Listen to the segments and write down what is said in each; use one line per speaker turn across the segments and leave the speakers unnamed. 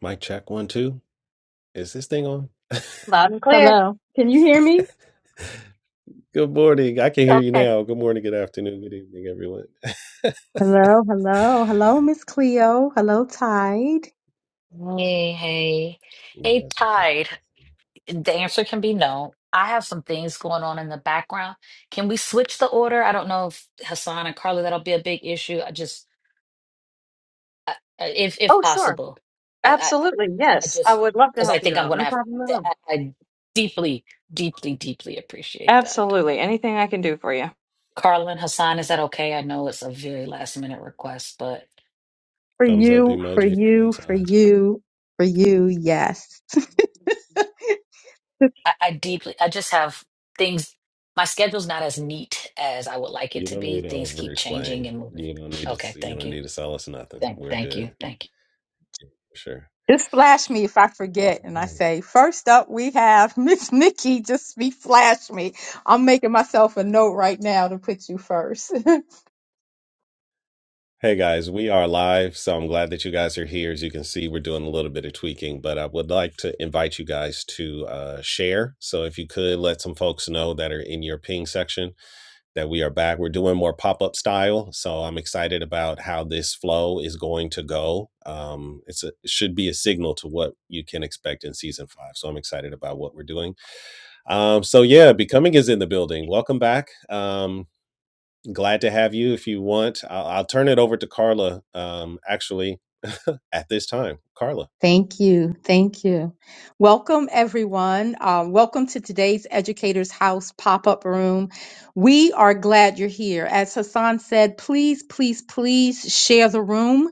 Mic check one, two. Is this thing on?
Loud and clear.
Hello. Can you hear me?
Good morning. I can hear you
Okay.
now. Good morning, good afternoon, good evening, everyone.
Hello, hello, hello, Miss Cleo. Hello, Tide.
Hey, hey,
you
hey,
guys are so
Tide. The answer can be no. I have some things going on in the background. Can we switch the order? I don't know if Hassan and Carla, that'll be a big issue. I just, I, I- if if
Oh, sure.
possible, I I, I
Absolutely.
I
Yes. I
just
would love to
because I
help you
think I'm
out.
gonna
No
have
problem at
to, I,
all.
I deeply, deeply, deeply appreciate that.
Absolutely. Anything I can do for you.
Carla and Hassan, is that okay? I know it's a very last minute request, but.
For
thumbs up
you, for
emoji on my
you, for
side.
you, for you, yes. just,
I, I deeply, I just have things. My schedule's not as neat as I would like it
You
to
don't need
be.
to
Things
over
keep
explain.
changing and moving.
You don't need to
Okay,
see you
thank
don't
you.
need to sell us nothing.
Thank,
We're
thank you.
good.
Thank you.
Sure.
just flash me if I
All
forget and I
right.
say, first up we have Miss Nikki. Just be flash me. I'm making myself a note right now to put you first.
Hey guys, we are live, so I'm glad that you guys are here. As you can see, we're doing a little bit of tweaking, but I would like to invite you guys to uh, share. So if you could let some folks know that are in your ping section that we are back. We're doing more pop up style, so I'm excited about how this flow is going to go. Um, it's a, it should be a signal to what you can expect in season five. So I'm excited about what we're doing. Um, so yeah, becoming is in the building. Welcome back. Um, Glad to have you. If you want, I'll, I'll turn it over to Carla. Um, actually, at this time, Carla,
Thank you. Thank you. Welcome, everyone. Um, welcome to today's Educators House pop up room. We are glad you're here. As Hassan said, please, please, please share the room.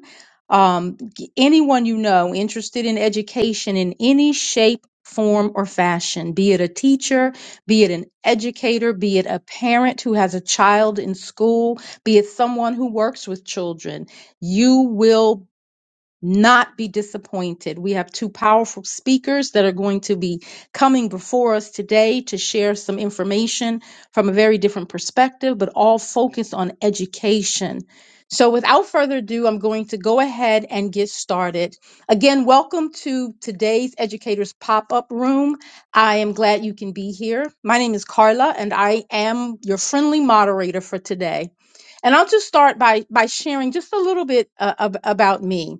Um, g- anyone you know interested in education in any shape, form, or fashion, be it a teacher, be it an educator, be it a parent who has a child in school, be it someone who works with children, you will not be disappointed. We have two powerful speakers that are going to be coming before us today to share some information from a very different perspective, but all focused on education. So, without further ado, I'm going to go ahead and get started. Again, welcome to today's Educators Pop Up Room. I am glad you can be here. My name is Carla, and I am your friendly moderator for today. And I'll just start by, by sharing just a little bit uh, ab- about me.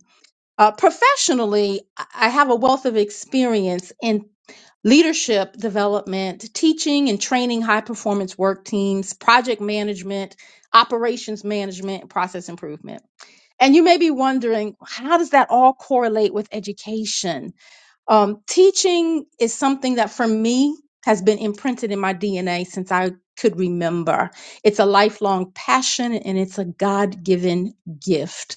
Uh, professionally, I I have a wealth of experience in leadership development, teaching and training high performance work teams, project management, operations management, and process improvement. And you may be wondering, how does that all correlate with education? Um, teaching is something that for me has been imprinted in my DNA since I could remember. It's a lifelong passion and it's a God given gift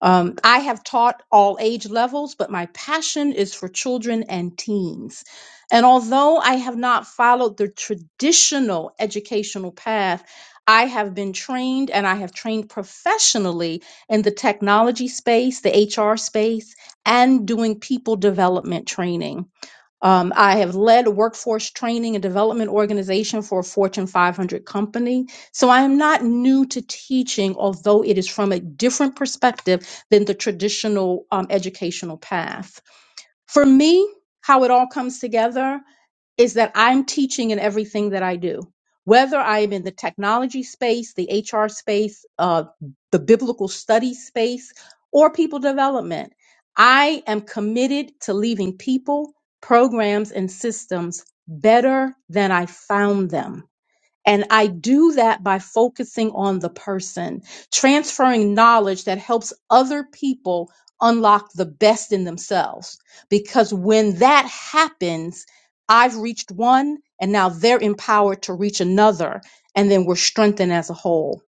um, I have taught all age levels, but my passion is for children and teens. And although I have not followed the traditional educational path, I have been trained and I have trained professionally in the technology space, the HR space, and doing people development training. Um, I have led a workforce training and development organization for a Fortune 500 company. So I am not new to teaching, although it is from a different perspective than the traditional um, educational path. For me, how it all comes together is that I'm teaching in everything that I do, whether I am in the technology space, the HR space, uh, the biblical study space, or people development. I am committed to leaving people, programs, and systems better than I found them. And I do that by focusing on the person, transferring knowledge that helps other people unlock the best in themselves. Because when that happens, I've reached one and now they're empowered to reach another. And then we're strengthened as a whole.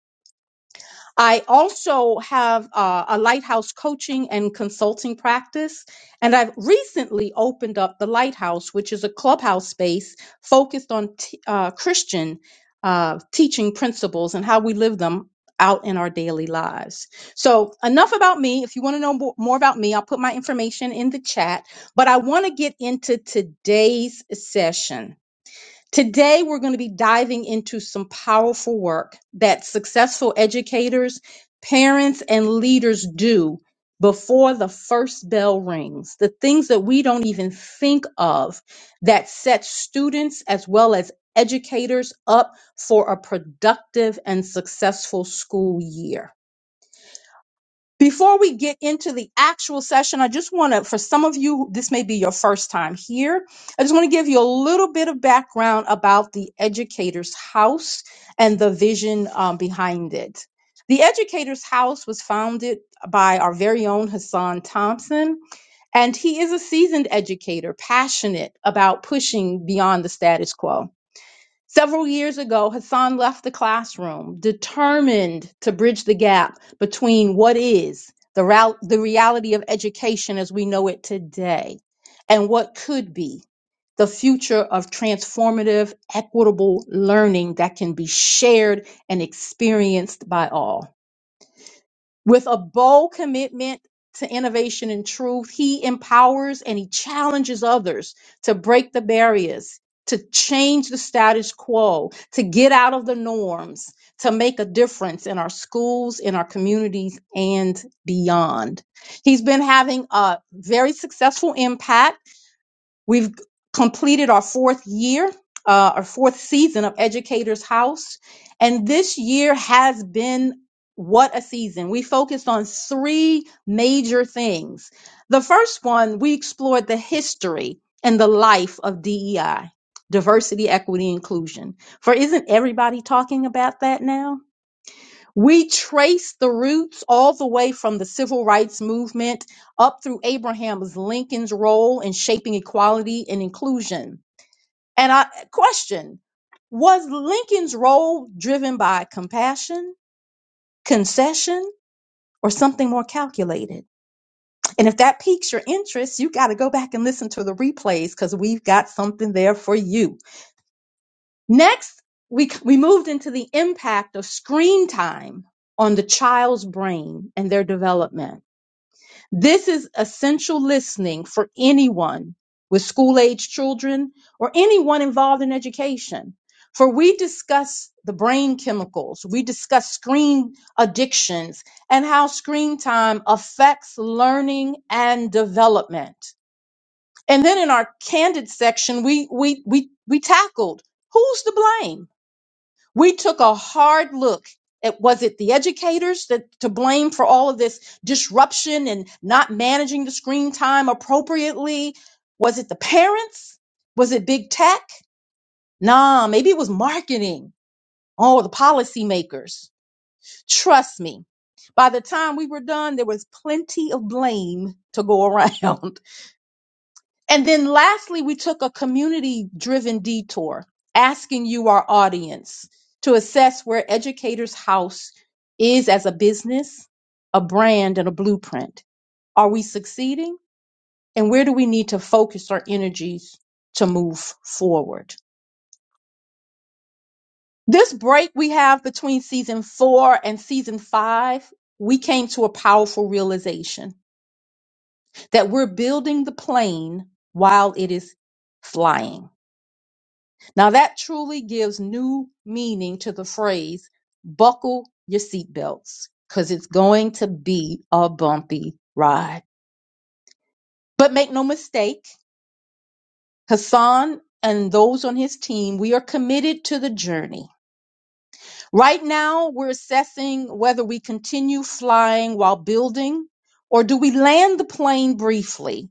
I also have uh, a lighthouse coaching and consulting practice, and I've recently opened up the Lighthouse, which is a clubhouse space focused on t- uh, Christian uh, teaching principles and how we live them out in our daily lives. So, enough about me. If you want to know mo- more about me, I'll put my information in the chat, but I want to get into today's session. Today, we're going to be diving into some powerful work that successful educators, parents, and leaders do before the first bell rings. The things that we don't even think of that set students as well as educators up for a productive and successful school year. Before we get into the actual session, I just want to, for some of you, this may be your first time here. I just want to give you a little bit of background about the Educators House and the vision um, behind it. The Educators House was founded by our very own Hassan Thompson, and he is a seasoned educator, passionate about pushing beyond the status quo. Several years ago, Hassan left the classroom determined to bridge the gap between what is the, real- the reality of education as we know it today and what could be the future of transformative, equitable learning that can be shared and experienced by all. With a bold commitment to innovation and truth, he empowers and he challenges others to break the barriers, to change the status quo, to get out of the norms, to make a difference in our schools, in our communities, and beyond. He's been having a very successful impact We've completed our fourth year, uh, our fourth season of Educators House. And this year has been what a season. We focused on three major things. The first one, we explored the history and the life of DEI, diversity, equity, inclusion. For isn't everybody talking about that now? We trace the roots all the way from the civil rights movement up through Abraham Lincoln's role in shaping equality and inclusion. And I question was Lincoln's role driven by compassion, concession, or something more calculated? And if that piques your interest, you got to go back and listen to the replays because we've got something there for you. Next, we, we moved into the impact of screen time on the child's brain and their development. This is essential listening for anyone with school age children or anyone involved in education. For we discuss the brain chemicals, we discuss screen addictions, and how screen time affects learning and development. And then in our candid section, we we we we tackled who's to blame we took a hard look at was it the educators that to blame for all of this disruption and not managing the screen time appropriately was it the parents was it big tech nah maybe it was marketing oh the policymakers trust me by the time we were done there was plenty of blame to go around And then lastly, we took a community driven detour, asking you, our audience, to assess where Educators House is as a business, a brand, and a blueprint. Are we succeeding? And where do we need to focus our energies to move forward? This break we have between season four and season five, we came to a powerful realization that we're building the plane while it is flying. Now that truly gives new meaning to the phrase buckle your seatbelts because it's going to be a bumpy ride. But make no mistake, Hassan and those on his team, we are committed to the journey. Right now, we're assessing whether we continue flying while building or do we land the plane briefly,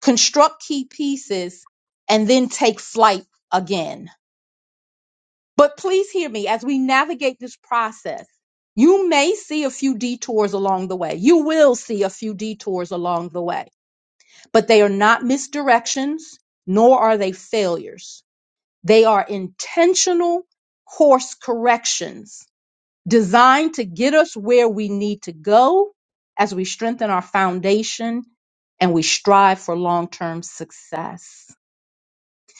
construct key pieces, and then take flight again. But please hear me as we navigate this process. You may see a few detours along the way. You will see a few detours along the way, but they are not misdirections, nor are they failures. They are intentional course corrections designed to get us where we need to go as we strengthen our foundation and we strive for long term success.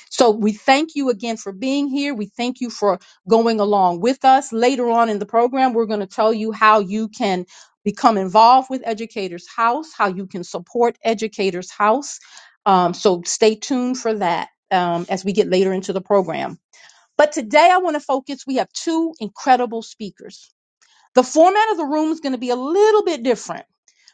So we thank you again for being here. We thank you for going along with us. Later on in the program, we're going to tell you how you can become involved with Educators House, how you can support Educators House. Um, so stay tuned for that um, as we get later into the program. But today I want to focus, we have two incredible speakers the format of the room is going to be a little bit different.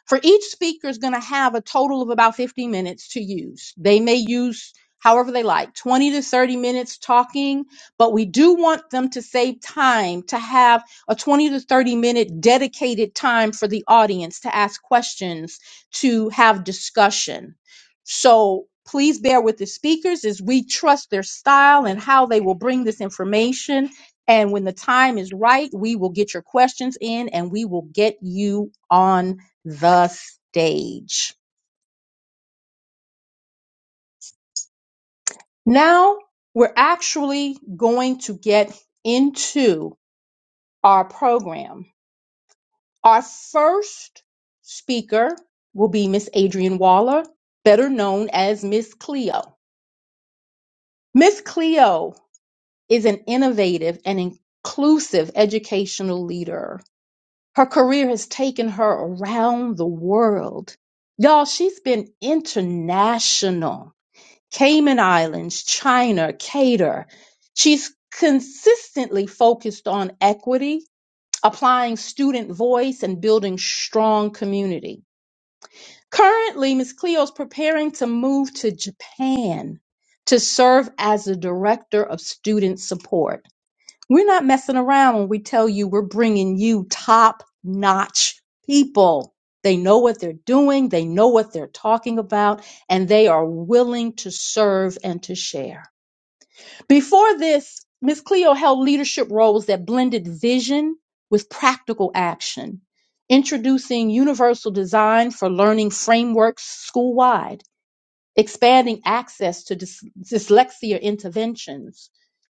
For each speaker is going to have a total of about 50 minutes to use. They may use however they like, 20 to 30 minutes talking, but we do want them to save time to have a 20 to 30 minute dedicated time for the audience to ask questions, to have discussion. So please bear with the speakers as we trust their style and how they will bring this information and when the time is right, we will get your questions in and we will get you on the stage. Now we're actually going to get into our program. Our first speaker will be Miss Adrienne Waller, better known as Miss Cleo. Miss Cleo is an innovative and inclusive educational leader Her career has taken her around the world. Y'all, she's been international. Cayman Islands, China, Qatar. She's consistently focused on equity, applying student voice, and building strong community. Currently, Ms. Cleo's preparing to move to Japan to serve as the director of student support. We're not messing around when we tell you we're bringing you top notch people. They know what they're doing, they know what they're talking about, and they are willing to serve and to share. Before this, Ms. Cleo held leadership roles that blended vision with practical action, introducing universal design for learning frameworks school wide expanding access to dys- dyslexia interventions,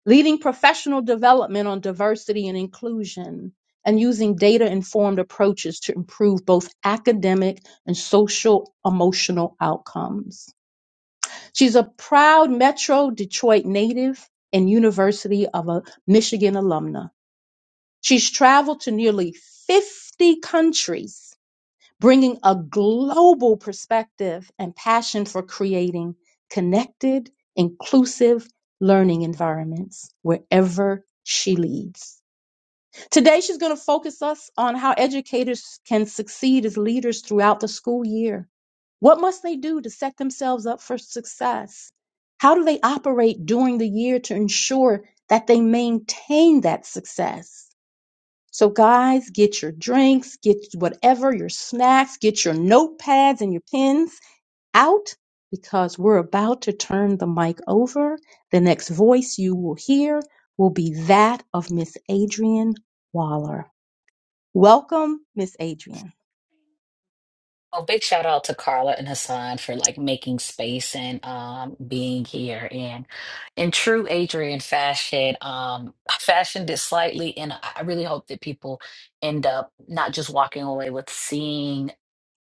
leading professional development on diversity and inclusion, and using data informed approaches to improve both academic and social emotional outcomes. She's a proud Metro Detroit native and University of a Michigan alumna. She's traveled to nearly 50 countries bringing a global perspective and passion for creating connected, inclusive learning environments wherever she leads. Today, she's going to focus us on how educators can succeed as leaders throughout the school year. What must they do to set themselves up for success? How do they operate during the year to ensure that they maintain that success? So, guys, get your drinks, get whatever, your snacks, get your notepads and your pens out because we're about to turn the mic over. The next voice you will hear will be that of Miss Adrian Waller. Welcome, Miss Adrian.
Oh, big shout out to Carla and Hassan for like making space and um being here. And in true Adrian fashion, um, I fashioned it slightly, and I I really hope that people end up not just walking away with seeing.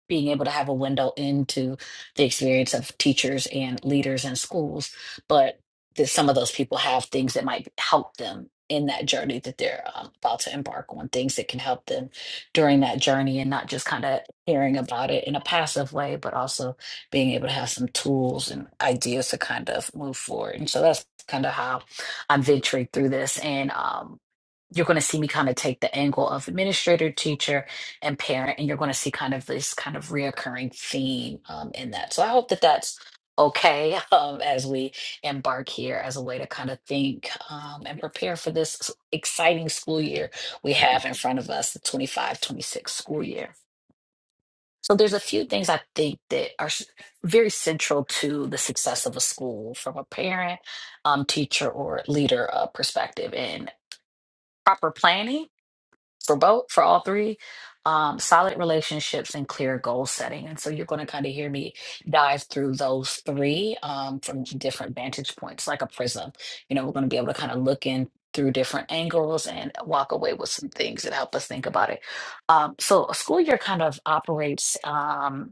being able to have a window into the experience of teachers and leaders in schools, but that some of those people have things that might help them in that journey that they're um, about to embark on, things that can help them during that journey and not just kind of hearing about it in a passive way, but also being able to have some tools and ideas to kind of move forward. And so that's kind of how I'm venturing through this. And um, you're going to see me kind of take the angle of administrator, teacher, and parent and you're going to see kind of this kind of reoccurring theme um, in that so i hope that that's okay um, as we embark here as a way to kind of think um, and prepare for this s- exciting school year we have in front of us the 25 26 school year so there's a few things i think that are s- very central to the success of a school from a parent um, teacher or leader uh, perspective and proper planning for both for all three um, solid relationships and clear goal setting and so you're going to kind of hear me dive through those three um, from different vantage points like a prism you know we're going to be able to kind of look in through different angles and walk away with some things that help us think about it um, so a school year kind of operates Um,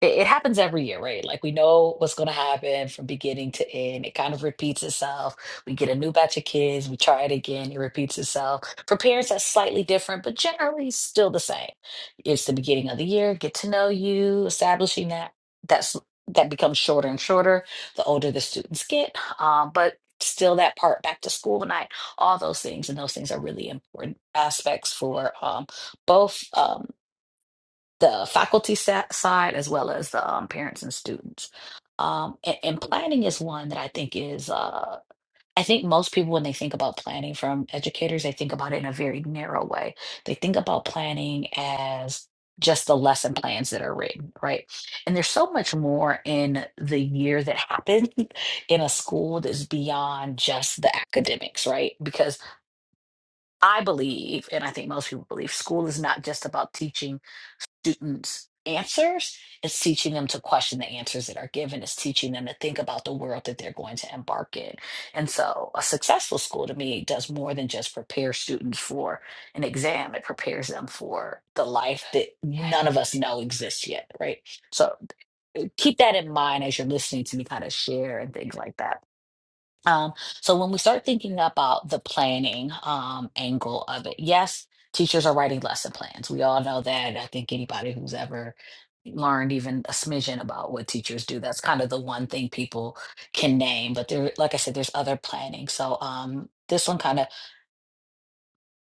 it, it happens every year, right? Like we know what's going to happen from beginning to end. It kind of repeats itself. We get a new batch of kids, we try it again, it repeats itself. For parents, that's slightly different, but generally still the same. It's the beginning of the year, get to know you, establishing that. That's that becomes shorter and shorter the older the students get. Um, but still that part back to school night all those things and those things are really important aspects for um, both Um, the faculty sa- side as well as the um, parents and students. Um, and, and planning is one that I think is, uh, I think most people, when they think about planning from educators, they think about it in a very narrow way. They think about planning as just the lesson plans that are written, right? And there's so much more in the year that happened in a school that's beyond just the academics, right? Because I believe, and I think most people believe, school is not just about teaching students answers, it's teaching them to question the answers that are given, it's teaching them to think about the world that they're going to embark in. And so, a successful school to me does more than just prepare students for an exam, it prepares them for the life that none of us know exists yet, right? So, keep that in mind as you're listening to me kind of share and things like that. Um, so when we start thinking about the planning um, angle of it, yes, teachers are writing lesson plans. We all know that. I think anybody who's ever learned even a smidgen about what teachers do, that's kind of the one thing people can name. But there, like I said, there's other planning. So um, this one kind of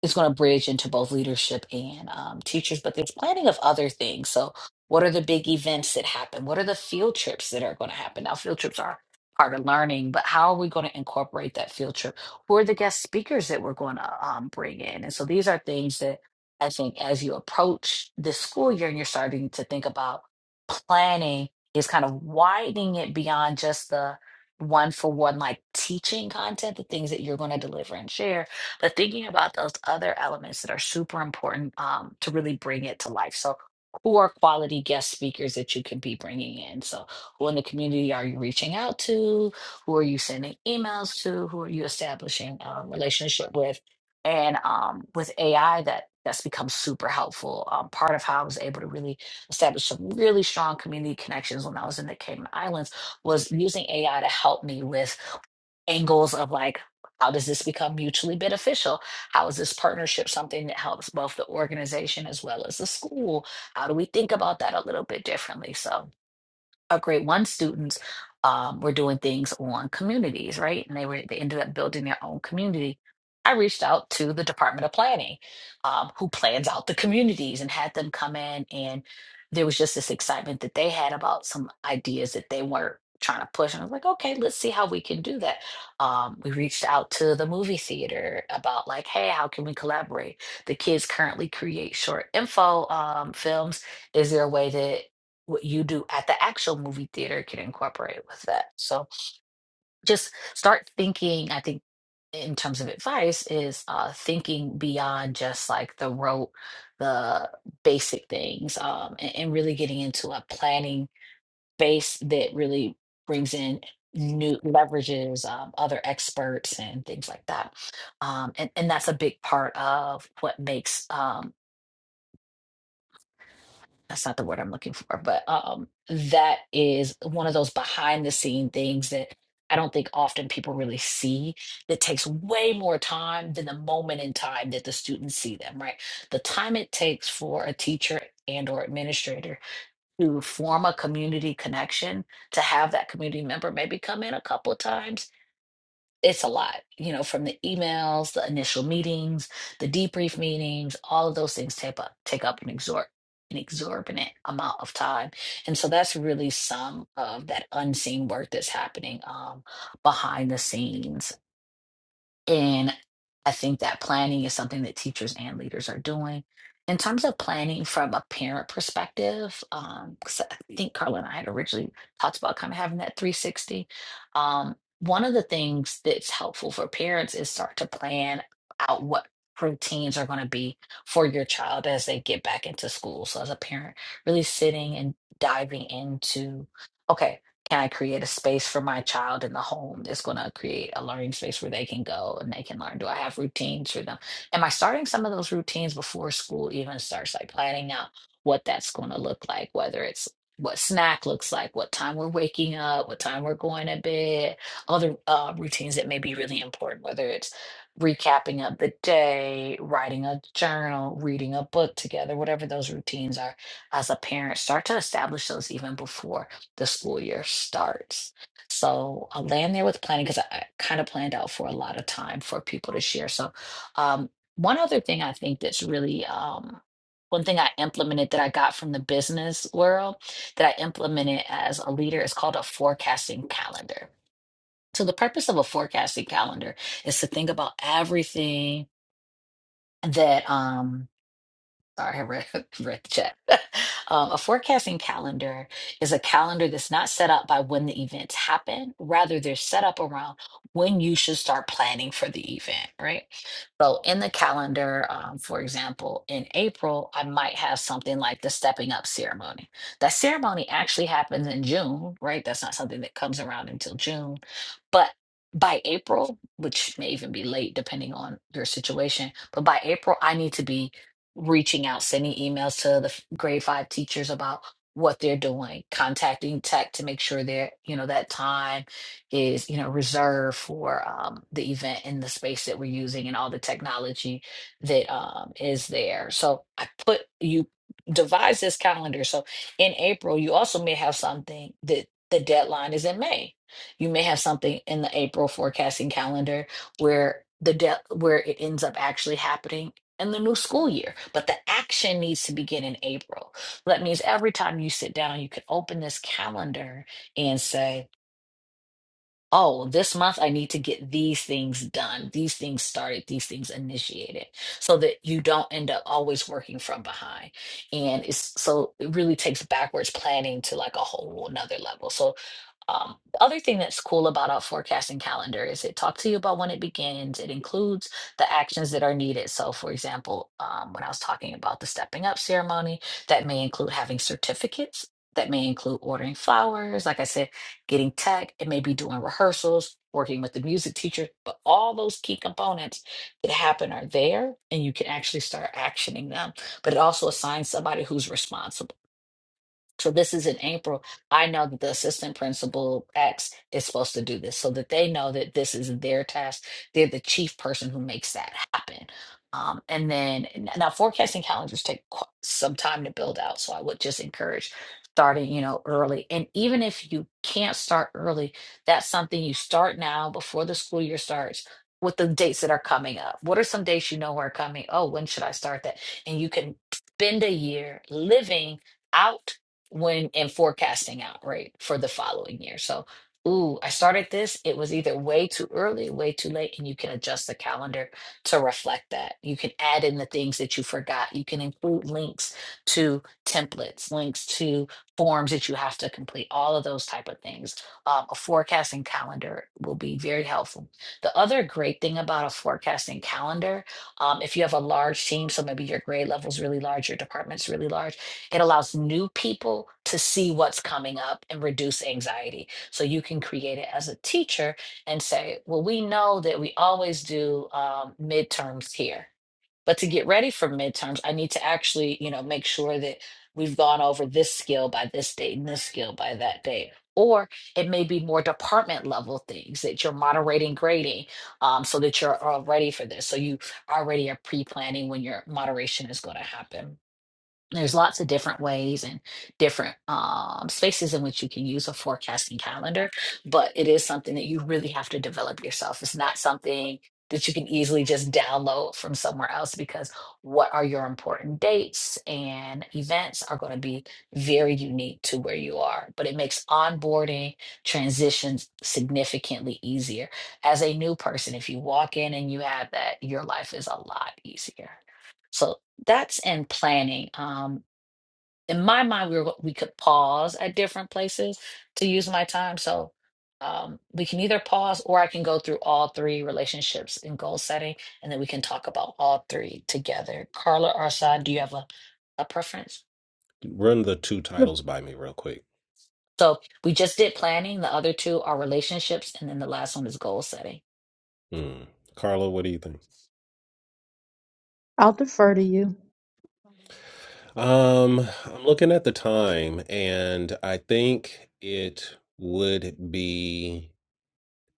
is going to bridge into both leadership and um, teachers, but there's planning of other things. So, what are the big events that happen? What are the field trips that are going to happen? Now, field trips are part of learning, but how are we going to incorporate that field trip? Who are the guest speakers that we're going to um, bring in? And so, these are things that I think as you approach this school year and you're starting to think about planning, is kind of widening it beyond just the one for one like teaching content, the things that you're going to deliver and share but thinking about those other elements that are super important um, to really bring it to life. So, who are quality guest speakers that you can be bringing in? So, who in the community are you reaching out to? Who are you sending emails to? Who are you establishing a relationship with? And um, with AI, that that's become super helpful. Um, part of how I was able to really establish some really strong community cayman connections when I was in the Cayman Islands was using AI to help me with angles of like how does this become mutually beneficial how is this partnership something that helps both the organization as well as the school how do we think about that a little bit differently so our grade one students um, were doing things on communities, right? And they were they ended up building their own community. I reached out to the Department of Planning, um, who plans out the communities, and had them come in. And there was just this excitement that they had about some ideas that they were trying to push. And I was like, okay, let's see how we can do that. Um, we reached out to the movie theater about like, hey, how can we collaborate? The kids currently create short info um, films is there a way that what you do at the actual movie theater can incorporate with that. So just start thinking, I think, in terms of advice, is uh, thinking beyond just like the rote, the basic things, um, and, and really getting into a planning base that really brings in new leverages um, other experts and things like that um, and, and that's a big part of what makes um, that's not the word I'm looking for, but um, that is one of those behind the scene things that I don't think often people really see that takes way more time than the moment in time that the students see them, right? The time it takes for a teacher and or administrator to form a community connection, to have that community member maybe come in a couple of times it's a lot, you know, from the emails, the initial meetings, the debrief meetings, all of those things take up take up an exor an exorbitant amount of time. And so that's really some of that unseen work that's happening um, behind the scenes and I think that planning is something that teachers and leaders are doing. In terms of planning from a parent perspective, um, 'cause I think Carla and I had originally talked about kind of having that 360. Um, one of the things that's helpful for parents is start to plan out what routines are going to be for your child as they get back into school. So as a parent, really sitting and diving into, okay, can I create a space for my child in the home that's going to create a learning space where they can go and they can learn? Do I have routines for them? Am I starting some of those routines before school even starts, like planning out what that's going to look like, whether it's what snack looks like, what time we're waking up, what time we're going to bed, other uh, routines that may be really important, whether it's recapping of the day, writing a journal, reading a book together, whatever those routines are, as a parent, start to establish those even before the school year starts. So I'm laying there with planning because I, I kind of planned out for a lot of time for people to share. So um, one other thing I think that's really um, one thing I implemented that I got from the business world that I implemented as a leader is called a forecasting calendar. So the purpose of a forecasting calendar is to think about everything that um Sorry, I read, read the chat. Um, a forecasting calendar is a calendar that's not set up by when the events happen. Rather, they're set up around when you should start planning for the event, right? So, in the calendar, um, for example, in April, I might have something like the stepping up ceremony. That ceremony actually happens in June, right? That's not something that comes around until June. But by April, which may even be late depending on your situation, but by April, I need to be reaching out, sending emails to the f- grade five teachers about what they're doing, contacting tech to make sure they're, you know, that time is, you know, reserved for um, the event in the space that we're using and all the technology that um, is there. So I put you devise this calendar. So in April, you also may have something that the deadline is in May. You may have something in the April forecasting calendar where the de- where it ends up actually happening and the new school year. But the action needs to begin in April. So That means every time you sit down, you can open this calendar and say, oh, this month I need to get these things done, these things started, these things initiated, so that you don't end up always working from behind. And it's so it really takes backwards planning to like a whole another level. So um, the other thing that's cool about our forecasting calendar is it talks to you about when it begins. It includes the actions that are needed. So, for example, um, when I was talking about the stepping up ceremony, that may include having certificates. That may include ordering flowers. Like I said, getting tech, it may be doing rehearsals, working with the music teacher, but all those key components that happen are there and you can actually start actioning them. But it also assigns somebody who's responsible so this is in April. I know that the assistant principal X is supposed to do this so that they know that this is their task. They're the chief person who makes that happen. Um, and then n- now forecasting calendars take qu- some time to build out. So I would just encourage starting, you know, early. And even if you can't start early, that's something you start now before the school year starts with the dates that are coming up. What are some dates you know are coming? Oh, when should I start that? And you can spend a year living out when and forecasting out right for the following year. So, ooh, I started this. It was either way too early, way too late, and you can adjust the calendar to reflect that. You can add in the things that you forgot. You can include links to templates, links to forms that you have to complete. All of those type of things. Um, a forecasting calendar will be very helpful. The other great thing about a forecasting calendar, um, if you have a large team, so maybe your grade level is really large, your department's really large it allows new people to see what's coming up and reduce anxiety. So you can create it as a teacher and say, well, we know that we always do um, midterms here. But to get ready for midterms, I need to actually, you know, make sure that we've gone over this skill by this date and this skill by that date. Or it may be more department level things that you're moderating grading um, so that you're all ready for this. So you already are pre planning when your moderation is going to happen there's lots of different ways and different um, spaces in which you can use a forecasting calendar, but it is something that you really have to develop yourself. It's not something that you can easily just download from somewhere else because what are your important dates and events are going to be very unique to where you are. But it makes onboarding transitions significantly easier. As a new person, if you walk in and you have that, your life is a lot easier. So that's in planning. Um, in my mind, we were, we could pause at different places to use my time. So um, we can either pause or I can go through all three relationships and goal setting, and then we can talk about all three together. Carla, or Arsad, do you have a, a preference?
run the two titles by me real quick.
So we just did planning. The other two are relationships, and then the last one is goal setting.
Hmm. Carla, what do you think?
I'll defer to you.
Um, I'm looking at the time, and I think it would be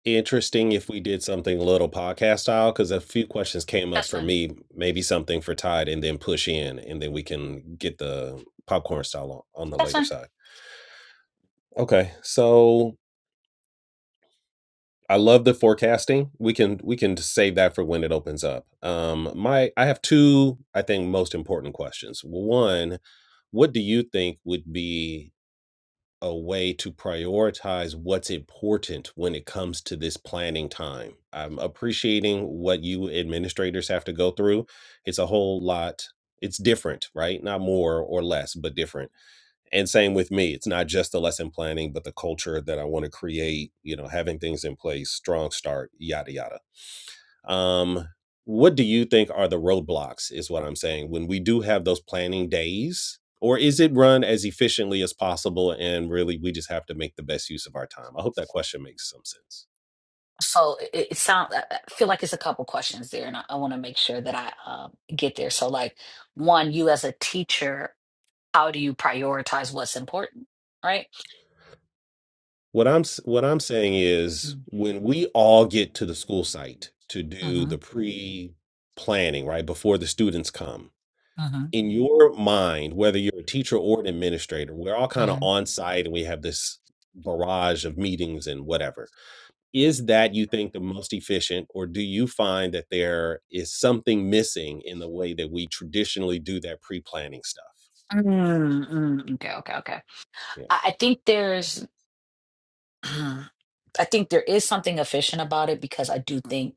interesting if we did something a little podcast style because a few questions came up
That's
for
fine.
me maybe something for tide and then push in and then we can get the popcorn style on, on the
That's fine.
later side okay so I love the forecasting. We can we can just save that for when it opens up. Um, my I have two I think most important questions. One, what do you think would be a way to prioritize what's important when it comes to this planning time? I'm appreciating what you administrators have to go through. It's a whole lot. It's different, right? Not more or less, but different and same with me it's not just the lesson planning but the culture that i want to create you know having things in place strong start yada yada um what do you think are the roadblocks is what i'm saying when we do have those planning days or is it run as efficiently as possible and really we just have to make the best use of our time i hope that question makes some sense
So it, it sounds. I I feel like it's a couple questions there, and I, I want to make sure that I um, get there. So, like, one, you as a teacher, how do you prioritize what's important, right?
what i'm s- what i'm saying is when we all get to the school site to do
Mm-hmm.
the pre planning right before the students come
Mm-hmm.
in your mind, whether you're a teacher or an administrator, we're all kind of
Mm-hmm.
on site and we have this barrage of meetings and whatever. Is that you think the most efficient, or do you find that there is something missing in the way that we traditionally do that pre planning stuff?
Mm-hmm. Okay. Okay. Okay.
Yeah.
I, I think there's. I think there is something efficient about it because I do think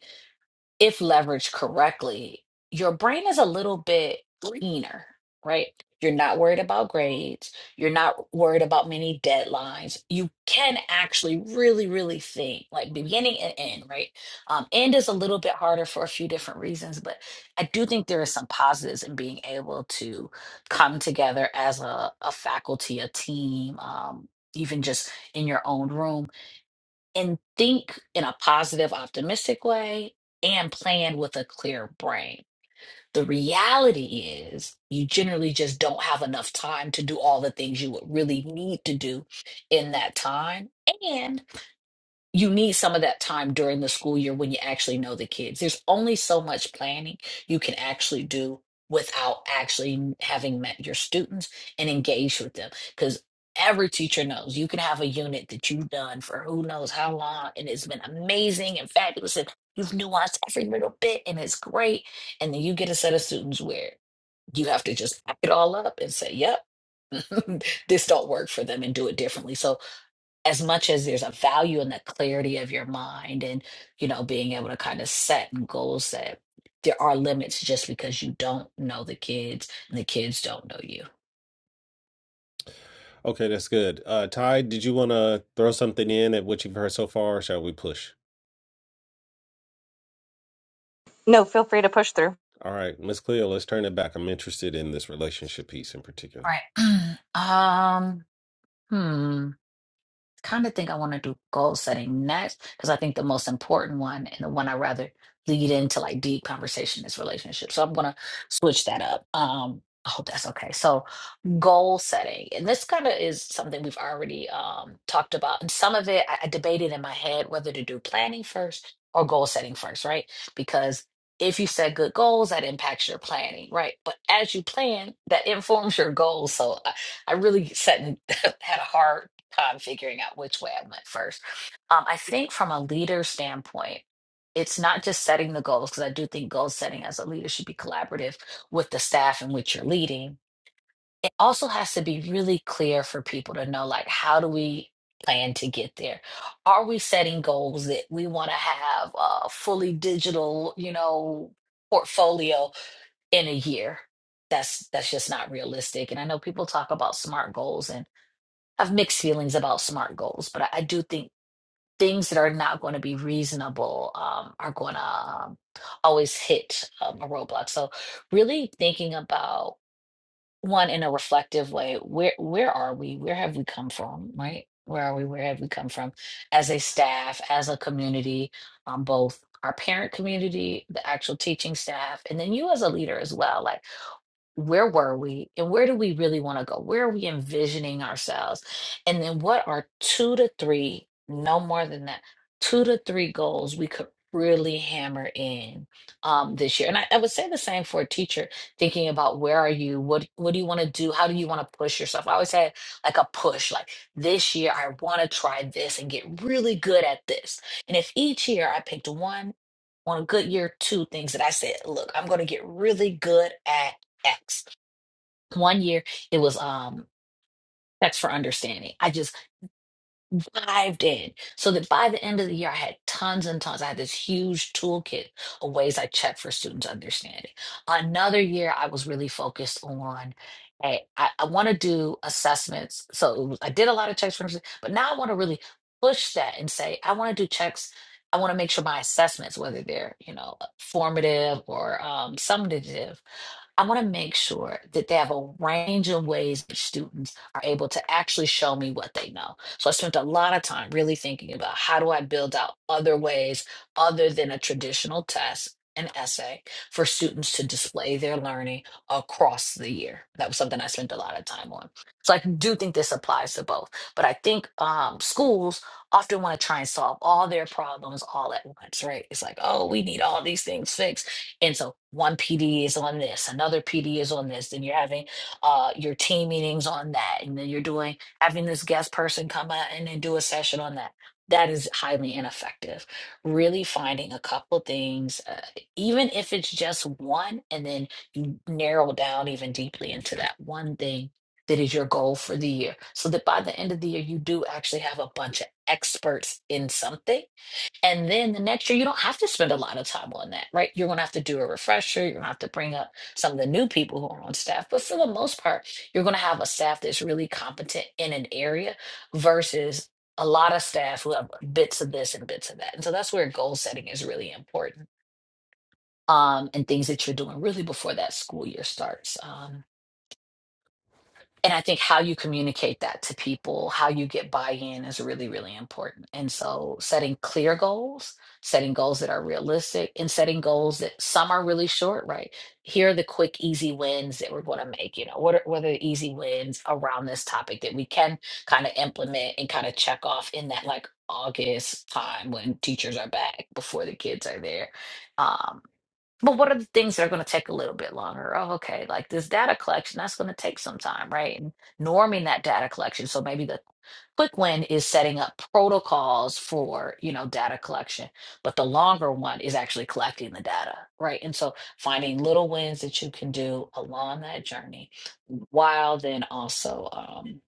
if leveraged correctly, your brain is a little bit cleaner, right? You're not worried about grades. You're not worried about many deadlines. You can actually really, really think like beginning and end, right? Um, end is a little bit harder for a few different reasons, but I do think there is some positives in being able to come together as a, a faculty, a team, um, even just in your own room and think in a positive, optimistic way and plan with a clear brain. The reality is, you generally just don't have enough time to do all the things you would really need to do in that time. and you need some of that time during the school year when you actually know the kids. There's only so much planning you can actually do without actually having met your students and engaged with them. Because every teacher knows you can have a unit that you've done for who knows how long and it's been amazing and fabulous and you've nuanced every little bit and it's great. And then you get a set of students where you have to just pack it all up and say, yep, this don't work for them and do it differently. So as much as there's a value in the clarity of your mind and you know being able to kind of set and goal set there are limits just because you don't know the kids and the kids don't know you
Okay, that's good. Uh, Ty, did you want to throw something in at what you've heard so far? Or shall we push?
No, feel free to push through.
All right, Miss Cleo, let's turn it back. I'm interested in this relationship piece in
all
particular.
right um hmm kind of think i want to do goal setting next because i think the most important one and the one i rather lead into like deep conversation is relationships so i'm gonna switch that up um i hope that's okay so goal setting and this kind of is something we've already um, talked about and some of it I, I debated in my head whether to do planning first or goal setting first right because if you set good goals that impacts your planning right but as you plan that informs your goals so i, I really set and had a hard time figuring out which way i went first um, i think from a leader standpoint it's not just setting the goals because i do think goal setting as a leader should be collaborative with the staff in which you're leading it also has to be really clear for people to know like how do we plan to get there are we setting goals that we want to have a fully digital you know portfolio in a year that's that's just not realistic and i know people talk about smart goals and i have mixed feelings about smart goals but i, I do think things that are not going to be reasonable um, are going to um, always hit um, a roadblock so really thinking about one in a reflective way where where are we where have we come from right where are we where have we come from as a staff as a community um, both our parent community the actual teaching staff and then you as a leader as well like where were we and where do we really want to go? Where are we envisioning ourselves? And then what are two to three, no more than that, two to three goals we could really hammer in um, this year? And I, I would say the same for a teacher, thinking about where are you? What what do you want to do? How do you want to push yourself? I always had like a push, like this year I want to try this and get really good at this. And if each year I picked one on a good year, two things that I said, look, I'm going to get really good at X. One year it was um X for understanding. I just dived in so that by the end of the year, I had tons and tons. I had this huge toolkit of ways I check for students' understanding. Another year, I was really focused on. Hey, I, I want to do assessments. So it was- I did a lot of checks for, understanding, but now I want to really push that and say, I want to do checks. I want to make sure my assessments, whether they're, you know, formative or um, summative, I want to make sure that they have a range of ways that students are able to actually show me what they know. So I spent a lot of time really thinking about how do I build out other ways other than a traditional test and essay for students to display their learning across the year. That was something I spent a lot of time on. So I do think this applies to both. But I think um, schools often want to try and solve all their problems all at once, right? It's like, oh, we need all these things fixed. And so one PD is on this, another PD is on this, then you're having uh, your team meetings on that, and then you're doing having this guest person come out and then do a session on that. That is highly ineffective. Really finding a couple things, uh, even if it's just one, and then you narrow down even deeply into that one thing that is your goal for the year. So that by the end of the year, you do actually have a bunch of experts in something and then the next year, you don't have to spend a lot of time on that, right? You're going to have to do a refresher. You're going to have to bring up some of the new people who are on staff. But for the most part, you're going to have a staff that's really competent in an area versus a lot of staff who have bits of this and bits of that. And so that's where goal setting is really important um, and things that you're doing really before that school year starts. Um, and I think how you communicate that to people, how you get buy-in is really, really important. And so setting clear goals, setting goals that are realistic, and setting goals that some are really short, right? Here are the quick, easy wins that we're going to make. You know, what are, what are the easy wins around this topic that we can kind of implement and kind of check off in that like August time when teachers are back before the kids are there? Um, but what are the things that are going to take a little bit longer? Oh, okay, like this data collection, that's going to take some time, right? And norming that data collection. So maybe the quick win is setting up protocols for, you know, data collection, but the longer one is actually collecting the data, right? And so finding little wins that you can do along that journey while then also um,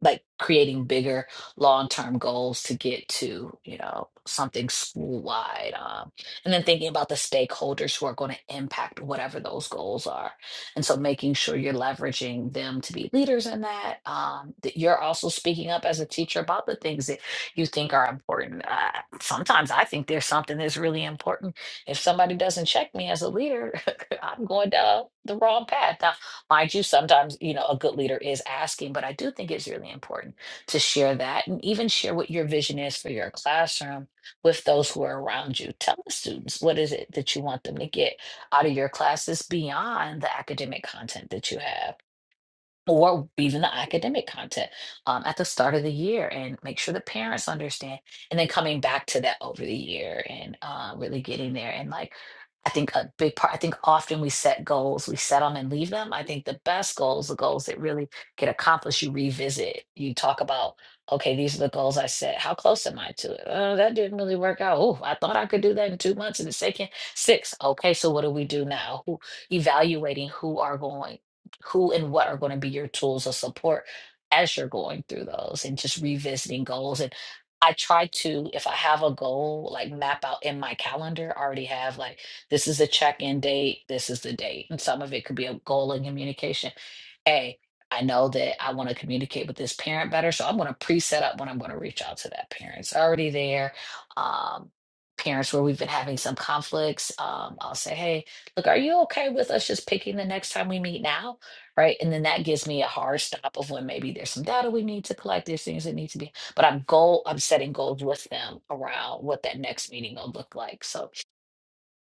like creating bigger long-term goals to get to you know something school-wide um, and then thinking about the stakeholders who are going to impact whatever those goals are and so making sure you're leveraging them to be leaders in that um, that you're also speaking up as a teacher about the things that you think are important uh, sometimes i think there's something that's really important if somebody doesn't check me as a leader i'm going down the wrong path Mind you, sometimes, you know, a good leader is asking, but I do think it's really important to share that and even share what your vision is for your classroom with those who are around you. Tell the students what is it that you want them to get out of your classes beyond the academic content that you have or even the academic content um, at the start of the year and make sure the parents understand and then coming back to that over the year and uh, really getting there and like i think a big part i think often we set goals we set them and leave them i think the best goals the goals that really get accomplished you revisit you talk about okay these are the goals i set how close am i to it oh that didn't really work out oh i thought i could do that in two months and it's taking six okay so what do we do now who evaluating who are going who and what are going to be your tools of support as you're going through those and just revisiting goals and i try to if i have a goal like map out in my calendar I already have like this is the check-in date this is the date and some of it could be a goal in communication hey, I know that I want to communicate with this parent better. So I'm going to pre set up when I'm going to reach out to that parent. It's already there. Um, parents where we've been having some conflicts, um, I'll say, hey, look, are you okay with us just picking the next time we meet now? Right. And then that gives me a hard stop of when maybe there's some data we need to collect, there's things that need to be, but I'm goal, I'm setting goals with them around what that next meeting will look like. So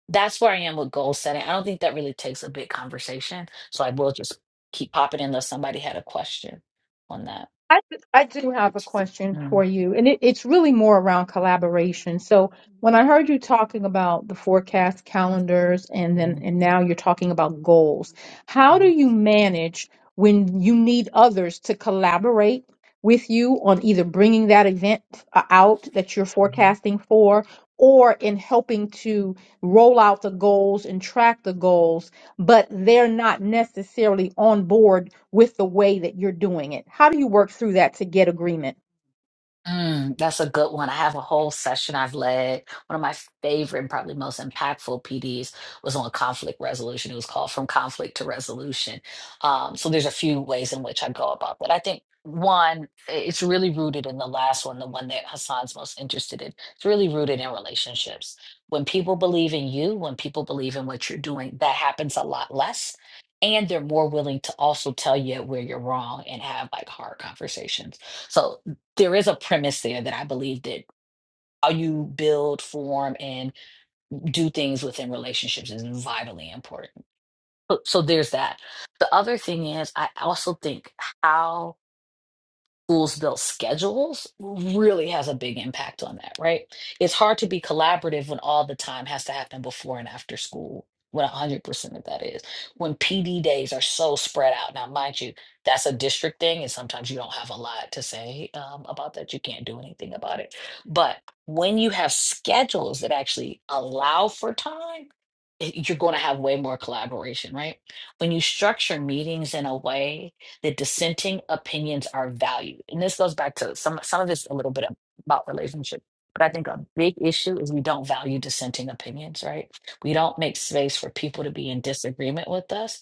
that's where I am with goal setting. I don't think that really takes a big conversation. So I will just keep popping in unless somebody had a question on that.
I, I do have a question for
Mm,
you, and it, it's really more around collaboration. So, when I heard you talking about the forecast calendars, and then
mhm,
and now you're talking about goals, how do
mhm,
you manage when you need others to collaborate with you on either bringing that event uh, out that you're
mhm.
forecasting for, or in helping to roll out the goals and track the goals? but they're not necessarily on board with the way that you're doing it. How do you work through that to get agreement?
Mm, that's a good one. I have a whole session I've led. One of my favorite and probably most impactful PDs was on conflict resolution. It was called From Conflict to Resolution. Um, so there's a few ways in which I go about that. I think one, i- it's really rooted in the last one, the one that Hassan's most interested in. It's really rooted in relationships. When people believe in you, when people believe in what you're doing, that happens a lot less. And they're more willing to also tell you where you're wrong and have like hard conversations. So there is a premise there that I believe that how you build, form, and do things within relationships is vitally important. So so there's that. The other thing is, I also think how schools build schedules really has a big impact on that, right? It's hard to be collaborative when all the time has to happen before and after school. When 100% of that is when PD days are so spread out. Now, mind you, that's a district thing, and sometimes you don't have a lot to say um, about that. You can't do anything about it. But when you have schedules that actually allow for time, it- you're going to have way more collaboration, right? When you structure meetings in a way the dissenting opinions are valued. And this goes back to some some of it's a little bit about relationship. But I think a big issue is we don't value dissenting opinions, right? We don't make space for people to be in disagreement with us.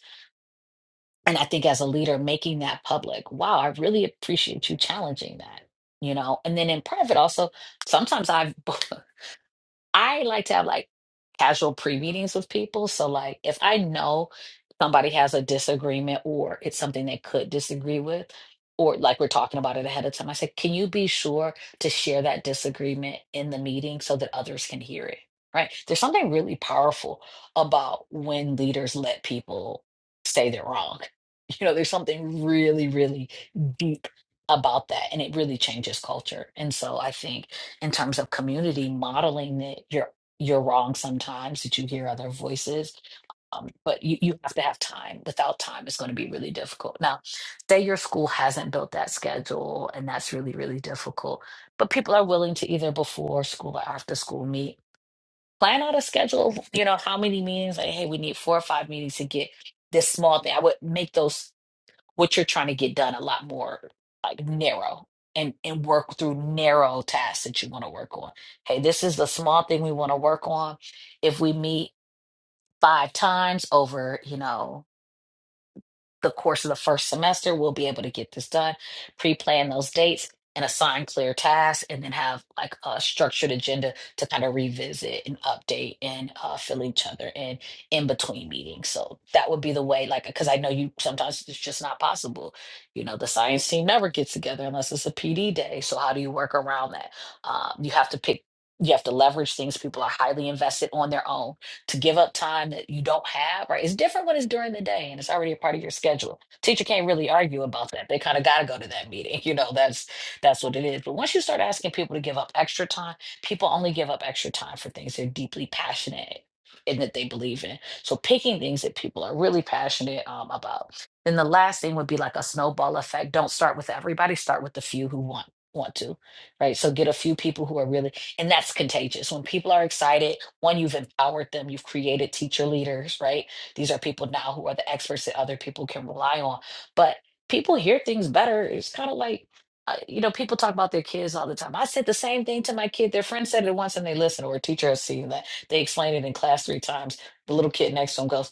And I think as a leader, making that public, wow, I really appreciate you challenging that, you know? And then in private, also, sometimes I've, I like to have like casual pre-meetings with people. So like if I know somebody has a disagreement or it's something they could disagree with, or like we're talking about it ahead of time, I said, can you be sure to share that disagreement in the meeting so that others can hear it? Right. There's something really powerful about when leaders let people say they're wrong. You know, there's something really, really deep about that. And it really changes culture. And so I think in terms of community modeling that you're you're wrong sometimes that you hear other voices um, but you, you have to have time without time it's going to be really difficult now say your school hasn't built that schedule and that's really really difficult but people are willing to either before school or after school meet plan out a schedule you know how many meetings like hey we need four or five meetings to get this small thing i would make those what you're trying to get done a lot more like narrow and and work through narrow tasks that you want to work on. Hey, this is the small thing we want to work on. If we meet five times over, you know, the course of the first semester, we'll be able to get this done, pre-plan those dates and assign clear tasks, and then have like a structured agenda to kind of revisit and update and uh, fill each other in in between meetings. So that would be the way, like, because I know you sometimes it's just not possible. You know, the science team never gets together unless it's a PD day. So how do you work around that? Um, you have to pick, you have to leverage things people are highly invested on their own to give up time that you don't have, right? It's different when it's during the day and it's already a part of your schedule. Teacher can't really argue about that. They kind of got to go to that meeting. You know, that's that's what it is. But once you start asking people to give up extra time, people only give up extra time for things they're deeply passionate in that they believe in. So picking things that people are really passionate um, about. Then the last thing would be like a snowball effect. Don't start with everybody. Start with the few who want want to, right? So get a few people who are really and that's contagious. When people are excited, one, you've empowered them, you've created teacher leaders, right? These are people now who are the experts that other people can rely on. But people hear things better. It's kind of like, uh, you know, people talk about their kids all the time. I said the same thing to my kid. Their friend said it once and they listened, or a teacher has seen that. They explained it in class three times. The little kid next to him goes,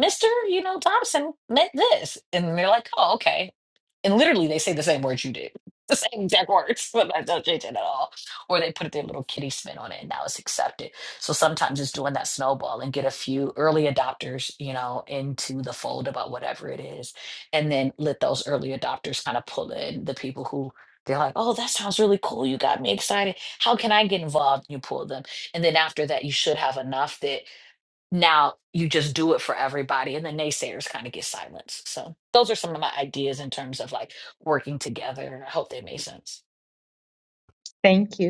Mr. You know, Thompson meant this. And they're like, oh, okay. And literally, they say the same words you did, the same exact words, but not changing at all or they put their little kitty spin on it and now it's accepted. So sometimes it's doing that snowball and get a few early adopters, you know, into the fold about whatever it is. And then let those early adopters kind of pull in the people who they're like, oh, that sounds really cool. You got me excited. How can I get involved? You pull them. And then after that, you should have enough that now you just do it for everybody. And the naysayers kind of get silenced. So those are some of my ideas in terms of like working together. I hope they made sense.
Thank you.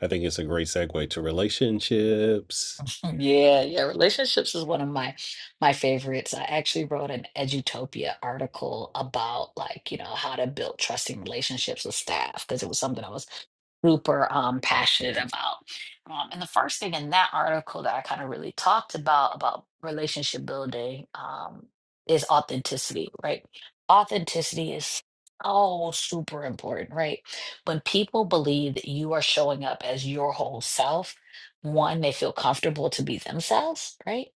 I think it's a great segue to relationships.
Yeah, yeah, relationships is one of my my favorites. I actually wrote an Edutopia article about like, you know, how to build trusting relationships with staff because it was something I was super um, passionate about. Um, and the first thing in that article that I kind of really talked about about relationship building um, is authenticity, right? Authenticity is so super important, right? When people believe that you are showing up as your whole self, one, they feel comfortable to be themselves, right?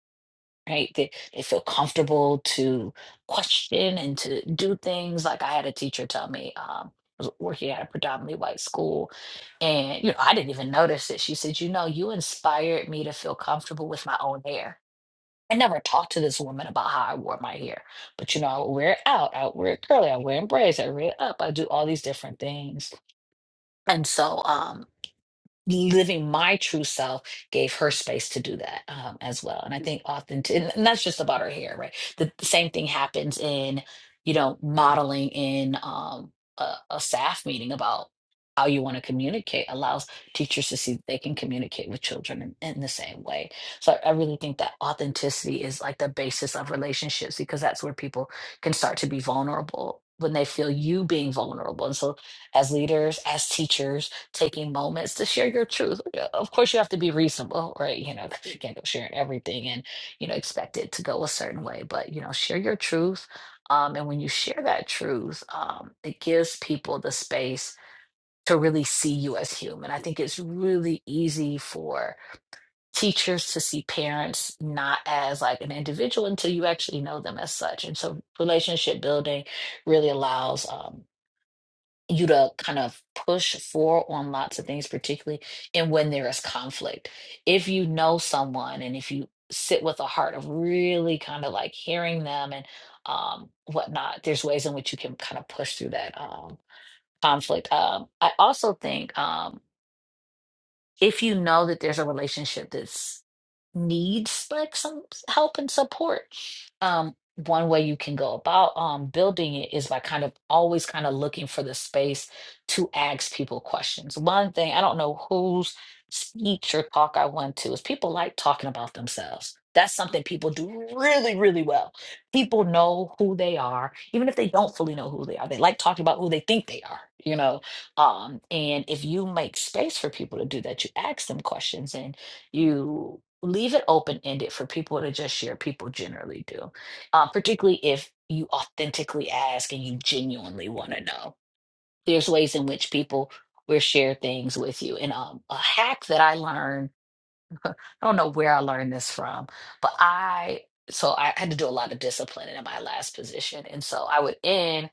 right? They, they feel comfortable to question and to do things. Like I had a teacher tell me, um, I was working at a predominantly white school, and you know, I didn't even notice it. She said, "You know, you inspired me to feel comfortable with my own hair." I never talked to this woman about how I wore my hair, but you know, I would wear it out. I would wear it curly. I wear it in braids. I wear it up. I do all these different things, and so um, living my true self gave her space to do that um, as well. And I think often, t- and that's just about her hair, right? The, the same thing happens in, you know, modeling in um, a, a staff meeting about how you want to communicate allows teachers to see that they can communicate with children in, in the same way. So I, I really think that authenticity is like the basis of relationships because that's where people can start to be vulnerable when they feel you being vulnerable. And so as leaders, as teachers, taking moments to share your truth. Yeah, Of course, you have to be reasonable, right? You know, 'cause you can't go sharing everything and, you know, expect it to go a certain way, but, you know, share your truth. Um, and when you share that truth, um, it gives people the space to really see you as human. I think it's really easy for teachers to see parents not as like an individual until you actually know them as such. And so relationship building really allows. um, you to kind of push for on lots of things, particularly in when there is conflict. If you know someone and if you sit with a heart of really kind of like hearing them and um, whatnot, there's ways in which you can kind of push through that um, conflict. Um, I also think. um, if you know that there's a relationship that's needs like some help and support um one way you can go about um building it is by kind of always kind of looking for the space to ask people questions one thing i don't know whose speech or talk i went to is people like talking about themselves that's something people do really really well people know who they are even if they don't fully know who they are they like talking about who they think they are you know um, and if you make space for people to do that, you ask them questions and you leave it open ended for people to just share. People generally do, um, particularly if you authentically ask and you genuinely want to know. There's ways in which people will share things with you. And um, a hack that I learned, I don't know where I learned this from, but I, so I had to do a lot of disciplining in my last position. And so I would end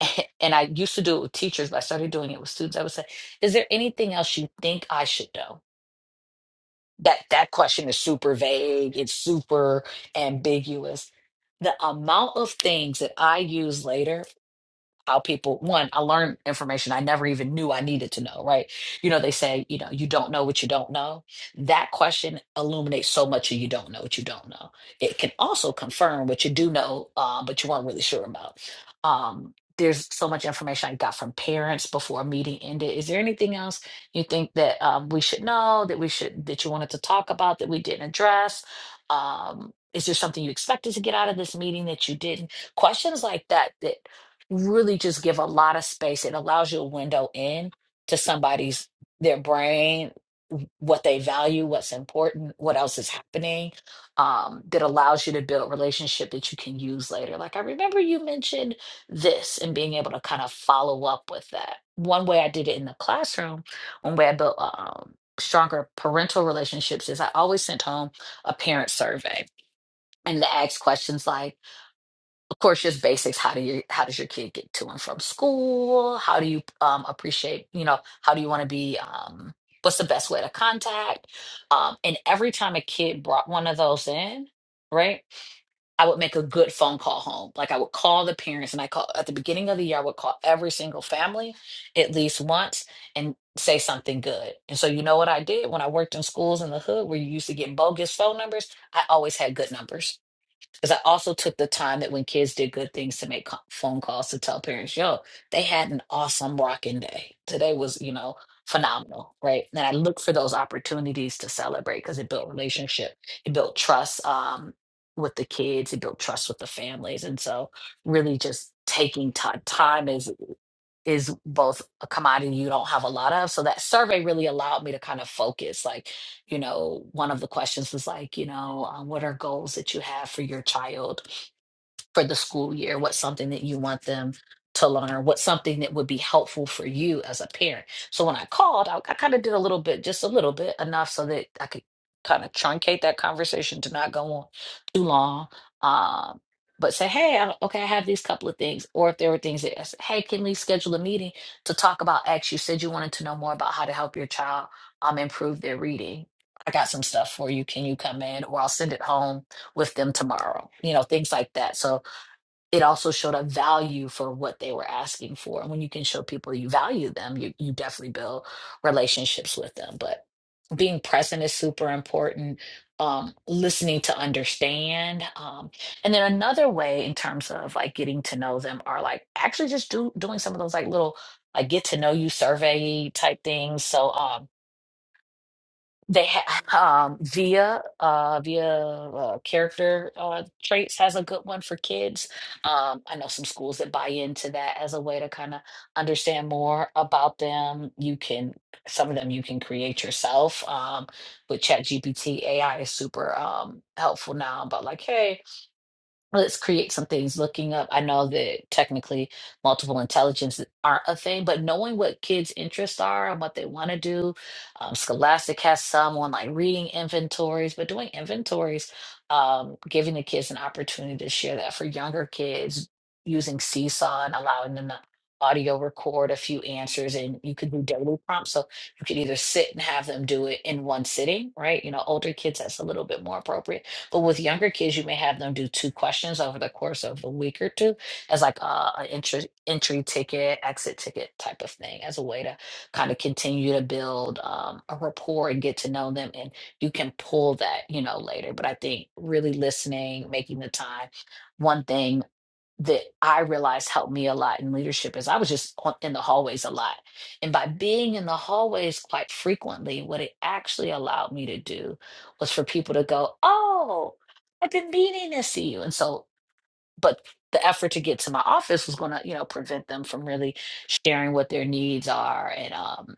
and I used to do it with teachers, but I started doing it with students. I would say, "Is there anything else you think I should know?" That that question is super vague. It's super ambiguous. The amount of things that I use later how people one i learned information i never even knew i needed to know right you know they say you know you don't know what you don't know that question illuminates so much of you don't know what you don't know it can also confirm what you do know uh, but you weren't really sure about um, there's so much information i got from parents before a meeting ended is there anything else you think that um, we should know that we should that you wanted to talk about that we didn't address um, is there something you expected to get out of this meeting that you didn't questions like that that really just give a lot of space. It allows you a window in to somebody's their brain, what they value, what's important, what else is happening. Um, that allows you to build relationship that you can use later. Like I remember you mentioned this and being able to kind of follow up with that. One way I did it in the classroom, one way I built um, stronger parental relationships is I always sent home a parent survey and to ask questions like of course, just basics. How do you, how does your kid get to and from school? How do you um, appreciate, you know, how do you want to be, um, what's the best way to contact? Um, and every time a kid brought one of those in, right, I would make a good phone call home. Like I would call the parents and I call at the beginning of the year, I would call every single family at least once and say something good. And so, you know what I did when I worked in schools in the hood where you used to get bogus phone numbers? I always had good numbers because I also took the time that when kids did good things to make co- phone calls to tell parents, yo, they had an awesome rocking day. Today was, you know, phenomenal, right? And I look for those opportunities to celebrate because it built relationship, it built trust um, with the kids, it built trust with the families, and so really just taking time time is is both a commodity you don't have a lot of. So that survey really allowed me to kind of focus, like you know, one of the questions was like, you know, um, what are goals that you have for your child? for the school year? What's something that you want them to learn? What's something that would be helpful for you as a parent? So when I called, I, I kind of did a little bit, just a little bit, enough so that I could kind of truncate that conversation to not go on too long. Um, but say, hey, I, okay, I have these couple of things. Or if there were things that, I said, hey, can we schedule a meeting to talk about X? You said you wanted to know more about how to help your child um, improve their reading. I got some stuff for you. Can you come in? Or I'll send it home with them tomorrow. You know, things like that. So it also showed a value for what they were asking for. And when you can show people you value them, you, you definitely build relationships with them. But being present is super important, um, listening to understand. Um, and then another way in terms of like getting to know them are like actually just do, doing some of those like little like get to know you survey type things. So, um, they have um, Via, uh, Via uh, character uh, traits has a good one for kids. Um, I know some schools that buy into that as a way to kind of understand more about them. You can some of them you can create yourself um, with ChatGPT. AI is super um, helpful now. But like, hey, let's create some things looking up i know that technically multiple intelligences aren't a thing but knowing what kids interests are and what they want to do um, scholastic has some on like reading inventories but doing inventories um, giving the kids an opportunity to share that for younger kids using seesaw and allowing them to audio record a few answers and you could do daily prompts so you could either sit and have them do it in one sitting right you know older kids that's a little bit more appropriate but with younger kids, you may have them do two questions over the course of a week or two as like uh, an entry, entry ticket, exit ticket type of thing as a way to kind of continue to build um, a rapport and get to know them. And you can pull that, you know, later. But I think really listening, making the time. One thing that I realized helped me a lot in leadership is I was just on, in the hallways a lot. And by being in the hallways quite frequently, what it actually allowed me to do was for people to go, Oh, I've been meaning to see you. And so, but the effort to get to my office was going to, you know, prevent them from really sharing what their needs are and um,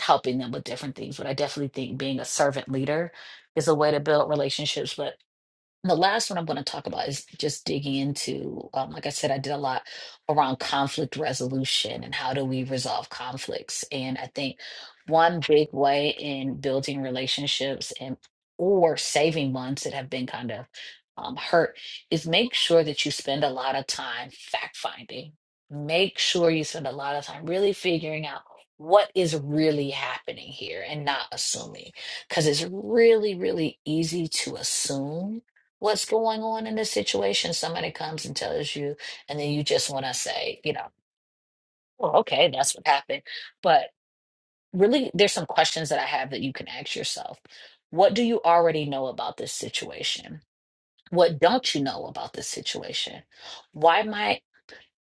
helping them with different things. But I definitely think being a servant leader is a way to build relationships. But and the last one I'm going to talk about is just digging into, um, like I said, I did a lot around conflict resolution and how do we resolve conflicts. And I think one big way in building relationships and or saving ones that have been kind of um, hurt is make sure that you spend a lot of time fact finding. Make sure you spend a lot of time really figuring out what is really happening here and not assuming because it's really, really easy to assume what's going on in this situation. Somebody comes and tells you, and then you just want to say, you know, well, okay, that's what happened. But really, there's some questions that I have that you can ask yourself. What do you already know about this situation? What don't you know about this situation? Why might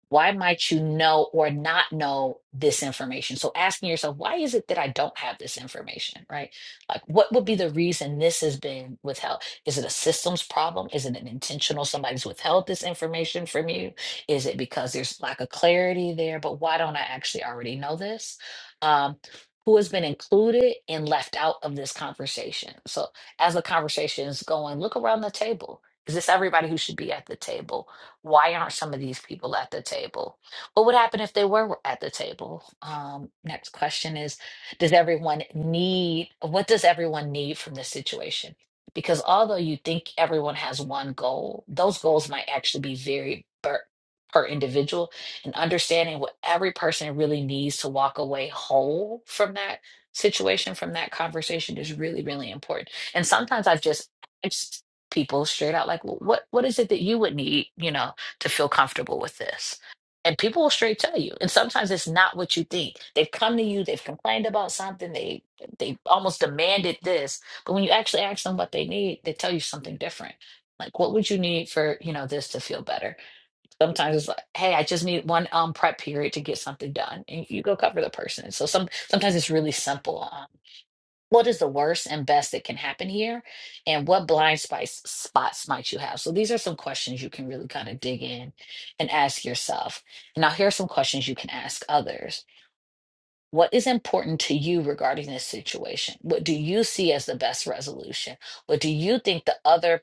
why might you know or not know this information so asking yourself why is it that i don't have this information right like what would be the reason this has been withheld is it a systems problem is it an intentional somebody's withheld this information from you is it because there's lack of clarity there but why don't i actually already know this um, who has been included and left out of this conversation so as the conversation is going look around the table is this everybody who should be at the table why aren't some of these people at the table? What would happen if they were at the table? Um, next question is Does everyone need, what does everyone need from this situation? Because although you think everyone has one goal, those goals might actually be very per, per individual. And understanding what every person really needs to walk away whole from that situation, from that conversation is really, really important. And sometimes I've just asked people straight out, like, well, what what is it that you would need, you know? to feel comfortable with this. And people will straight tell you. And sometimes it's not what you think. They've come to you, they've complained about something, they they almost demanded this. But when you actually ask them what they need, they tell you something different. Like what would you need for, you know, this to feel better? Sometimes it's like, hey, I just need one um prep period to get something done. And you go cover the person. So some sometimes it's really simple. um, what is the worst and best that can happen here and what blind spice spots might you have so these are some questions you can really kind of dig in and ask yourself And now here are some questions you can ask others what is important to you regarding this situation what do you see as the best resolution what do you think the other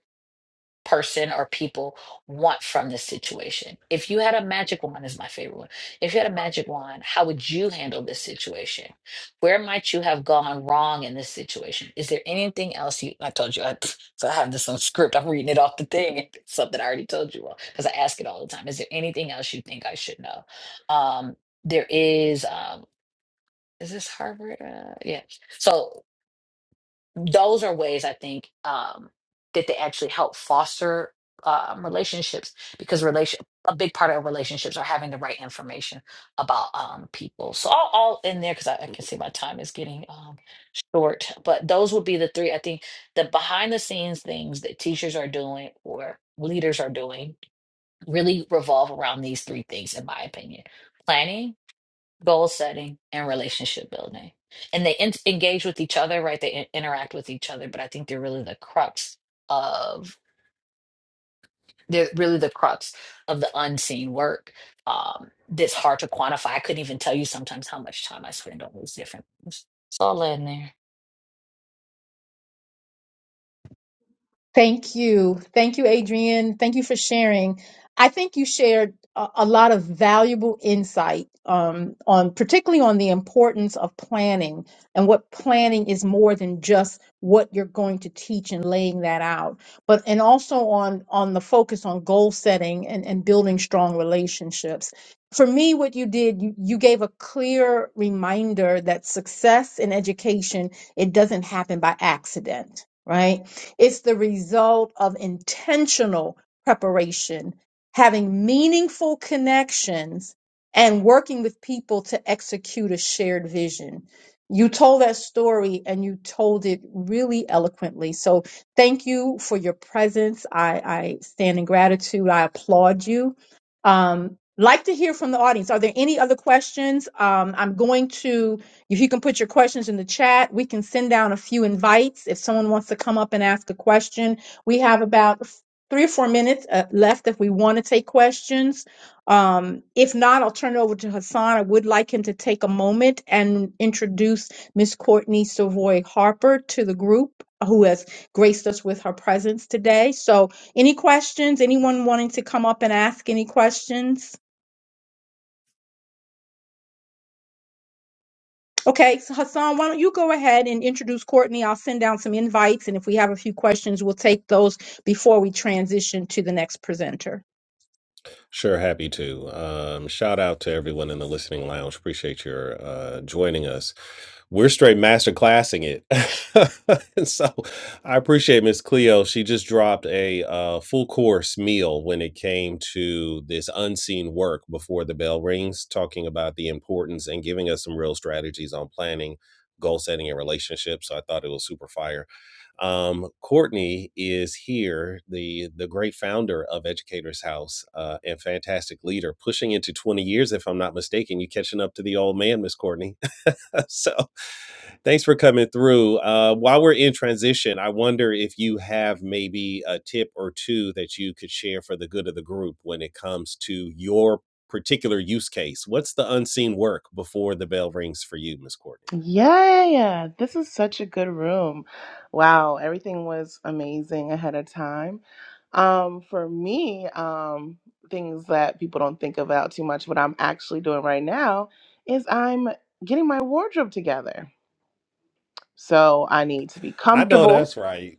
person or people want from this situation. If you had a magic wand, is my favorite one. If you had a magic wand, how would you handle this situation? Where might you have gone wrong in this situation? Is there anything else you? I told you, I, so I have this on script. I'm reading it off the thing. and It's something I already told you all because I ask it all the time. Is there anything else you think I should know? Um, there is. Um, is this Harvard? Uh, yeah. So those are ways I think um, that they actually help foster um, relationships because relation a big part of relationships are having the right information about um, people. So all, all in there because I, I can see my time is getting um, short. But those would be the three I think the behind the scenes things that teachers are doing or leaders are doing really revolve around these three things in my opinion: planning, goal setting and relationship building and they in- engage with each other right they in- interact with each other but i think they're really the crux of they're really the crux of the unseen work um that's hard to quantify i couldn't even tell you sometimes how much time i spend on those different things it's all in there
Thank you. Thank you, Adrian. Thank you for sharing. I think you shared a, a lot of valuable insight um, on particularly on the importance of planning and what planning is more than just what you're going to teach and laying that out, but and also on on the focus on goal setting and, and building strong relationships. For me, what you did, you, you gave a clear reminder that success in education, it doesn't happen by accident, right? It's the result of intentional preparation, having meaningful connections, and working with people to execute a shared vision. You told that story and you told it really eloquently. So thank you for your presence. I, I stand in gratitude. I applaud you. Um, like to hear from the audience. Are there any other questions? Um, I'm going to if you can put your questions in the chat, we can send down a few invites. If someone wants to come up and ask a question, we have about f- three or four minutes uh, left if we want to take questions. Um, if not, I'll turn it over to Hassan. I would like him to take a moment and introduce Miss Courtney Savoy Harper to the group who has graced us with her presence today. So, any questions? Anyone wanting to come up and ask any questions? Okay, so Hassan, why don't you go ahead and introduce Courtney? I'll send down some invites, and if we have a few questions, we'll take those before we transition to the next presenter.
Sure, happy to. Um, shout out to everyone in the listening lounge. Appreciate your uh, joining us. We're straight master classing it. And so I appreciate Miss Cleo. She just dropped a uh, full course meal when it came to this unseen work before the bell rings, talking about the importance and giving us some real strategies on planning, goal setting, and relationships. So I thought it was super fire um, Courtney is here, the the great founder of Educators House uh, and fantastic leader, pushing into twenty years, if I'm not mistaken. You catching up to the old man, Miss Courtney. so thanks for coming through. Uh, while we're in transition, I wonder if you have maybe a tip or two that you could share for the good of the group when it comes to your particular use case. What's the unseen work before the bell rings for you, Miss Courtney?
Yeah, yeah, yeah. this is such a good room. Wow, everything was amazing ahead of time. Um, for me, um, things that people don't think about too much, what I'm actually doing right now is I'm getting my wardrobe together. So I need to be
I know
comfortable.
that's right.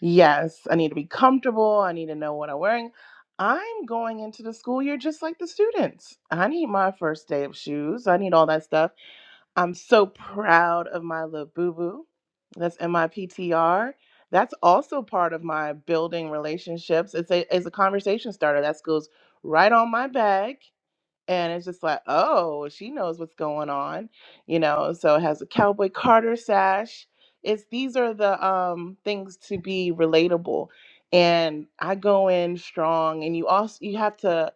Yes, I need to be comfortable. I need to know what I'm wearing. I'm going into the school year just like the students. I need my first day of shoes. I need all that stuff. I'm so proud of my little boo boo. That's in my PTR. That's also part of my building relationships. It's a it's a conversation starter that goes right on my bag. And it's just like, oh, she knows what's going on, you know. So it has a cowboy Carter sash. It's these are the um things to be relatable. And I go in strong and you also you have to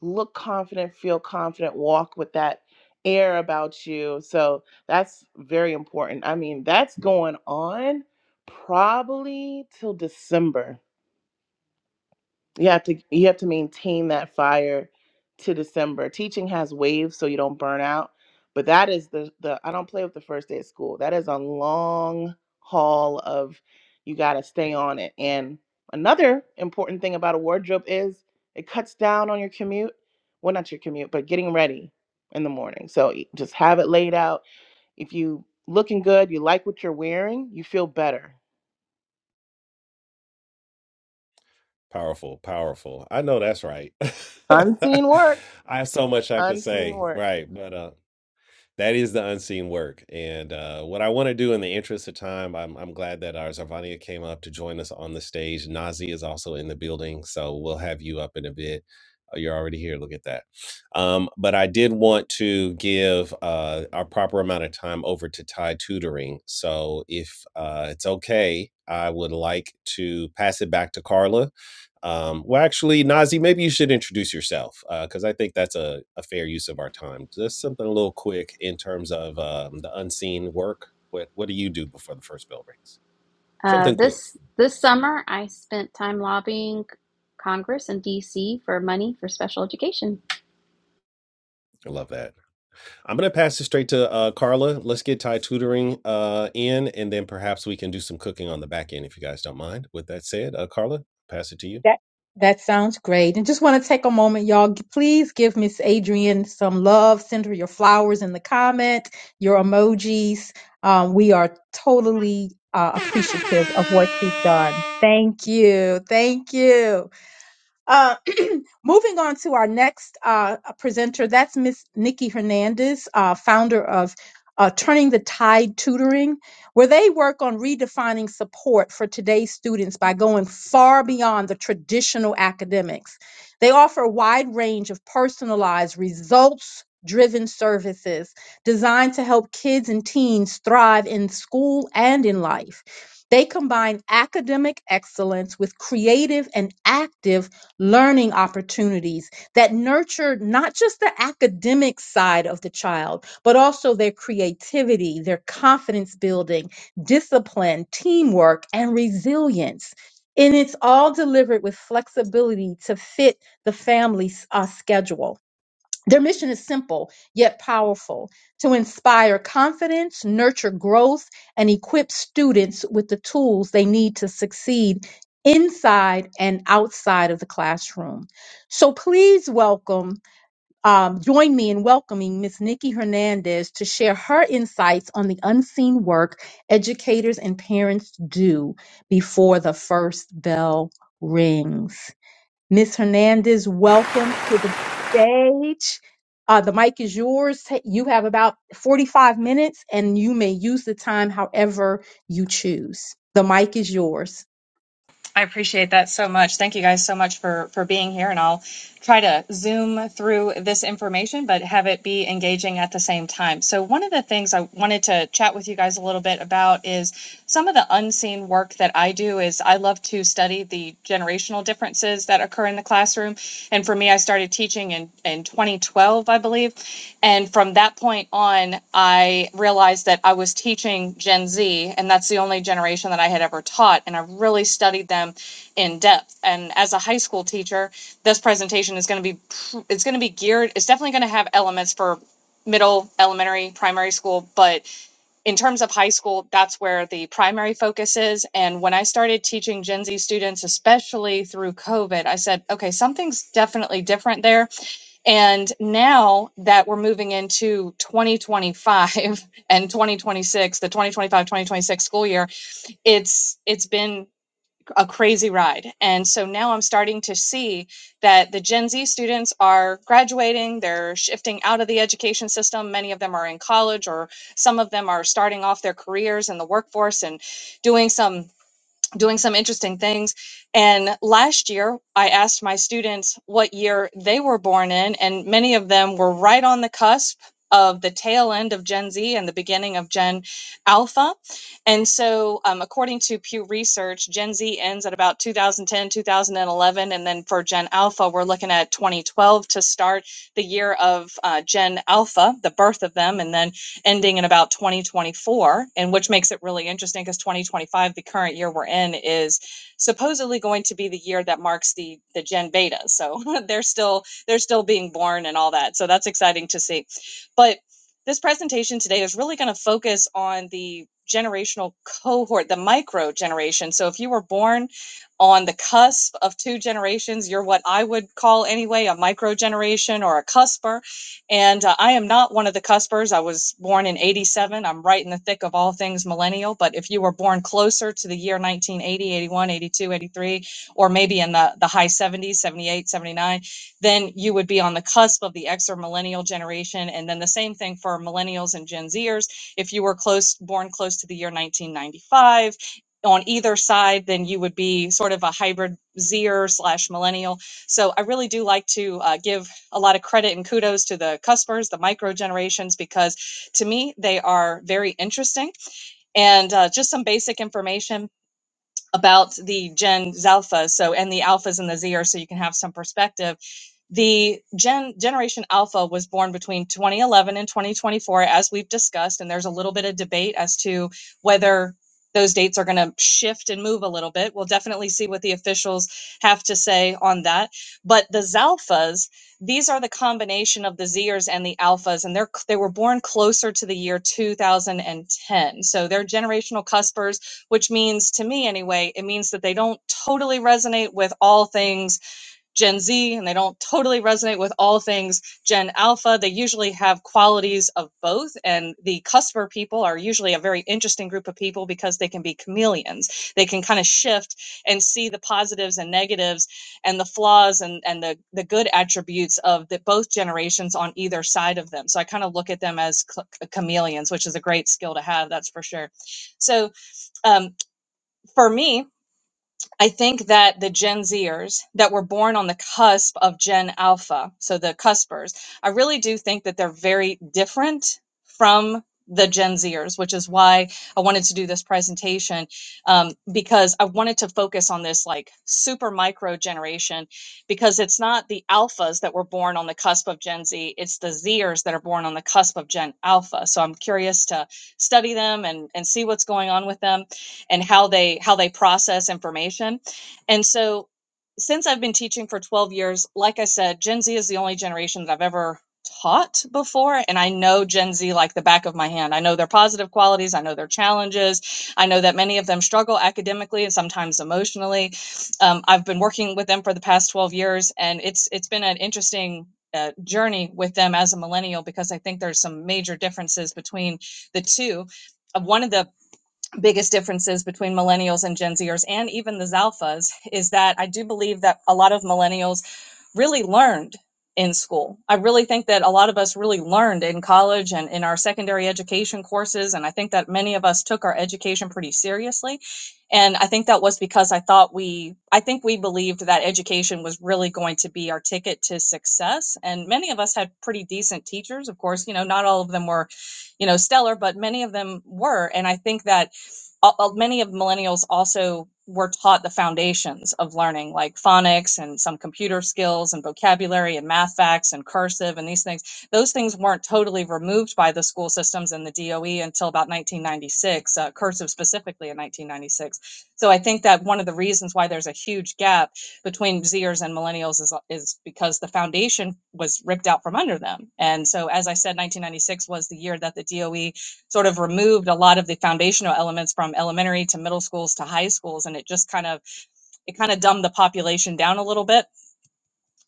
look confident, feel confident, walk with that air about you. So that's very important. I mean, that's going on probably till December you have to you have to maintain that fire to december teaching has waves so you don't burn out but that is the the i don't play with the first day of school that is a long haul of you got to stay on it and another important thing about a wardrobe is it cuts down on your commute well not your commute but getting ready in the morning so y- just have it laid out if you looking good you like what you're wearing you feel better
Powerful, powerful. I know that's right.
unseen work
I have so much I could
unseen
say,
work
right? But uh, that is the unseen work, and uh, what I want to do in the interest of time, I'm I'm glad that our Zarvania came up to join us on the stage. Nazi is also in the building, so we'll have you up in a bit. Oh, You're already here. Look at that. Um, but I did want to give uh, our proper amount of time over to Thai tutoring. So if uh, it's okay, I would like to pass it back to Carla um, well, actually, Nazi, maybe you should introduce yourself because I think that's a, a fair use of our time. Just something a little quick in terms of um, the unseen work. What what do you do before the first bell rings?
Uh,
Something quick.
this this summer, I spent time lobbying Congress and DC for money for special education.
I love that. I'm gonna pass it straight to uh, Carla. Let's get Thai tutoring uh, in, and then perhaps we can do some cooking on the back end if you guys don't mind. With that said, uh, Carla, pass it to you.
That that sounds great. And just want to take a moment, y'all. G- Please give Miss Adrian some love. Send her your flowers in the comment, your emojis. Um, we are totally uh, appreciative of what she's done. Thank you. Thank you. Uh, moving on to our next uh, presenter, that's Miss Nikki Hernandez, uh, founder of uh, Turning the Tide Tutoring, where they work on redefining support for today's students by going far beyond the traditional academics. They offer a wide range of personalized, results driven services designed to help kids and teens thrive in school and in life. They combine academic excellence with creative and active learning opportunities that nurture not just the academic side of the child, but also their creativity, their confidence building, discipline, teamwork, and resilience. And it's all delivered with flexibility to fit the family's uh, schedule. Their mission is simple yet powerful to inspire confidence, nurture growth, and equip students with the tools they need to succeed inside and outside of the classroom. So please welcome, um, join me in welcoming Ms. Nikki Hernandez to share her insights on the unseen work educators and parents do before the first bell rings. Ms. Hernandez, welcome to the stage. Uh, the mic is yours. Ta- You have about 45 minutes and you may use the time however you choose. The mic is yours.
I appreciate that so much. Thank you guys so much for for being here and I'll try to zoom through this information but have it be engaging at the same time. So one of the things I wanted to chat with you guys a little bit about is some of the unseen work that I do is I love to study the generational differences that occur in the classroom and for me I started teaching in in 20 2012, I believe. And from that point on, I realized that I was teaching Gen Z, and that's the only generation that I had ever taught. And I really studied them in depth. And as a high school teacher, this presentation is going to be it's going to be geared. It's definitely going to have elements for middle, elementary, primary school, but in terms of high school, that's where the primary focus is. And when I started teaching Gen Z students, especially through COVID, I said, okay, something's definitely different there and now that we're moving into 2025 and 2026, the 2025 2026 school year, it's it's been a crazy ride. And so now I'm starting to see that the Gen Z students are graduating, they're shifting out of the education system. Many of them are in college or some of them are starting off their careers in the workforce and doing some doing some interesting things. And last year, I asked my students what year they were born in, and many of them were right on the cusp of the tail end of Gen Z and the beginning of Gen Alpha. And so, um, according to Pew Research, Gen Z ends at about 2010, 2011. And then for Gen Alpha, we're looking at 2012 to start the year of uh, Gen Alpha, the birth of them. And then ending in about 2024, and which makes it really interesting because 2025, the current year we're in, is supposedly going to be the year that marks the the Gen Beta. So they're still they're still being born and all that. So that's exciting to see. But this presentation today is really going to focus on the generational cohort, the micro generation. So if you were born on the cusp of two generations, you're what I would call anyway a micro generation or a cusper and uh, I am not one of the cuspers. I was born in 87. I'm right in the thick of all things millennial. But if you were born closer to the year 1980, 81, 82, 83, or maybe in the, the high 70s, 78, 79, then you would be on the cusp of the X or millennial generation. And then the same thing for millennials and Gen Zers. If you were close, born close to the year 1995, on either side, then you would be sort of a hybrid Zer slash millennial. So I really do like to uh, give a lot of credit and kudos to the cuspers, the micro generations, because to me, they are very interesting. And uh, just some basic information about the Gen Zalpha, so and the alphas and the Zers, so you can have some perspective. The Gen Generation Alpha was born between 2011 and 2024, as we've discussed, and there's a little bit of debate as to whether those dates are going to shift and move a little bit. We'll definitely see what the officials have to say on that. But the Zalphas, these are the combination of the Zers and the Alphas, and they're they were born closer to the year 2010, so they're generational cuspers which means to me anyway, it means that they don't totally resonate with all things Gen Z and they don't totally resonate with all things Gen Alpha. They usually have qualities of both. And the cusper people are usually a very interesting group of people because they can be chameleons. They can kind of shift and see the positives and negatives and the flaws and, and the, the good attributes of the, both generations on either side of them. So I kind of look at them as ch- chameleons, which is a great skill to have, that's for sure. So, um, for me, I think that the Gen Zers that were born on the cusp of Gen Alpha, so the cuspers, I really do think that they're very different from the Gen Zers, which is why I wanted to do this presentation um, because I wanted to focus on this like super micro generation because it's not the alphas that were born on the cusp of Gen Z, it's the Zers that are born on the cusp of Gen Alpha. So I'm curious to study them and, and see what's going on with them and how they how they process information and so since i've been teaching for 12 years like i said gen z is the only generation that i've ever taught before and i know gen z like the back of my hand i know their positive qualities i know their challenges i know that many of them struggle academically and sometimes emotionally um, i've been working with them for the past 12 years and it's it's been an interesting uh, journey with them as a millennial because i think there's some major differences between the two Uh, one of the biggest differences between millennials and Gen Zers and even the Zalphas is that I do believe that a lot of millennials really learned in school. I really think that a lot of us really learned in college and in our secondary education courses. And I think that many of us took our education pretty seriously. And I think that was because I thought we, I think we believed that education was really going to be our ticket to success. And many of us had pretty decent teachers. Of course, you know, not all of them were, you know, stellar, but many of them were. And I think that al- many of millennials also were taught the foundations of learning like phonics and some computer skills and vocabulary and math facts and cursive and these things those things weren't totally removed by the school systems and the doe until about 1996 uh, cursive specifically in 1996 so i think that one of the reasons why there's a huge gap between zers and millennials is, is because the foundation was ripped out from under them and so as i said 1996 was the year that the doe sort of removed a lot of the foundational elements from elementary to middle schools to high schools and it just kind of it kind of dumbed the population down a little bit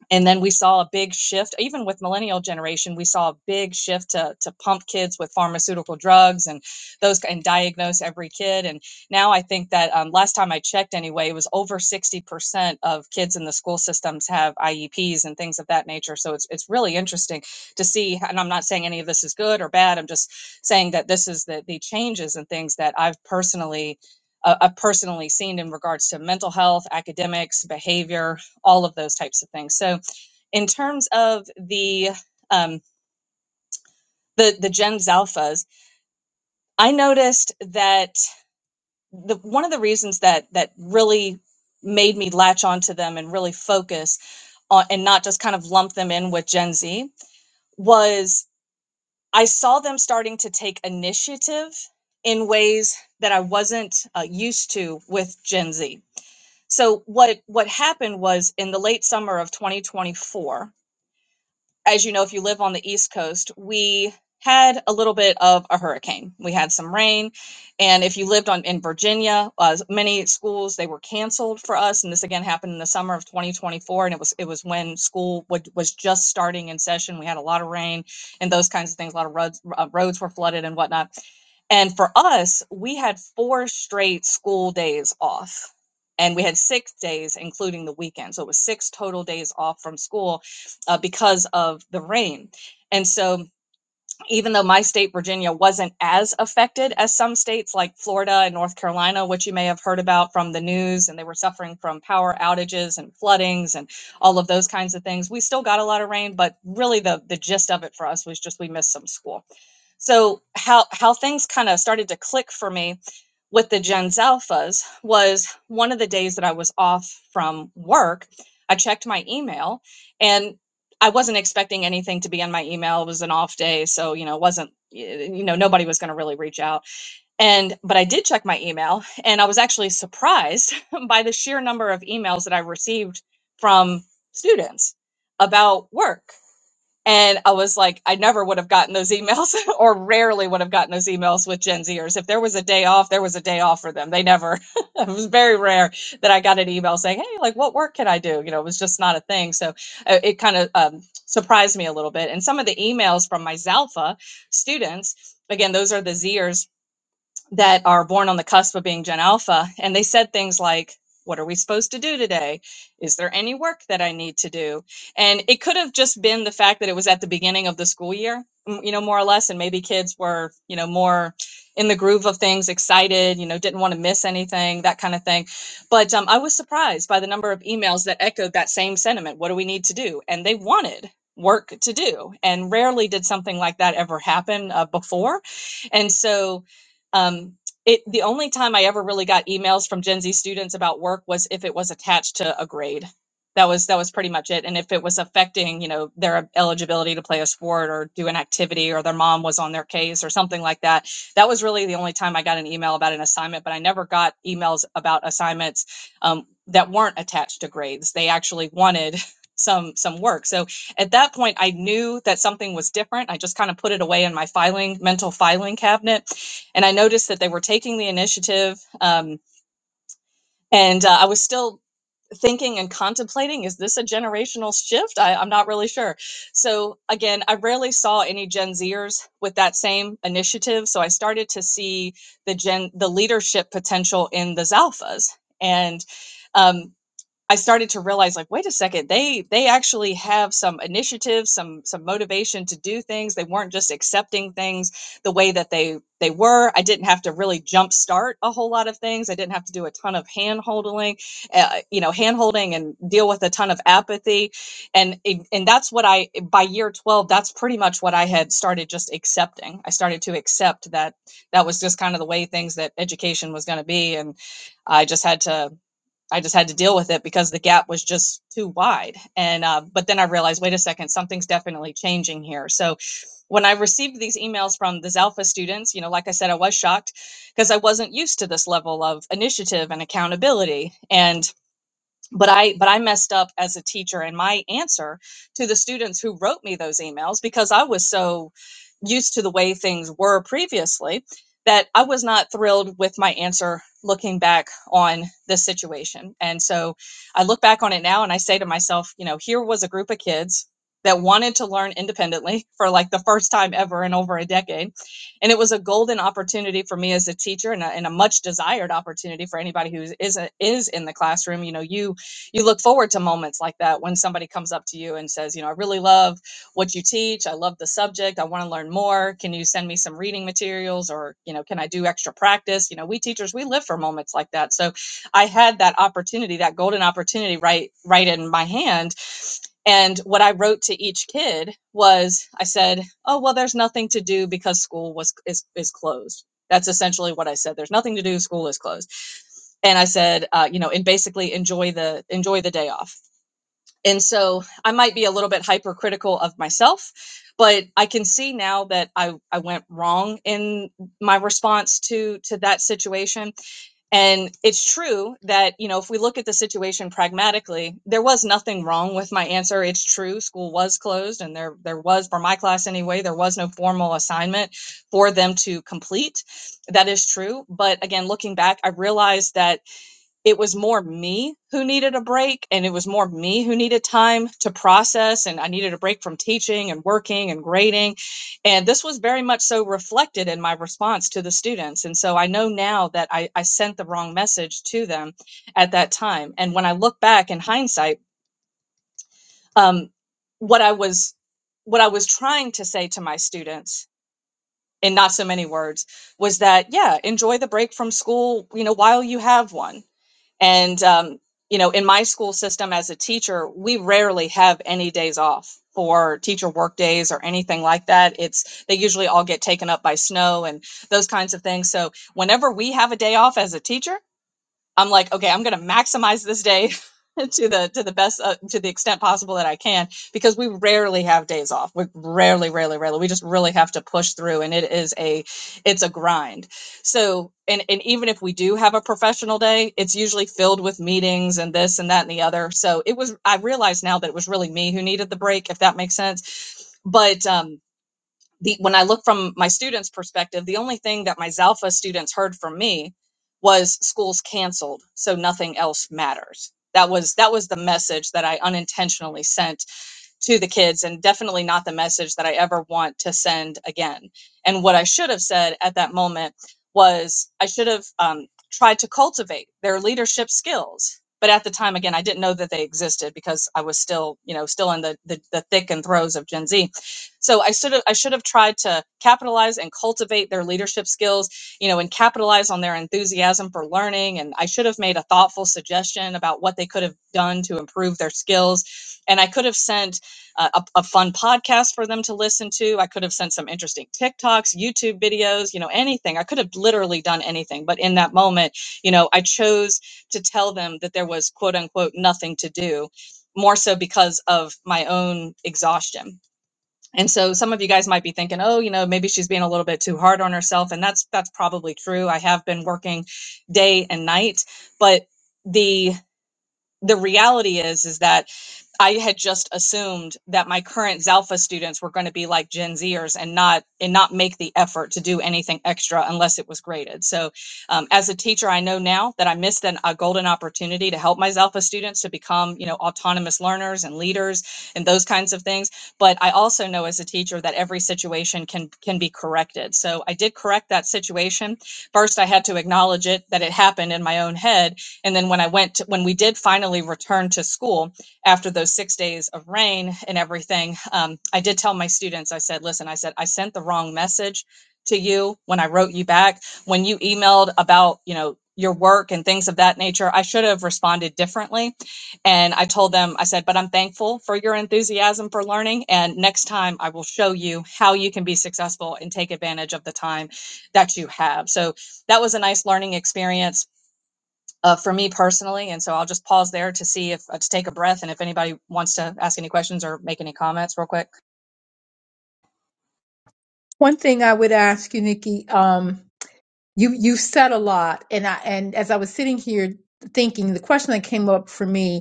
and then we saw a big shift even with millennial generation we saw a big shift to, to pump kids with pharmaceutical drugs and those and diagnose every kid and now i think that um, last time i checked anyway it was over 60% of kids in the school systems have ieps and things of that nature so it's, it's really interesting to see and i'm not saying any of this is good or bad i'm just saying that this is the, the changes and things that i've personally uh, I've personally seen in regards to mental health, academics, behavior, all of those types of things. So, in terms of the um, the the Gens Alphas, I noticed that the one of the reasons that that really made me latch onto them and really focus on and not just kind of lump them in with Gen Z was I saw them starting to take initiative in ways that I wasn't uh, used to with Gen Z. So what what happened was in the late summer of 2024 as you know, if you live on the East Coast, we had a little bit of a hurricane. We had some rain, and if you lived on in Virginia, uh, many schools they were canceled for us. And this again happened in the summer of 2024, and it was it was when school would, was just starting in session. We had a lot of rain and those kinds of things. A lot of roads uh, roads were flooded and whatnot. And for us, we had four straight school days off. And we had six days, including the weekend. So it was six total days off from school uh, because of the rain. And so, even though my state, Virginia, wasn't as affected as some states like Florida and North Carolina, which you may have heard about from the news, and they were suffering from power outages and floodings and all of those kinds of things, we still got a lot of rain. But really, the, the gist of it for us was just we missed some school. So, how, how things kind of started to click for me with the Gens Alphas was one of the days that I was off from work. I checked my email and I wasn't expecting anything to be in my email. It was an off day. So, you know, it wasn't, you know, nobody was going to really reach out. And, but I did check my email and I was actually surprised by the sheer number of emails that I received from students about work and I was like, I never would have gotten those emails or rarely would have gotten those emails with Gen Zers. If there was a day off, there was a day off for them. They never, it was very rare that I got an email saying, Hey, like, what work can I do? You know, it was just not a thing. So uh, it kind of um, surprised me a little bit. And some of the emails from my Zalpha students, again, those are the Zers that are born on the cusp of being Gen Alpha. And they said things like, What are we supposed to do today? Is there any work that I need to do? And it could have just been the fact that it was at the beginning of the school year, you know, more or less. And maybe kids were, you know, more in the groove of things, excited, you know, didn't want to miss anything, that kind of thing. But um, I was surprised by the number of emails that echoed that same sentiment. What do we need to do? And they wanted work to do. And rarely did something like that ever happen uh, before. And so, um, it the only time I ever really got emails from Gen Z students about work was if it was attached to a grade. That was that was pretty much it. And if it was affecting, you know, their eligibility to play a sport or do an activity, or their mom was on their case or something like that, that was really the only time I got an email about an assignment. But I never got emails about assignments um, that weren't attached to grades. They actually wanted some some work. So at that point, I knew that something was different. I just kind of put it away in my filing mental filing cabinet and I noticed that they were taking the initiative. Um, and uh, I was still thinking and contemplating is this a generational shift? I, I'm not really sure. So, again, I rarely saw any Gen Zers with that same initiative. So I started to see the gen the leadership potential in the Zalphas. And um, I started to realize like wait a second they they actually have some initiative some some motivation to do things they weren't just accepting things the way that they they were I didn't have to really jumpstart a whole lot of things I didn't have to do a ton of hand holding uh, you know hand holding and deal with a ton of apathy and it, and that's what I by year 12 that's pretty much what I had started just accepting I started to accept that that was just kind of the way things that education was going to be and I just had to I just had to deal with it because the gap was just too wide. And uh, but then I realized, wait a second, something's definitely changing here. So when I received these emails from the Alpha students, you know, like I said, I was shocked because I wasn't used to this level of initiative and accountability. And but i but i messed up as a teacher in my answer to the students who wrote me those emails because i was so used to the way things were previously that i was not thrilled with my answer looking back on this situation and so i look back on it now and i say to myself you know here was a group of kids that wanted to learn independently for like the first time ever in over a decade and it was a golden opportunity for me as a teacher and a, and a much desired opportunity for anybody who is is, a, is in the classroom you know you you look forward to moments like that when somebody comes up to you and says, you know, I really love what you teach. I love the subject. I want to learn more. Can you send me some reading materials or, you know, can I do extra practice? You know, we teachers, we live for moments like that. So I had that opportunity, that golden opportunity right right in my hand and what I wrote to each kid was I said, "Oh, well there's nothing to do because school was is is closed." That's essentially what I said. There's nothing to do, school is closed. And I said, uh, you know, and basically enjoy the enjoy the day off. And so I might be a little bit hypercritical of myself, but I can see now that I I went wrong in my response to to that situation and it's true that, you know, if we look at the situation pragmatically, there was nothing wrong with my answer. It's true, school was closed and there there was for my class anyway, there was no formal assignment for them to complete. That is true, but again, looking back, I realized that it was more me who needed a break and it was more me who needed time to process and i needed a break from teaching and working and grading and this was very much so reflected in my response to the students and so i know now that i, I sent the wrong message to them at that time and when i look back in hindsight um, what i was what i was trying to say to my students in not so many words was that yeah enjoy the break from school you know while you have one and, um, you know, in my school system as a teacher, we rarely have any days off for teacher work days or anything like that. It's they usually all get taken up by snow and those kinds of things. So whenever we have a day off as a teacher, I'm like, okay, I'm going to maximize this day to the to the best uh, to the extent possible that I can because we rarely have days off. We rarely, rarely, rarely. We just really have to push through, and it is a it's a grind. So, and and even if we do have a professional day, it's usually filled with meetings and this and that and the other. So it was. I realize now that it was really me who needed the break, if that makes sense. But um, the when I look from my students' perspective, the only thing that my Zalpha students heard from me was schools canceled, so nothing else matters. That was that was the message that I unintentionally sent to the kids and definitely not the message that I ever want to send again. And what I should have said at that moment was I should have um, tried to cultivate their leadership skills. But at the time, again, I didn't know that they existed because I was still, you know, still in the the, the thick and throes of Gen Z. So I should have I should have tried to capitalize and cultivate their leadership skills, you know, and capitalize on their enthusiasm for learning. And I should have made a thoughtful suggestion about what they could have done to improve their skills. And I could have sent uh, a, a fun podcast for them to listen to. I could have sent some interesting TikToks, YouTube videos, you know, anything. I could have literally done anything. But in that moment, you know, I chose to tell them that there was quote unquote nothing to do, more so because of my own exhaustion. And so some of you guys might be thinking, "Oh, you know, maybe she's being a little bit too hard on herself." And that's that's probably true. I have been working day and night, but the the reality is is that I had just assumed that my current Zalpha students were going to be like Gen Zers and not and not make the effort to do anything extra unless it was graded. So, um, as a teacher, I know now that I missed an, a golden opportunity to help my Zalpha students to become you know autonomous learners and leaders and those kinds of things. But I also know as a teacher that every situation can can be corrected. So I did correct that situation. First, I had to acknowledge it that it happened in my own head, and then when I went to, when we did finally return to school after those six days of rain and everything, um, I did tell my students, I said, listen, I said, I sent the wrong message to you when I wrote you back. When you emailed about, you know, your work and things of that nature, I should have responded differently. And I told them, I said, but I'm thankful for your enthusiasm for learning. And next time I will show you how you can be successful and take advantage of the time that you have. So that was a nice learning experience uh, for me personally. And so I'll just pause there to see if uh, to take a breath and if anybody wants to ask any questions or make any comments real quick.
One thing I would ask you, Nikki, um, you you said a lot, and I and as I was sitting here thinking, the question that came up for me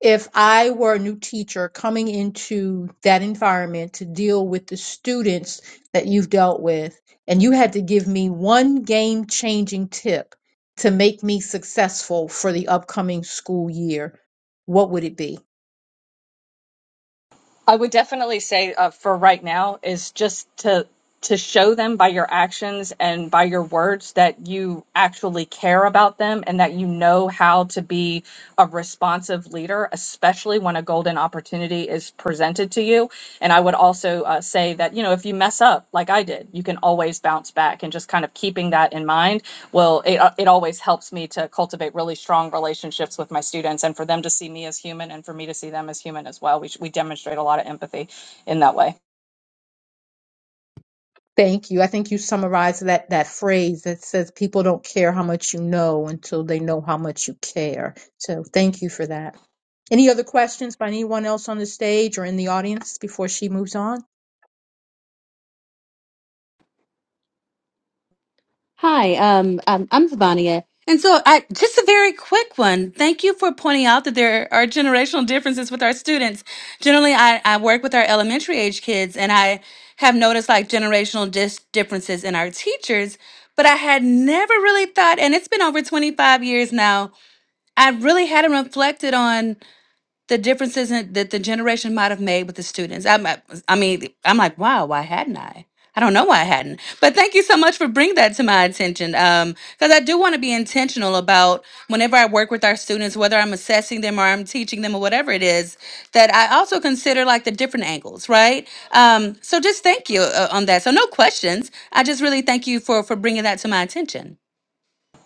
if I were a new teacher coming into that environment to deal with the students that you've dealt with, and you had to give me one game changing tip to make me successful for the upcoming school year, what would it be?
I would definitely say uh, for right now is just to to show them by your actions and by your words that you actually care about them and that you know how to be a responsive leader, especially when a golden opportunity is presented to you. And I would also uh, say that, you know, if you mess up like I did, you can always bounce back and just kind of keeping that in mind. Well, it, uh, it always helps me to cultivate really strong relationships with my students and for them to see me as human and for me to see them as human as well. We, we demonstrate a lot of empathy in that way.
Thank you. I think you summarized that, that phrase that says people don't care how much you know until they know how much you care. So thank you for that. Any other questions by anyone else on the stage or in the audience before she moves on?
Hi, um, um, I'm Vivania. And so I just a very quick one. Thank you for pointing out that there are generational differences with our students. Generally, I, I work with our elementary age kids and I have noticed like generational dis- differences in our teachers, but I had never really thought, and it's been over 25 years now, I really hadn't reflected on the differences in, that the generation might have made with the students. I'm, I mean, I'm like, wow, why hadn't I? I don't know why I hadn't. But thank you so much for bringing that to my attention. Because I do want to be intentional about whenever I work with our students, whether I'm assessing them or I'm teaching them or whatever it is, that I also consider like the different angles, right? Um, so just thank you uh, on that. So no questions. I just really thank you for for bringing that to my attention.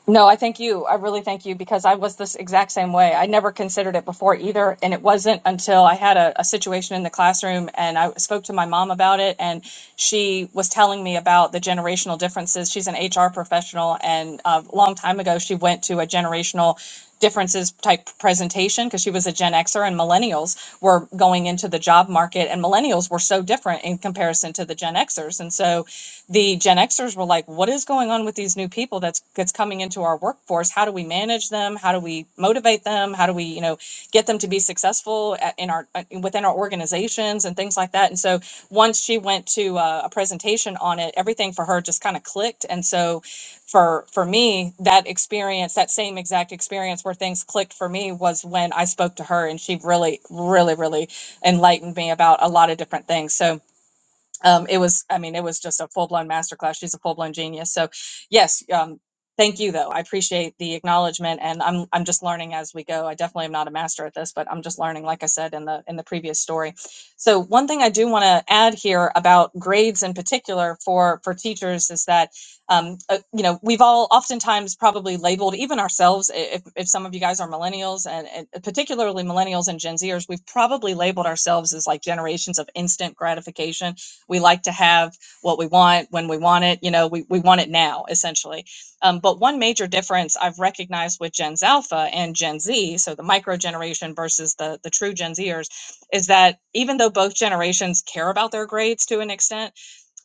No, I thank you. I really thank you because I was this exact same way. I never considered it before either. And it wasn't until I had a, a situation in the classroom and I spoke to my mom about it. And she was telling me about the generational differences. She's an HR professional. And uh, a long time ago, she went to a generational differences type presentation because she was a Gen Xer and millennials were going into the job market and millennials were so different in comparison to the Gen Xers. And so the Gen Xers were like, what is going on with these new people that's that's coming into our workforce? How do we manage them? How do we motivate them? How do we, you know, get them to be successful at, in our uh, within our organizations and things like that. And so once she went to uh, a presentation on it, everything for her just kind of clicked. And so for for me, that experience, that same exact experience where things clicked for me was when I spoke to her, and she really, really, really enlightened me about a lot of different things. So um, it was i mean it was just a full-blown masterclass she's a full-blown genius so yes um, thank you though i appreciate the acknowledgement and i'm i'm just learning as we go i definitely am not a master at this but i'm just learning like i said in the in the previous story so one thing i do want to add here about grades in particular for for teachers is that um, uh, you know we've all oftentimes probably labeled even ourselves if, if some of you guys are millennials and, and particularly millennials and gen zers we've probably labeled ourselves as like generations of instant gratification we like to have what we want when we want it. You know, we, we want it now, essentially. Um, but one major difference I've recognized with Gen Z Alpha and Gen Z, so the micro generation versus the, the true Gen Zers, is that even though both generations care about their grades to an extent,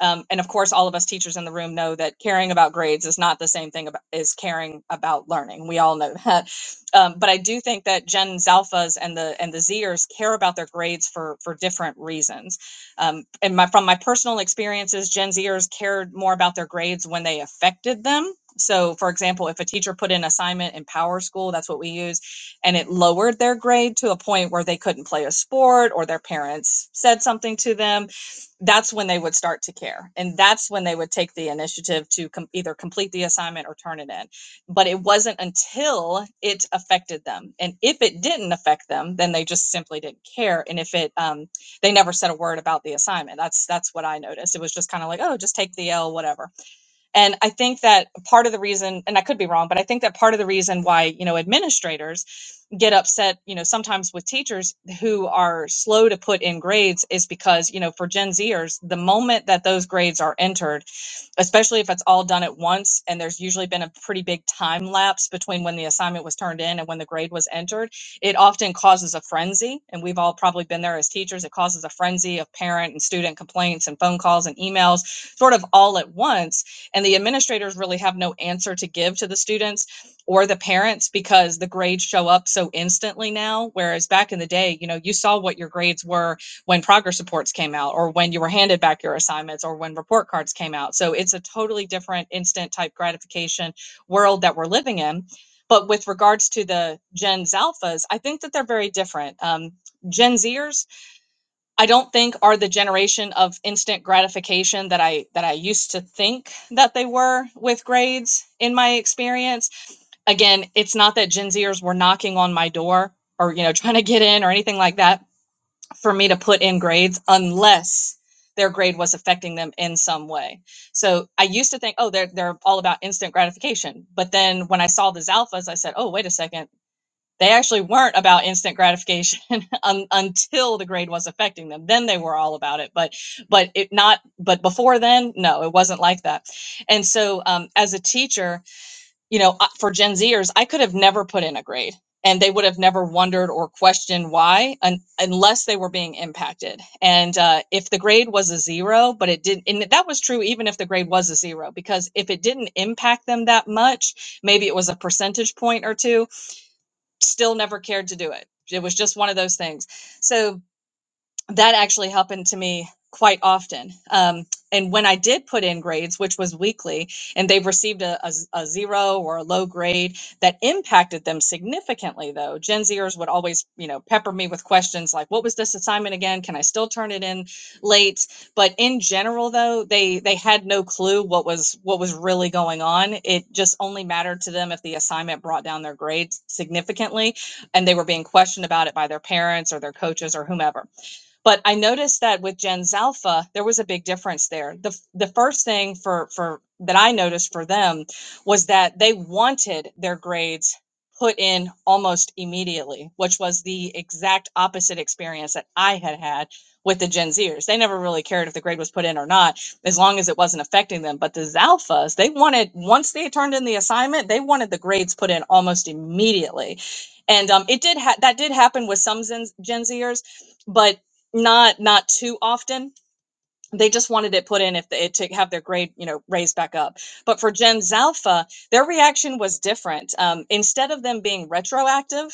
um, and of course, all of us teachers in the room know that caring about grades is not the same thing about, as caring about learning. We all know that. Um, but I do think that Gen Alphas and the and the Zers care about their grades for for different reasons. Um, and my, from my personal experiences, Gen Zers cared more about their grades when they affected them. So, for example, if a teacher put in assignment in Power School, that's what we use, and it lowered their grade to a point where they couldn't play a sport or their parents said something to them, that's when they would start to care and that's when they would take the initiative to com- either complete the assignment or turn it in but it wasn't until it affected them and if it didn't affect them then they just simply didn't care and if it um, they never said a word about the assignment that's that's what i noticed it was just kind of like oh just take the l whatever and i think that part of the reason and i could be wrong but i think that part of the reason why you know administrators get upset, you know, sometimes with teachers who are slow to put in grades is because, you know, for Gen Zers, the moment that those grades are entered, especially if it's all done at once and there's usually been a pretty big time lapse between when the assignment was turned in and when the grade was entered it often causes a frenzy and we've all probably been there as teachers it causes a frenzy of parent and student complaints and phone calls and emails sort of all at once and the administrators really have no answer to give to the students or the parents because the grades show up so instantly now whereas back in the day you know you saw what your grades were when progress reports came out or when you were handed back your assignments or when report cards came out. So it's a totally different instant type gratification world that we're living in. But with regards to the Gen Alphas, I think that they're very different. Um, Gen Zers, I don't think are the generation of instant gratification that I that I used to think that they were with grades in my experience. Again, it's not that Gen Zers were knocking on my door or you know trying to get in or anything like that for me to put in grades unless their grade was affecting them in some way. So I used to think, oh, they're they're all about instant gratification. But then when I saw the Zalphas, I said, oh, wait a second. They actually weren't about instant gratification un- until the grade was affecting them. Then they were all about it. But but it not. But before then, no, it wasn't like that. And so um, as a teacher, you know, uh, for Gen Zers, I could have never put in a grade and they would have never wondered or questioned why un- unless they were being impacted. And uh, if the grade was a zero, but it didn't, and that was true even if the grade was a zero, because if it didn't impact them that much, maybe it was a percentage point or two, still never cared to do it. It was just one of those things. So that actually happened to me quite often. Um, and when I did put in grades, which was weekly, and they received a z- a zero or a low grade, that impacted them significantly. Though Gen Zers would always, you know, pepper me with questions like, "What was this assignment again? Can I still turn it in late?" But in general, though, they they had no clue what was what was really going on. It just only mattered to them if the assignment brought down their grades significantly, and they were being questioned about it by their parents or their coaches or whomever but I noticed that with Gens Alpha, there was a big difference there. The the first thing for for that I noticed for them was that they wanted their grades put in almost immediately, which was the exact opposite experience that I had had with the Gen Zers. They never really cared if the grade was put in or not, as long as it wasn't affecting them. But the Zalphas, they wanted once they turned in the assignment, they wanted the grades put in almost immediately. And um, it did ha- that did happen with some Zen- Gen Zers, but not not too often. They just wanted it put in if they to have their grade, you know, raised back up. But for Gen Alpha, their reaction was different. Um, instead of them being retroactive,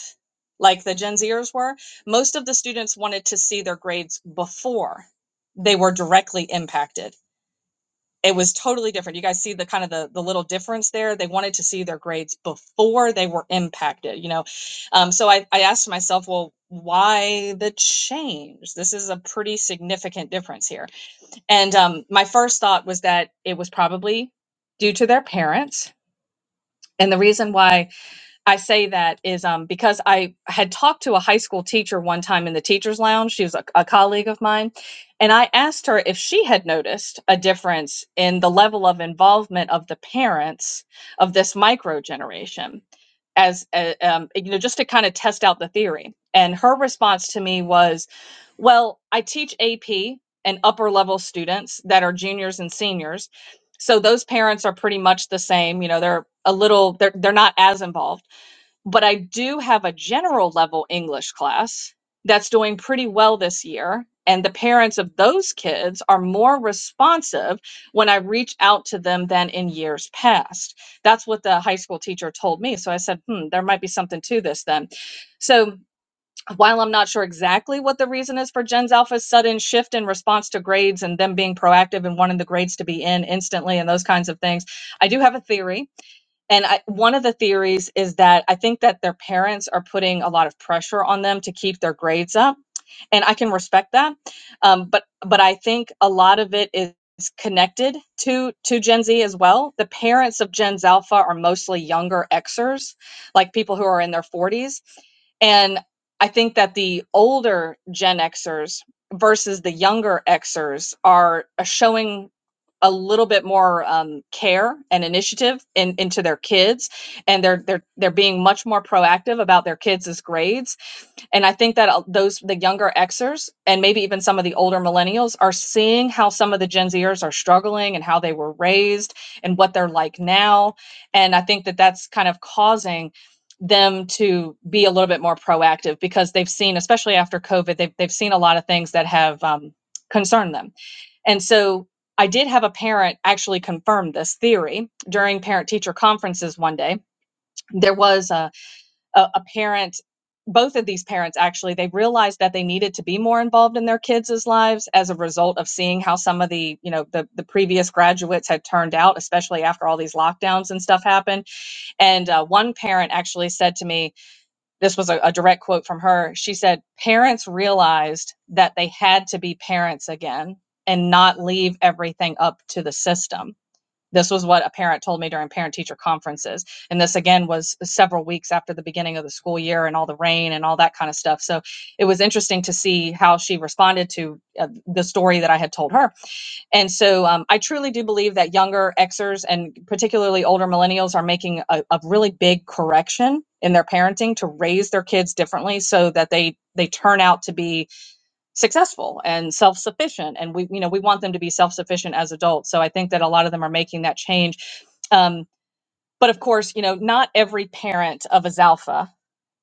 like the Gen Zers were, most of the students wanted to see their grades before they were directly impacted it was totally different. You guys see the kind of the, the little difference there. They wanted to see their grades before they were impacted, you know. Um, so I, I asked myself, well, why the change? This is a pretty significant difference here. And um, my first thought was that it was probably due to their parents. And the reason why I say that is um, because I had talked to a high school teacher one time in the teacher's lounge. She was a, a colleague of mine. And I asked her if she had noticed a difference in the level of involvement of the parents of this micro generation, as uh, um, you know, just to kind of test out the theory. And her response to me was, "Well, I teach AP and upper level students that are juniors and seniors, so those parents are pretty much the same. You know, they're a little, they're they're not as involved." but I do have a general level English class that's doing pretty well this year. And the parents of those kids are more responsive when I reach out to them than in years past. That's what the high school teacher told me. So I said, hmm, there might be something to this then. So while I'm not sure exactly what the reason is for Gen's Alpha's sudden shift in response to grades and them being proactive and wanting the grades to be in instantly and those kinds of things, I do have a theory and I, one of the theories is that I think that their parents are putting a lot of pressure on them to keep their grades up, and I can respect that. Um, but but I think a lot of it is connected to to Gen Z as well. The parents of Gen Alpha are mostly younger Xers, like people who are in their 40s, and I think that the older Gen Xers versus the younger Xers are are showing a little bit more um, care and initiative in, into their kids and they're they're they're being much more proactive about their kids' grades and i think that uh, those the younger xers and maybe even some of the older millennials are seeing how some of the gen zers are struggling and how they were raised and what they're like now and i think that that's kind of causing them to be a little bit more proactive because they've seen especially after covid they've, they've seen a lot of things that have um, concerned them and so I did have a parent actually confirm this theory during parent teacher conferences one day. There was a, a, a parent, both of these parents actually, they realized that they needed to be more involved in their kids' lives as a result of seeing how some of the, you know, the, the previous graduates had turned out, especially after all these lockdowns and stuff happened. And uh, one parent actually said to me, this was a, a direct quote from her. She said, Parents realized that they had to be parents again and not leave everything up to the system. This was what a parent told me during parent teacher conferences. And this again was several weeks after the beginning of the school year and all the rain and all that kind of stuff. So it was interesting to see how she responded to uh, the story that I had told her. And so um, I truly do believe that younger Xers and particularly older millennials are making a, a really big correction in their parenting to raise their kids differently so that they they turn out to be successful and self-sufficient and we you know we want them to be self-sufficient as adults so i think that a lot of them are making that change um, but of course you know not every parent of a zalpha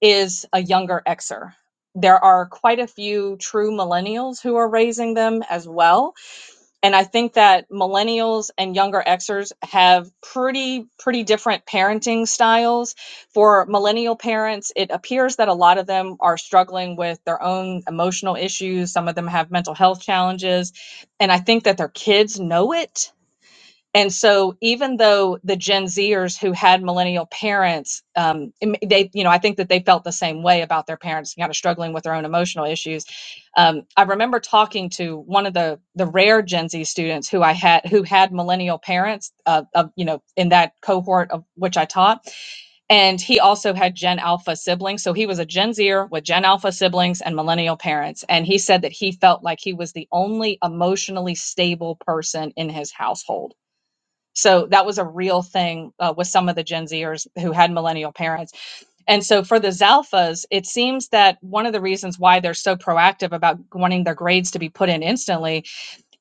is a younger xer there are quite a few true millennials who are raising them as well and I think that millennials and younger Xers have pretty pretty different parenting styles. For millennial parents, it appears that a lot of them are struggling with their own emotional issues. Some of them have mental health challenges, and I think that their kids know it and so, even though the Gen Zers who had millennial parents, um, they, you know, I think that they felt the same way about their parents, kind of struggling with their own emotional issues. Um, I remember talking to one of the the rare Gen Z students who I had who had millennial parents, uh, of, you know, in that cohort of which I taught, and he also had Gen Alpha siblings. So he was a Gen Zer with Gen Alpha siblings and millennial parents, and he said that he felt like he was the only emotionally stable person in his household so that was a real thing uh, with some of the Gen Zers who had millennial parents. And so for the Zalphas, it seems that one of the reasons why they're so proactive about wanting their grades to be put in instantly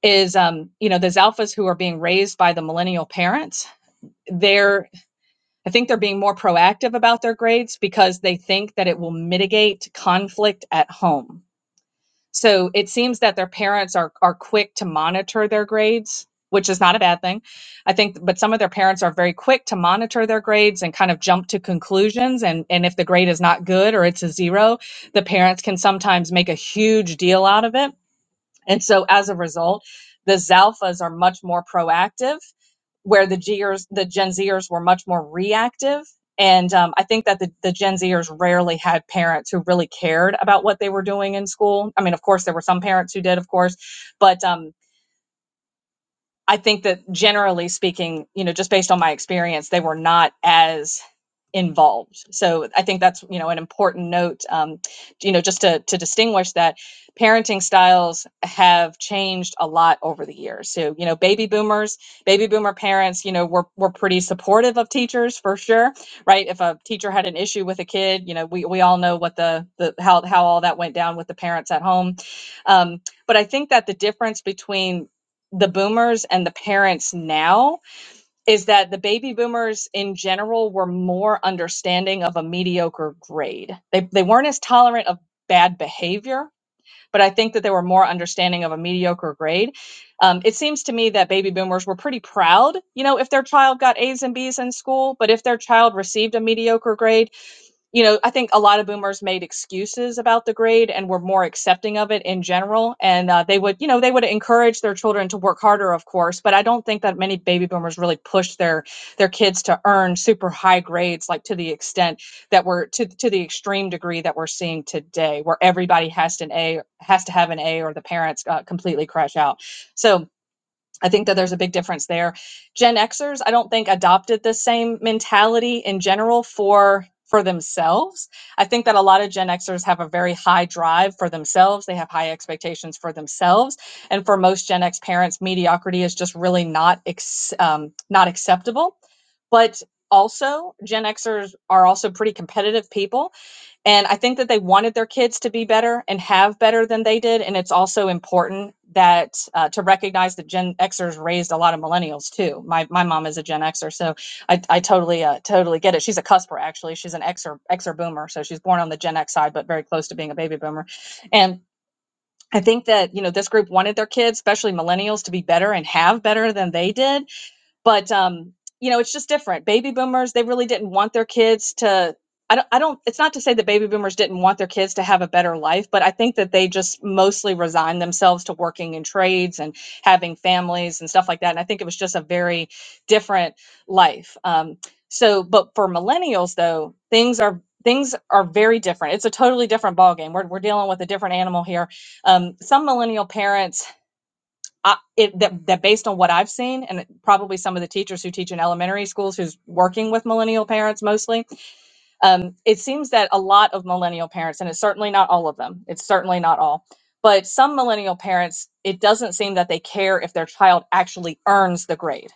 is, um, you know, the Zalphas who are being raised by the millennial parents. They're, I think they're being more proactive about their grades because they think that it will mitigate conflict at home so it seems that their parents are are quick to monitor their grades, which is not a bad thing. I think but some of their parents are very quick to monitor their grades and kind of jump to conclusions and and if the grade is not good or it's a zero, the parents can sometimes make a huge deal out of it and so as a result, the Zalphas are much more proactive, where the Gers, the Gen Zers were much more reactive. And um, I think that the, the Gen Zers rarely had parents who really cared about what they were doing in school. I mean, of course, there were some parents who did, of course, but um, I think that generally speaking, you know, just based on my experience, they were not as involved. So I think that's you know an important note. Um, you know, just to to distinguish that parenting styles have changed a lot over the years. So you know, baby boomers, baby boomer parents, you know, were were pretty supportive of teachers for sure, right? If a teacher had an issue with a kid, you know, we we all know what the the how how all that went down with the parents at home. Um, but I think that the difference between the boomers and the parents now is that the baby boomers in general were more understanding of a mediocre grade. They, they weren't as tolerant of bad behavior, but I think that they were more understanding of a mediocre grade. Um, it seems to me that baby boomers were pretty proud, you know, if their child got A's and B's in school, but if their child received a mediocre grade, you know, I think a lot of boomers made excuses about the grade and were more accepting of it in general. And uh, they would, you know, they would encourage their children to work harder, of course. But I don't think that many baby boomers really pushed their their kids to earn super high grades, like to the extent that we're to to the extreme degree that we're seeing today, where everybody has to an A has to have an A, or the parents uh, completely crash out. So I think that there's a big difference there. Gen Xers, I don't think adopted the same mentality in general for for themselves. I think that a lot of Gen Xers have a very high drive for themselves. They have high expectations for themselves, and for most Gen X parents, mediocrity is just really not ex- um, not acceptable. But also, Gen Xers are also pretty competitive people, and I think that they wanted their kids to be better and have better than they did. And it's also important that uh, to recognize that Gen Xers raised a lot of millennials too. My my mom is a Gen Xer, so I, I totally uh, totally get it. She's a cusper actually. She's an Xer Xer boomer, so she's born on the Gen X side, but very close to being a baby boomer. And I think that you know this group wanted their kids, especially millennials, to be better and have better than they did but um you know it's just different baby boomers they really didn't want their kids to I don't, I don't it's not to say that baby boomers didn't want their kids to have a better life but i think that they just mostly resigned themselves to working in trades and having families and stuff like that and i think it was just a very different life um, so but for millennials though things are things are very different it's a totally different ballgame we're, we're dealing with a different animal here um, some millennial parents I, it, that, that based on what I've seen, and probably some of the teachers who teach in elementary schools who's working with millennial parents mostly, um, it seems that a lot of millennial parents, and it's certainly not all of them, it's certainly not all, but some millennial parents, it doesn't seem that they care if their child actually earns the grade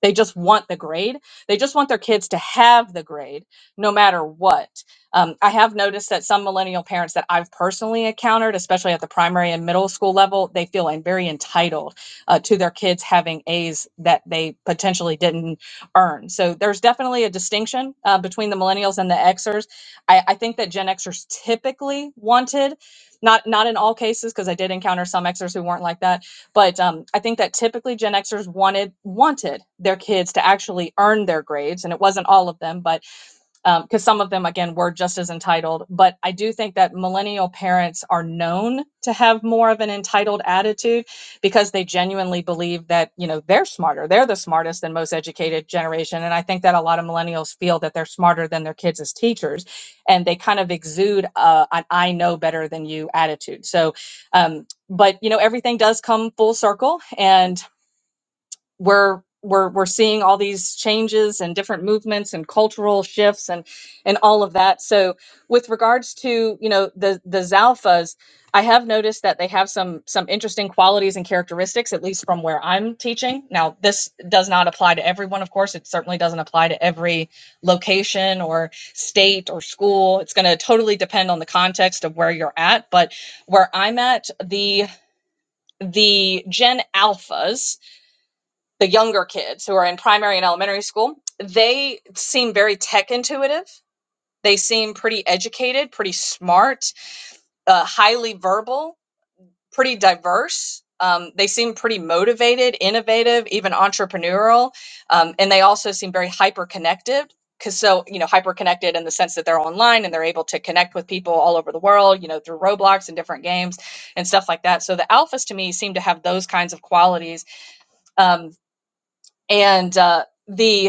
they just want the grade. They just want their kids to have the grade no matter what. Um, I have noticed that some millennial parents that I've personally encountered, especially at the primary and middle school level, they feel en- very entitled uh, to their kids having A's that they potentially didn't earn. So there's definitely a distinction uh, between the millennials and the Xers. I, I think that Gen Xers typically wanted, not not in all cases, because I did encounter some Xers who weren't like that but um, I think that typically Gen Xers wanted wanted their kids to actually earn their grades, and it wasn't all of them, but um, because some of them again were just as entitled but i do think that millennial parents are known to have more of an entitled attitude because they genuinely believe that you know they're smarter they're the smartest and most educated generation and i think that a lot of millennials feel that they're smarter than their kids as teachers and they kind of exude uh, an i know better than you attitude so um, but you know everything does come full circle and we're we're we're seeing all these changes and different movements and cultural shifts and and all of that. So with regards to you know the the Zalfas, I have noticed that they have some some interesting qualities and characteristics, at least from where I'm teaching. Now this does not apply to everyone, of course. It certainly doesn't apply to every location or state or school. It's going to totally depend on the context of where you're at. But where I'm at, the the Gen Alphas the younger kids who are in primary and elementary school, they seem very tech intuitive. They seem pretty educated, pretty smart, uh, highly verbal, pretty diverse. Um, they seem pretty motivated, innovative, even entrepreneurial. Um, and they also seem very hyper connected. Because so, you know, hyper connected in the sense that they're online and they're able to connect with people all over the world, you know, through Roblox and different games and stuff like that. So the alphas to me seem to have those kinds of qualities. Um, and uh, the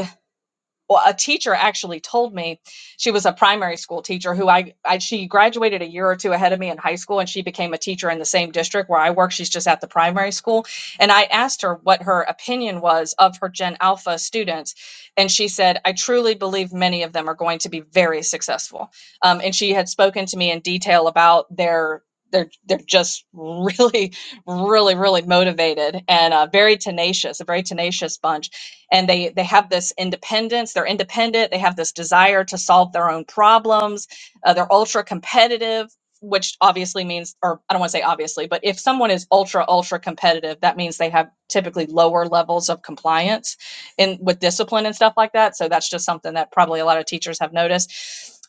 well, a teacher actually told me she was a primary school teacher who I, I she graduated a year or two ahead of me in high school and she became a teacher in the same district where I work. She's just at the primary school. And I asked her what her opinion was of her Gen Alpha students. And she said, I truly believe many of them are going to be very successful. Um, and she had spoken to me in detail about their they're they're just really really, really motivated and uh, very tenacious, a very tenacious bunch. And they they have this independence. They're independent. They have this desire to solve their own problems. Uh, they're ultra competitive, which obviously means, or I don't want to say obviously, but if someone is ultra ultra competitive, that means they have typically lower levels of compliance in with discipline and stuff like that. So that's just something that probably a lot of teachers have noticed.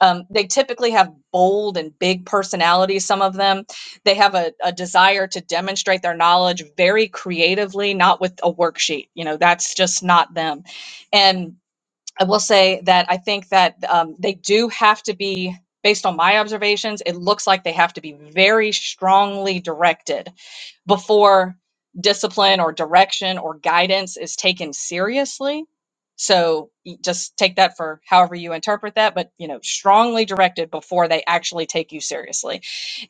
Um, they typically have bold and big personalities. Some of them they have a, a desire to demonstrate their knowledge very creatively, not with a worksheet. You know, that's just not them. And I will say that I think that um, they do have to be, based on my observations, it looks like they have to be very strongly directed before discipline or direction or guidance is taken seriously. So y- just take that for however you interpret that, but you know, strongly directed before they actually take you seriously.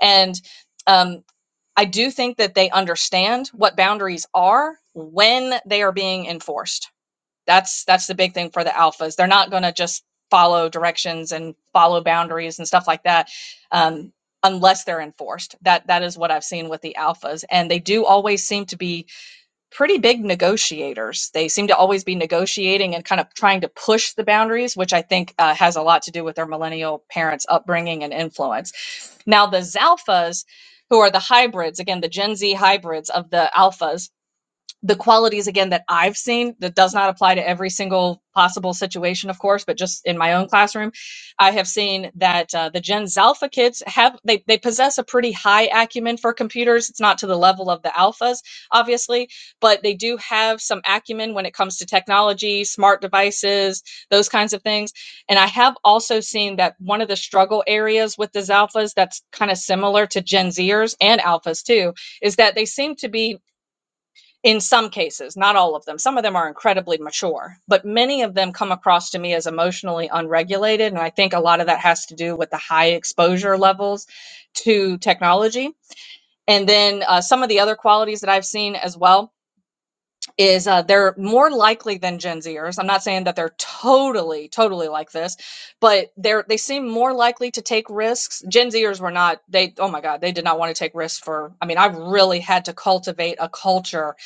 And um, I do think that they understand what boundaries are when they are being enforced. That's that's the big thing for the alphas. They're not going to just follow directions and follow boundaries and stuff like that um, unless they're enforced. That that is what I've seen with the alphas, and they do always seem to be pretty big negotiators. They seem to always be negotiating and kind of trying to push the boundaries, which I think uh, has a lot to do with their millennial parents' upbringing and influence. Now, the Zalphas, who are the hybrids, again, the Gen Z hybrids of the Alphas, the qualities again that I've seen that does not apply to every single possible situation, of course, but just in my own classroom, I have seen that uh, the Gen Zalpha kids have they they possess a pretty high acumen for computers. It's not to the level of the alphas, obviously, but they do have some acumen when it comes to technology, smart devices, those kinds of things. And I have also seen that one of the struggle areas with the Zalphas that's kind of similar to Gen Zers and Alphas too is that they seem to be in some cases, not all of them. Some of them are incredibly mature, but many of them come across to me as emotionally unregulated. And I think a lot of that has to do with the high exposure levels to technology. And then uh, some of the other qualities that I've seen as well is uh, they're more likely than Gen Zers. I'm not saying that they're totally, totally like this, but they're they seem more likely to take risks. Gen Zers were not. They oh my god, they did not want to take risks. For I mean, I really had to cultivate a culture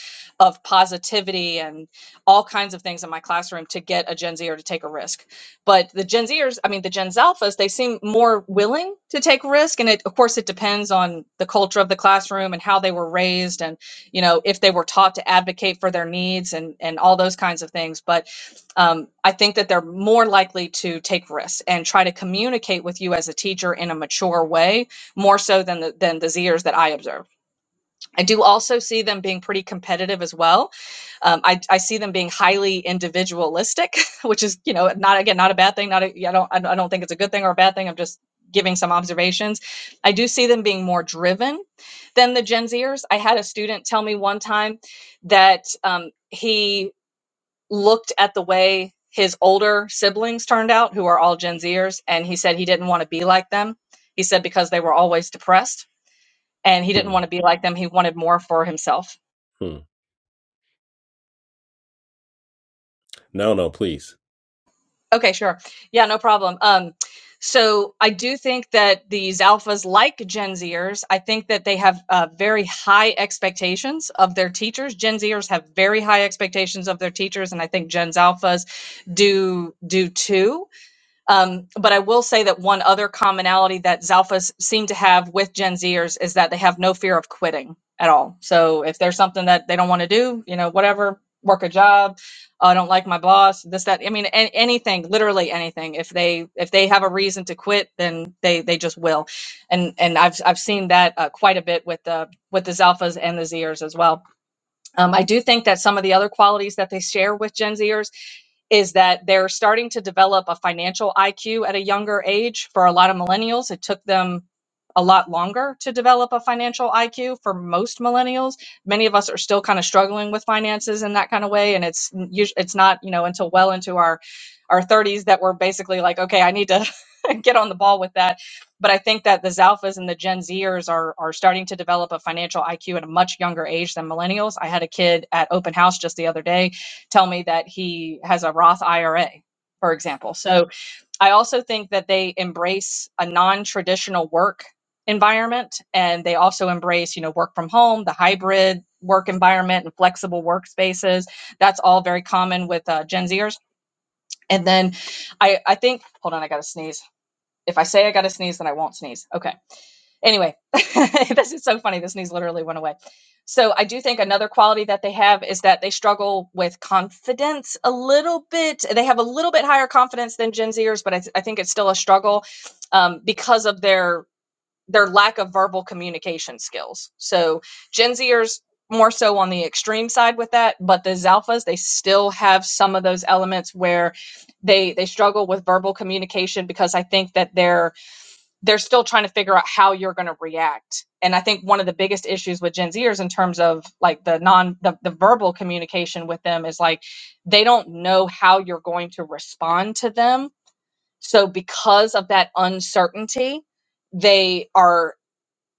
of positivity and all kinds of things in my classroom to get a Gen Zer to take a risk. But the Gen Zers, I mean, the Gen Alphas, they seem more willing to take risk, and it of course it depends on the culture of the classroom and how they were raised and you know if they were taught to advocate for their needs and and all those kinds of things but um, i think that they're more likely to take risks and try to communicate with you as a teacher in a mature way more so than the than the zers that i observed I do also see them being pretty competitive as well. Um, I, I see them being highly individualistic, which is you know not again not a bad thing. Not a, yeah, I don't I don't I don't think it's a good thing or a bad thing. I'm just giving some observations. I do see them being more driven than the Gen Zers. I had a student tell me one time that um, he looked at the way his older siblings turned out, who are all Gen Zers, and he said he didn't want to be like them. He said because they were always depressed and he didn't
Hmm,
want to be like them. He wanted more for himself.
hmm. No, no, please.
Okay, sure. Yeah, no problem. Um, so I do think that these alphas, like Gen Zers, I think that they have uh, very high expectations of their teachers. Gen Zers have very high expectations of their teachers, and I think Gen alphas do do too. Um, but I will say that one other commonality that Zalphas seem to have with Gen Zers is that they have no fear of quitting at all. So if there's something that they don't want to do, you know, whatever, work a job, "Oh, I don't like my boss, this, that, I mean, an anything, literally anything. If they if they have a reason to quit, then they they just will. And and I've I've seen that uh, quite a bit with the with the Zalphas and the Zers as well. Um, I do think that some of the other qualities that they share with Gen Zers is that they're starting to develop a financial IQ at a younger age. For a lot of millennials, it took them a lot longer to develop a financial IQ. For most millennials, many of us are still kind of struggling with finances in that kind of way, and it's it's not you know until well into our our 30s that we're basically like, okay, I need to get on the ball with that but I think that the Zalphas and the Gen Zers are are starting to develop a financial IQ at a much younger age than millennials. I had a kid at open house just the other day tell me that he has a Roth IRA, for example. So I also think that they embrace a non-traditional work environment and they also embrace, you know, work from home, the hybrid work environment and flexible workspaces. That's all very common with uh, Gen Zers. And then I I think hold on, I got to sneeze. If I say I got to sneeze, then I won't sneeze. Okay Anyway, this is so funny. This news literally went away. So I do think another quality that they have is that they struggle with confidence a little bit. They have a little bit higher confidence than Gen Zers, but I, th- I think it's still a struggle um, because of their their lack of verbal communication skills. So Gen Zers more so on the extreme side with that, but the Zalphas they still have some of those elements where they they struggle with verbal communication because I think that they're they're still trying to figure out how you're going to react. And I think one of the biggest issues with Gen Zers in terms of like the non the, the verbal communication with them is like they don't know how you're going to respond to them. So because of that uncertainty, they are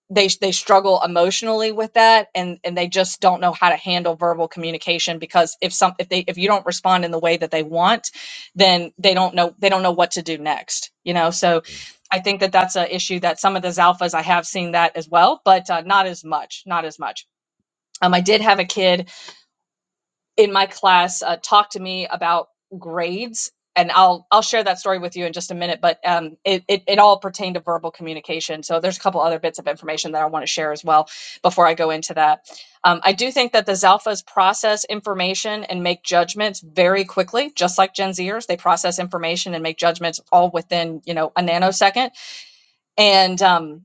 they they struggle emotionally with that and and they just don't know how to handle verbal communication because if some if they if you don't respond in the way that they want then they don't know they don't know what to do next you know so
Mm.
i think that that's an issue that some of the Zalphas i have seen that as well but uh, not as much not as much um, i did have a kid in my class uh, talked to me about grades and I'll I'll share that story with you in just a minute but um it, it it all pertained to verbal communication so there's a couple other bits of information that I want to share as well before I go into that um, I do think that the Zalphas process information and make judgments very quickly just like Gen Zers they process information and make judgments all within you know a nanosecond and um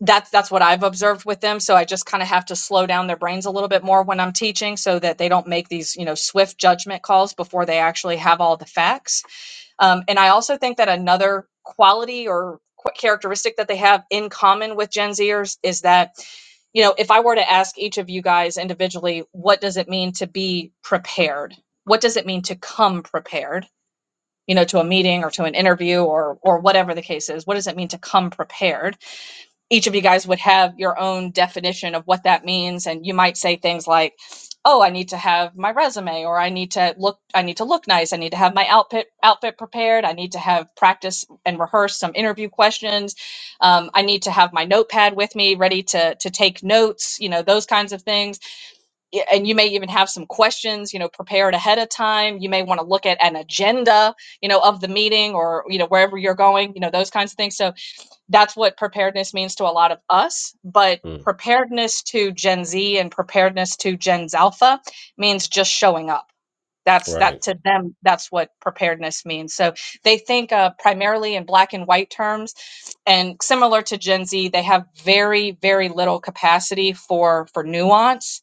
that's that's what I've observed with them. So I just kind of have to slow down their brains a little bit more when I'm teaching, so that they don't make these you know swift judgment calls before they actually have all the facts. Um, and I also think that another quality or qu- characteristic that they have in common with Gen Zers is that you know if I were to ask each of you guys individually, what does it mean to be prepared? What does it mean to come prepared? You know, to a meeting or to an interview or or whatever the case is. What does it mean to come prepared? each of you guys would have your own definition of what that means and you might say things like oh i need to have my resume or i need to look i need to look nice i need to have my outfit outfit prepared i need to have practice and rehearse some interview questions um, i need to have my notepad with me ready to to take notes you know those kinds of things and you may even have some questions you know prepared ahead of time you may want to look at an agenda you know of the meeting or you know wherever you're going you know those kinds of things so that's what preparedness means to a lot of us but
Mm.
preparedness to gen z and preparedness to gen alpha means just showing up that's that
Right.
to them that's what preparedness means so they think uh, primarily in black and white terms and similar to gen z they have very very little capacity for for nuance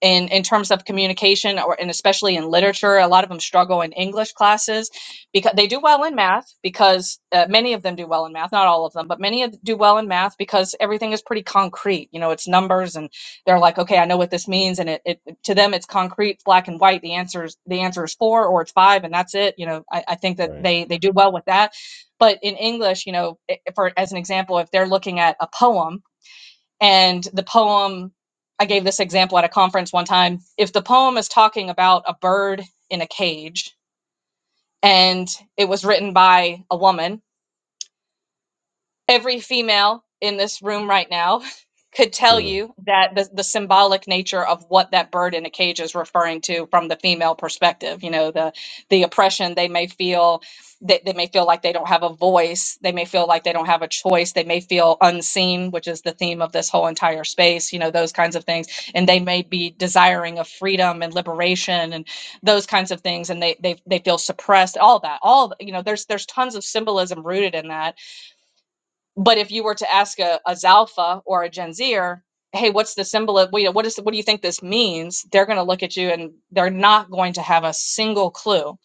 in in terms of communication or and especially in literature a lot of them struggle in english classes because they do well in math because uh, many of them do well in math not all of them but many of, them do well in math because everything is pretty concrete you know it's numbers and they're like okay i know what this means and it, it to them it's concrete black and white the answer is the answer is four or it's five and that's it you know i, I think that
Right.
they they do well with that but in english you know eh, for as an example if they're looking at a poem and the poem, I gave this example at a conference one time. If the poem is talking about a bird in a cage and it was written by a woman, every female in this room right now could tell
Hmm.
you that the, the symbolic nature of what that bird in a cage is referring to from the female perspective you know the the oppression they may feel they, they may feel like they don't have a voice they may feel like they don't have a choice they may feel unseen which is the theme of this whole entire space you know those kinds of things and they may be desiring of freedom and liberation and those kinds of things and they they, they feel suppressed all that all you know there's there's tons of symbolism rooted in that but if you were to ask a, a Zalfa or a Gen Zer, hey, what's the symbol of, you know, what is, what do you think this means? They're going to look at you and they're not going to have a single clue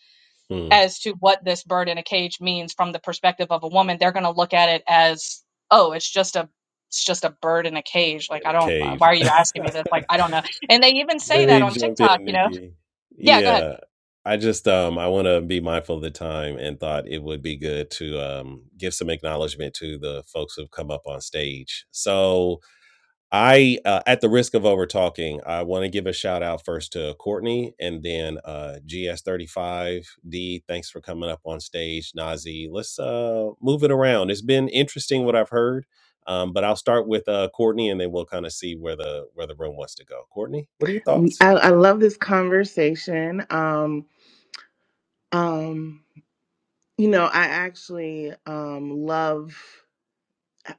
Hmm.
as to what this bird in a cage means from the perspective of a woman. They're going to look at it as, oh, it's just a, it's just a bird in a cage. Like,
In
I
a
don't, why
cage.
are you asking me this? Like, I don't know. And they even
Let
say that
me
on
jump
TikTok,
in,
you know?
Nikki.
Yeah, go ahead.
Yeah. I just um I want to be mindful of the time and thought it would be good to um give some acknowledgement to the folks who've come up on stage. So, I, uh, at the risk of over talking, I want to give a shout out first to Courtney and then uh, GS35D. Thanks for coming up on stage, Nazi. Let's uh, move it around. It's been interesting what I've heard, um, but I'll start with uh, Courtney and then we'll kind of see where the where the room wants to go. Courtney, what are your
We-
thoughts?
I, I love this conversation. Um, um, you know, I actually um, love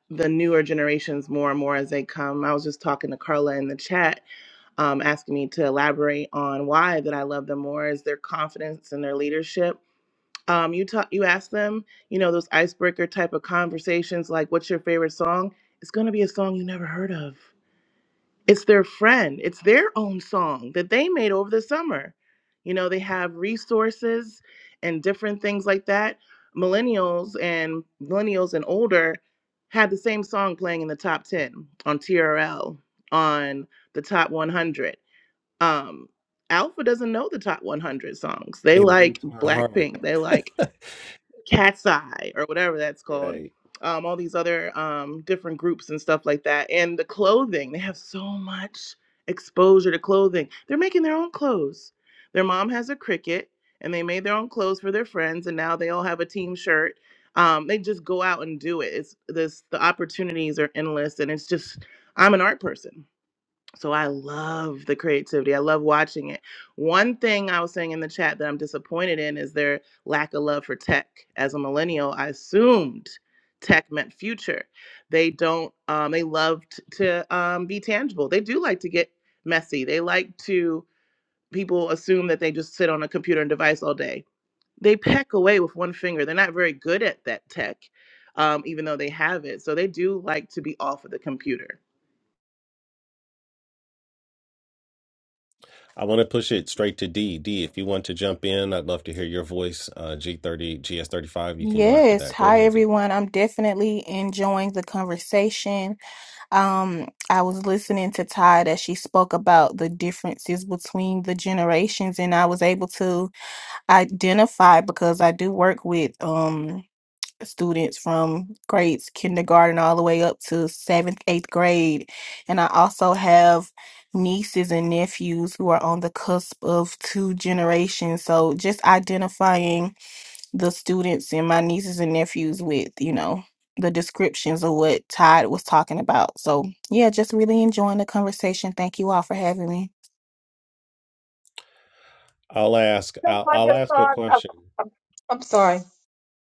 the newer generations more and more as they come. I was just talking to Carla in the chat, um, asking me to elaborate on why that I love them more is their confidence and their leadership. Um, you talk, you ask them, you know, those icebreaker type of conversations, like "What's your favorite song?" It's going to be a song you never heard of it's their friend it's their own song that they made over the summer you know they have resources and different things like that millennials and millennials and older had the same song playing in the top 10 on trl on the top 100 um alpha doesn't know the top 100 songs they
It
like
breaks my heart.
blackpink they like cat's eye or whatever that's called
Right.
um, all these other um, different groups and stuff like that and the clothing they have so much exposure to clothing they're making their own clothes their mom has a cricket and they made their own clothes for their friends and now they all have a team shirt um, they just go out and do it it's this the opportunities are endless and it's just i'm an art person so I love the creativity. I love watching it. One thing I was saying in the chat that I'm disappointed in is their lack of love for tech. As a millennial, I assumed tech meant future. They don't. Um, they love t- to um, be tangible. They do like to get messy. They like to. People assume that they just sit on a computer and device all day. They peck away with one finger. They're not very good at that tech, um, even though they have it. So they do like to be off of the computer
I want to push it straight to D. D, if you want to jump in, I'd love to hear your voice. Uh, G30, GS35, you can go after
Yes.
that. Go
Hi,
ahead, D.
everyone. I'm definitely enjoying the conversation. Um, I was listening to Todd as she spoke about the differences between the generations, and I was able to identify because I do work with um students from grades kindergarten all the way up to seventh, eighth grade. And I also have nieces and nephews who are on the cusp of two generations. So just identifying the students and my nieces and nephews with, you know, the descriptions of what Todd was talking about. So, yeah, just really enjoying the conversation. Thank you all for having me.
I'll ask.
No,
I'll
I
I'll
just
ask a
thought. oh,
question.
I'm I'm sorry.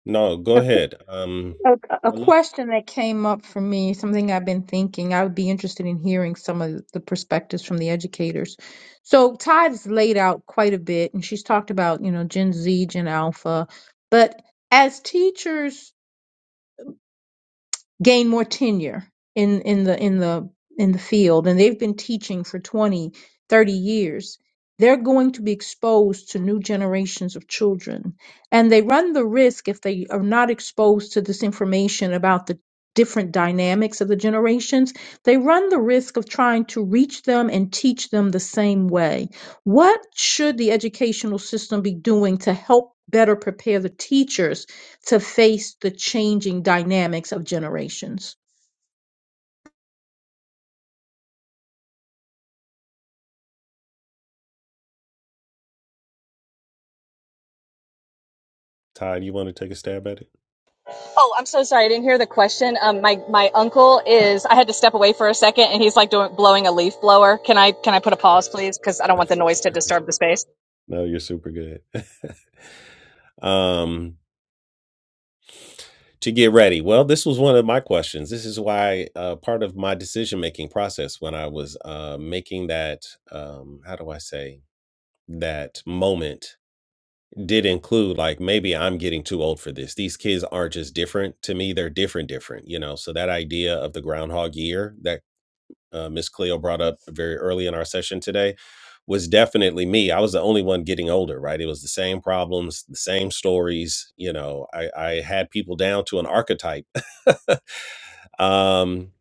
No, go ahead. Um,
A, a
but let-
question that came up for me, something I've been thinking, I would be interested in hearing some of the perspectives from the educators. So Tide's laid out quite a bit, and she's talked about, you know, Gen Z, Gen Alpha, but as teachers, gain more tenure in in the in the in the field and they've been teaching for 20, 30 years they're going to be exposed to new generations of children and they run the risk if they are not exposed to this information about the different dynamics of the generations they run the risk of trying to reach them and teach them the same way what should the educational system be doing to help better prepare the teachers to face the changing dynamics of generations.
Todd, you want to take a stab at it?
Oh, I'm so sorry. I didn't hear the question. Um, my my uncle is. I had to step away for a second, and he's like doing blowing a leaf blower. Can I can I put a pause, please? Because I don't want the noise to disturb the space.
No, you're super good. um, to get ready. Well, this was one of my questions. This is why uh, part of my decision making process when I was uh, making that um, how do I say that moment did include like maybe I'm getting too old for this. These kids aren't just different to me; they're different, different. You know, so that idea of the Groundhog Year that uh, Miss Cleo brought up very early in our session today was definitely me. I was the only one getting older, right? It was the same problems, the same stories. You know, I, I had people down to an archetype um,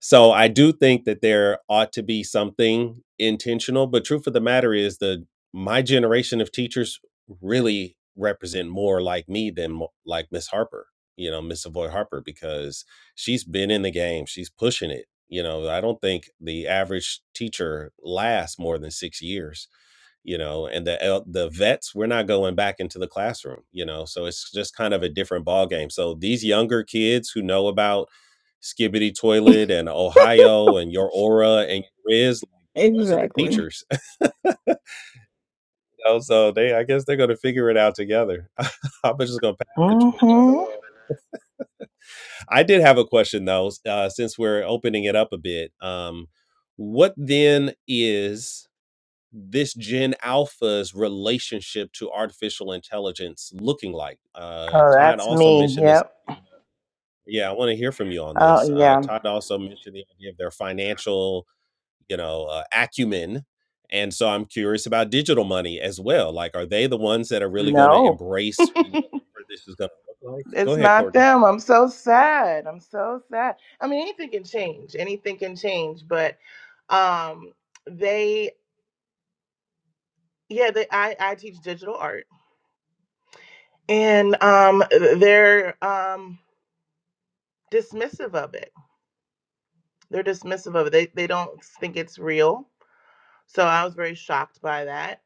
so I do think that there ought to be something intentional, but truth of the matter is the my generation of teachers really represent more like me than mo- like Miss Harper, you know, Miss Savoy Harper, because she's been in the game, she's pushing it. You know, I don't think the average teacher lasts more than six years you know and the el- the vets we're not going back into the classroom you know so it's just kind of a different ball game so these younger kids who know about skibbity toilet and ohio and your aura and riz like, those are the
Exactly.
teachers you know, so they i guess they're going to figure it out together i'm just going to pass the torch right
Mm-hmm.
along i did have a question though s- uh, since we're opening it up a bit um, what then is this Gen Alpha's relationship to artificial intelligence looking like? Uh,
Oh,
Todd
that's
also
me.
mentioned this.
Yep.
Yeah, I want to hear from you on this.
Oh,
Uh,
yeah.
Todd also mentioned the idea of their financial, you know, uh, acumen, and so I'm curious about digital money as well. Like, are they the ones that are really going to
No,
embrace whatever this is going to look like? Go
it's
ahead,
not
Courtney.
them. I'm so sad. I'm so sad. I mean, anything can change. Anything can change. But um, they, yeah, they, I, I teach digital art, and um, they're um dismissive of it. They're dismissive of it. They they don't think it's real. So I was very shocked by that.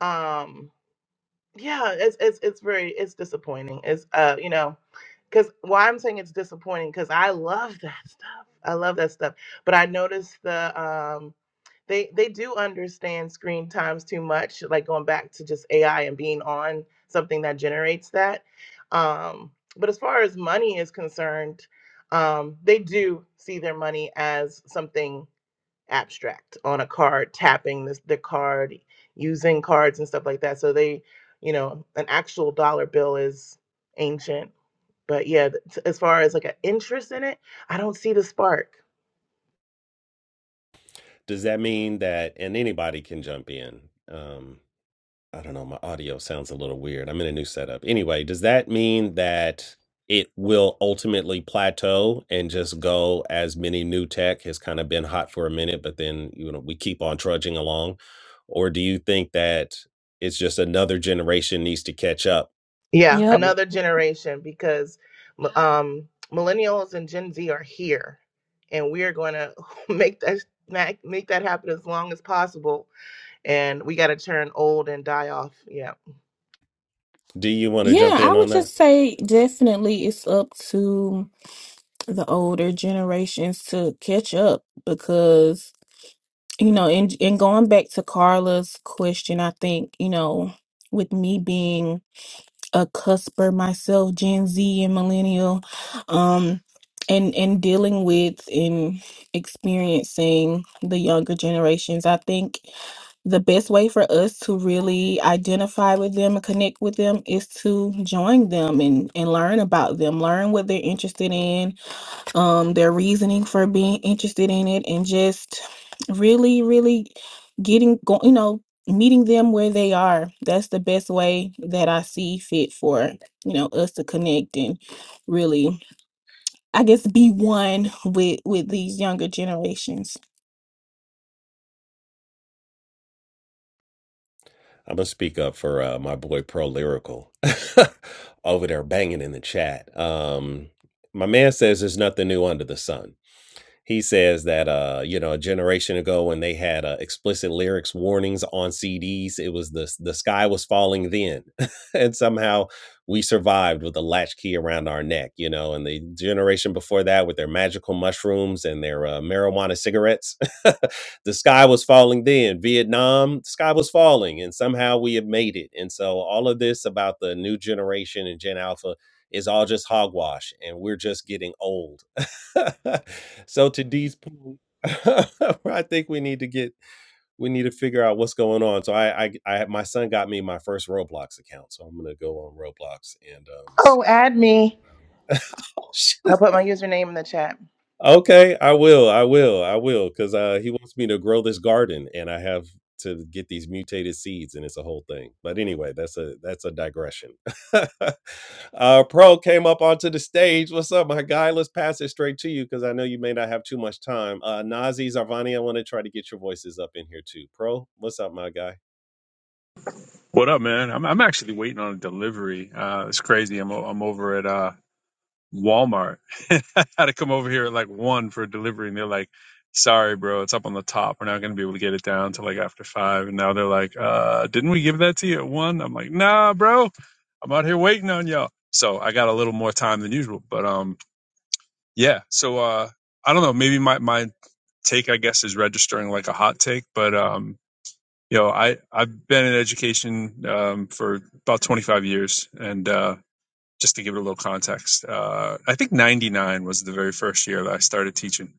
Um, yeah, it's it's it's very it's disappointing. It's uh you know, because why I'm saying it's disappointing because I love that stuff. I love that stuff. But I noticed the um they they do understand screen times too much. Like going back to just AI and being on something that generates that. Um, but as far as money is concerned, um, they do see their money as something abstract on a card, tapping this, the card, using cards and stuff like that. So they, you know, an actual dollar bill is ancient. But yeah, th- t- as far as like an interest in it, I don't see the spark.
Does that mean that, and anybody can jump in? um, I don't know, my audio sounds a little weird. I'm in a new setup. Anyway, does that mean that it will ultimately plateau and just go as many new tech has kind of been hot for a minute, but then, you know, we keep on trudging along? Or do you think that it's just another generation needs to catch up?
Yeah,
Yep.
to it?
another generation because m- um, millennials and Gen Z are here, and we are going to make that make make that happen as long as possible. And we got to turn old and die off. Yeah.
Do you want to
Yeah,
jump
I
in on
would
that?
just say definitely it's up to the older generations to catch up because, you know, and, and going back to Carla's question, I think, you know, with me being a cusper myself, Gen Z and millennial, um, and and dealing with and experiencing the younger generations. I think the best way for us to really identify with them and connect with them is to join them and and learn about them, learn what they're interested in, um their reasoning for being interested in it and just really really getting go you know meeting them where they are that's the best way that i see fit for you know us to connect and really i guess be one with with these younger generations
I'm gonna speak up for uh, my boy Pro Lyrical over there banging in the chat. Um, my man says there's nothing new under the sun He says that uh, you know, a generation ago when they had uh, explicit lyrics warnings on CDs, it was the the sky was falling then, and somehow we survived with a latchkey around our neck, you know. And the generation before that with their magical mushrooms and their uh, marijuana cigarettes, the sky was falling then. Vietnam, the sky was falling, and somehow we have made it. And so all of this about the new generation and Gen Alpha is all just hogwash and we're just getting old. So to Dee's point, I think we need to get we need to figure out what's going on. So I I, I my son got me my first Roblox account, so I'm gonna go on Roblox and um see.
Oh, add me. I'll put my username in the chat.
Okay, I will. I will. I will. Because uh, he wants me to grow this garden, and I have to get these mutated seeds, and it's a whole thing. But anyway, that's a that's a digression. uh, Pro came up onto the stage. What's up, my guy? Let's pass it straight to you because I know you may not have too much time. Uh, Nazi Zarvani, I want to try to get your voices up in here too. Pro, what's up, my guy?
What up, man? I'm I'm actually waiting on a delivery. Uh, it's crazy. I'm o- I'm over at uh, Walmart. I had to come over here at like one for a delivery, and they're like, "Sorry, bro, it's up on the top. We're not gonna be able to get it down till like after five." And now they're like, uh, "Didn't we give that to you at one?" I'm like, "Nah, bro, I'm out here waiting on y'all." So I got a little more time than usual, but um, yeah. So uh, I don't know. Maybe my my take, I guess, is registering like a hot take, but um, you know, I I've been in education um, for about 25 years, and uh, just to give it a little context, uh, I think 99 was the very first year that I started teaching.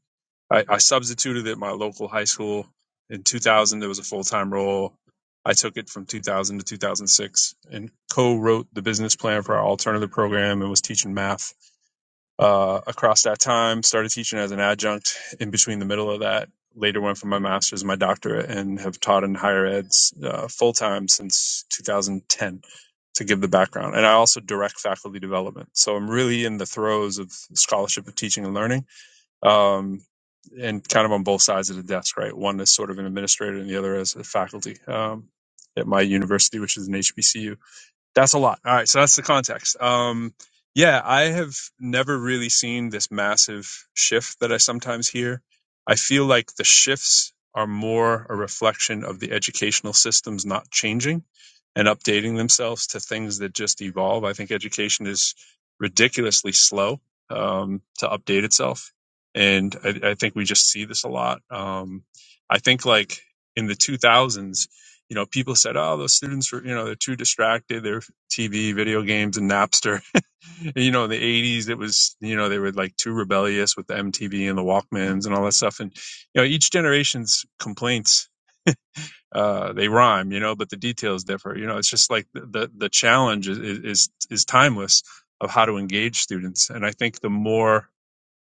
I, I substituted at my local high school. In 2000, there was a full time role. I took it from 2000 to 2006 and co-wrote the business plan for our alternative program and was teaching math uh, across that time. Started teaching as an adjunct in between the middle of that. Later went for my master's, and my doctorate, and have taught in higher eds uh, full time since 2010 to give the background. And I also direct faculty development. So I'm really in the throes of scholarship of teaching and learning um, and kind of on both sides of the desk, right? One is sort of an administrator and the other is a faculty um, at my university, which is an HBCU. That's a lot. All right, so that's the context. Um, yeah, I have never really seen this massive shift that I sometimes hear. I feel like the shifts are more a reflection of the educational systems not changing and updating themselves to things that just evolve. I think education is ridiculously slow um, to update itself, and I, I think we just see this a lot. Um, I think like in the 2000s, you know, people said, "Oh, those students were, you know, they're too distracted. They're TV, video games, and Napster. And, you know, in the '80s, it was you know they were like too rebellious with the MTV and the Walkmans and all that stuff. And you know, each generation's complaints uh, they rhyme, you know, but the details differ. You know, it's just like the the, the challenge is, is is timeless of how to engage students. And I think the more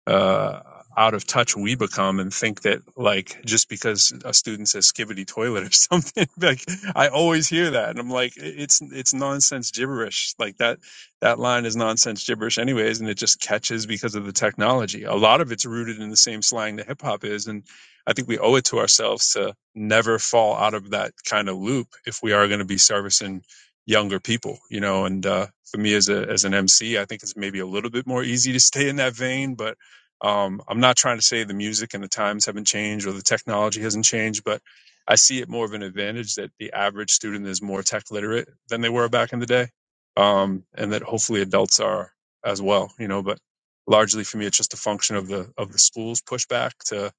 uh, out of touch we become and think that like just because a student says skibbity toilet or something like I always hear that and I'm like it's it's nonsense gibberish like that that line is nonsense gibberish anyways and it just catches because of the technology a lot of it's rooted in the same slang that hip hop is and I think we owe it to ourselves to never fall out of that kind of loop if we are going to be servicing younger people you know and uh for me as a as an MC I think it's maybe a little bit more easy to stay in that vein but um, I'm not trying to say the music and the times haven't changed or the technology hasn't changed, but I see it more of an advantage that the average student is more tech literate than they were back in the day, um, and that hopefully adults are as well. You know, but largely for me, it's just a function of the of the school's pushback to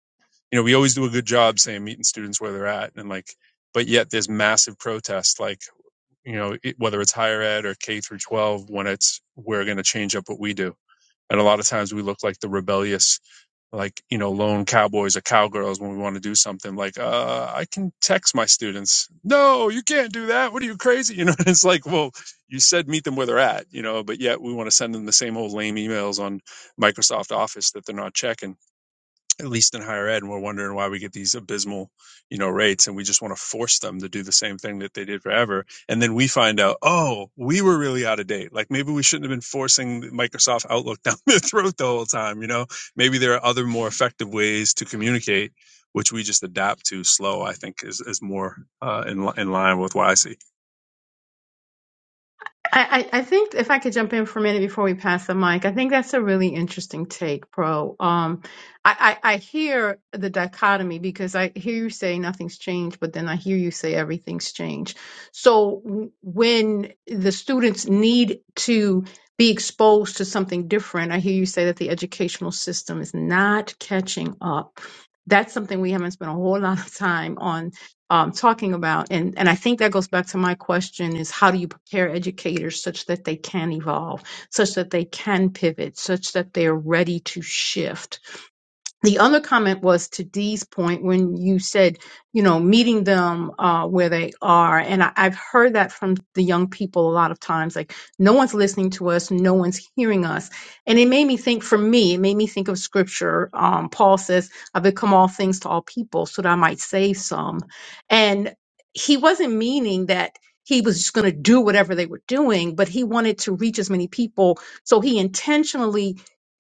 you know we always do a good job saying meeting students where they're at and like, but yet there's massive protest like you know it, whether it's higher ed or K through 12 when it's we're going to change up what we do and a lot of times we look like the rebellious like you know lone cowboys or cowgirls when we want to do something like uh i can text my students no you can't do that what are you crazy you know it's like well you said meet them where they're at you know but yet we want to send them the same old lame emails on microsoft office that they're not checking at least in higher ed, and we're wondering why we get these abysmal, you know, rates, and we just want to force them to do the same thing that they did forever. And then we find out, oh, we were really out of date. Like maybe we shouldn't have been forcing Microsoft Outlook down their throat the whole time. You know, maybe there are other more effective ways to communicate, which we just adapt to slow. I think is is more uh, in in line with what I see.
I, I I think if I could jump in for a minute before we pass the mic, I think that's a really interesting take, Pro. Um, I, I, I hear the dichotomy because I hear you say nothing's changed, but then I hear you say everything's changed. So w- when the students need to be exposed to something different, I hear you say that the educational system is not catching up. That's something we haven't spent a whole lot of time on um, talking about. And, and I think that goes back to my question is how do you prepare educators such that they can evolve, such that they can pivot, such that they're ready to shift? the other comment was to Dee's point when you said, you know, meeting them uh, where they are. And I, I've heard that from the young people a lot of times like, no one's listening to us, no one's hearing us. And it made me think, for me, it made me think of scripture. Um, Paul says, I become all things to all people so that I might save some. And he wasn't meaning that he was just going to do whatever they were doing, but he wanted to reach as many people. So he intentionally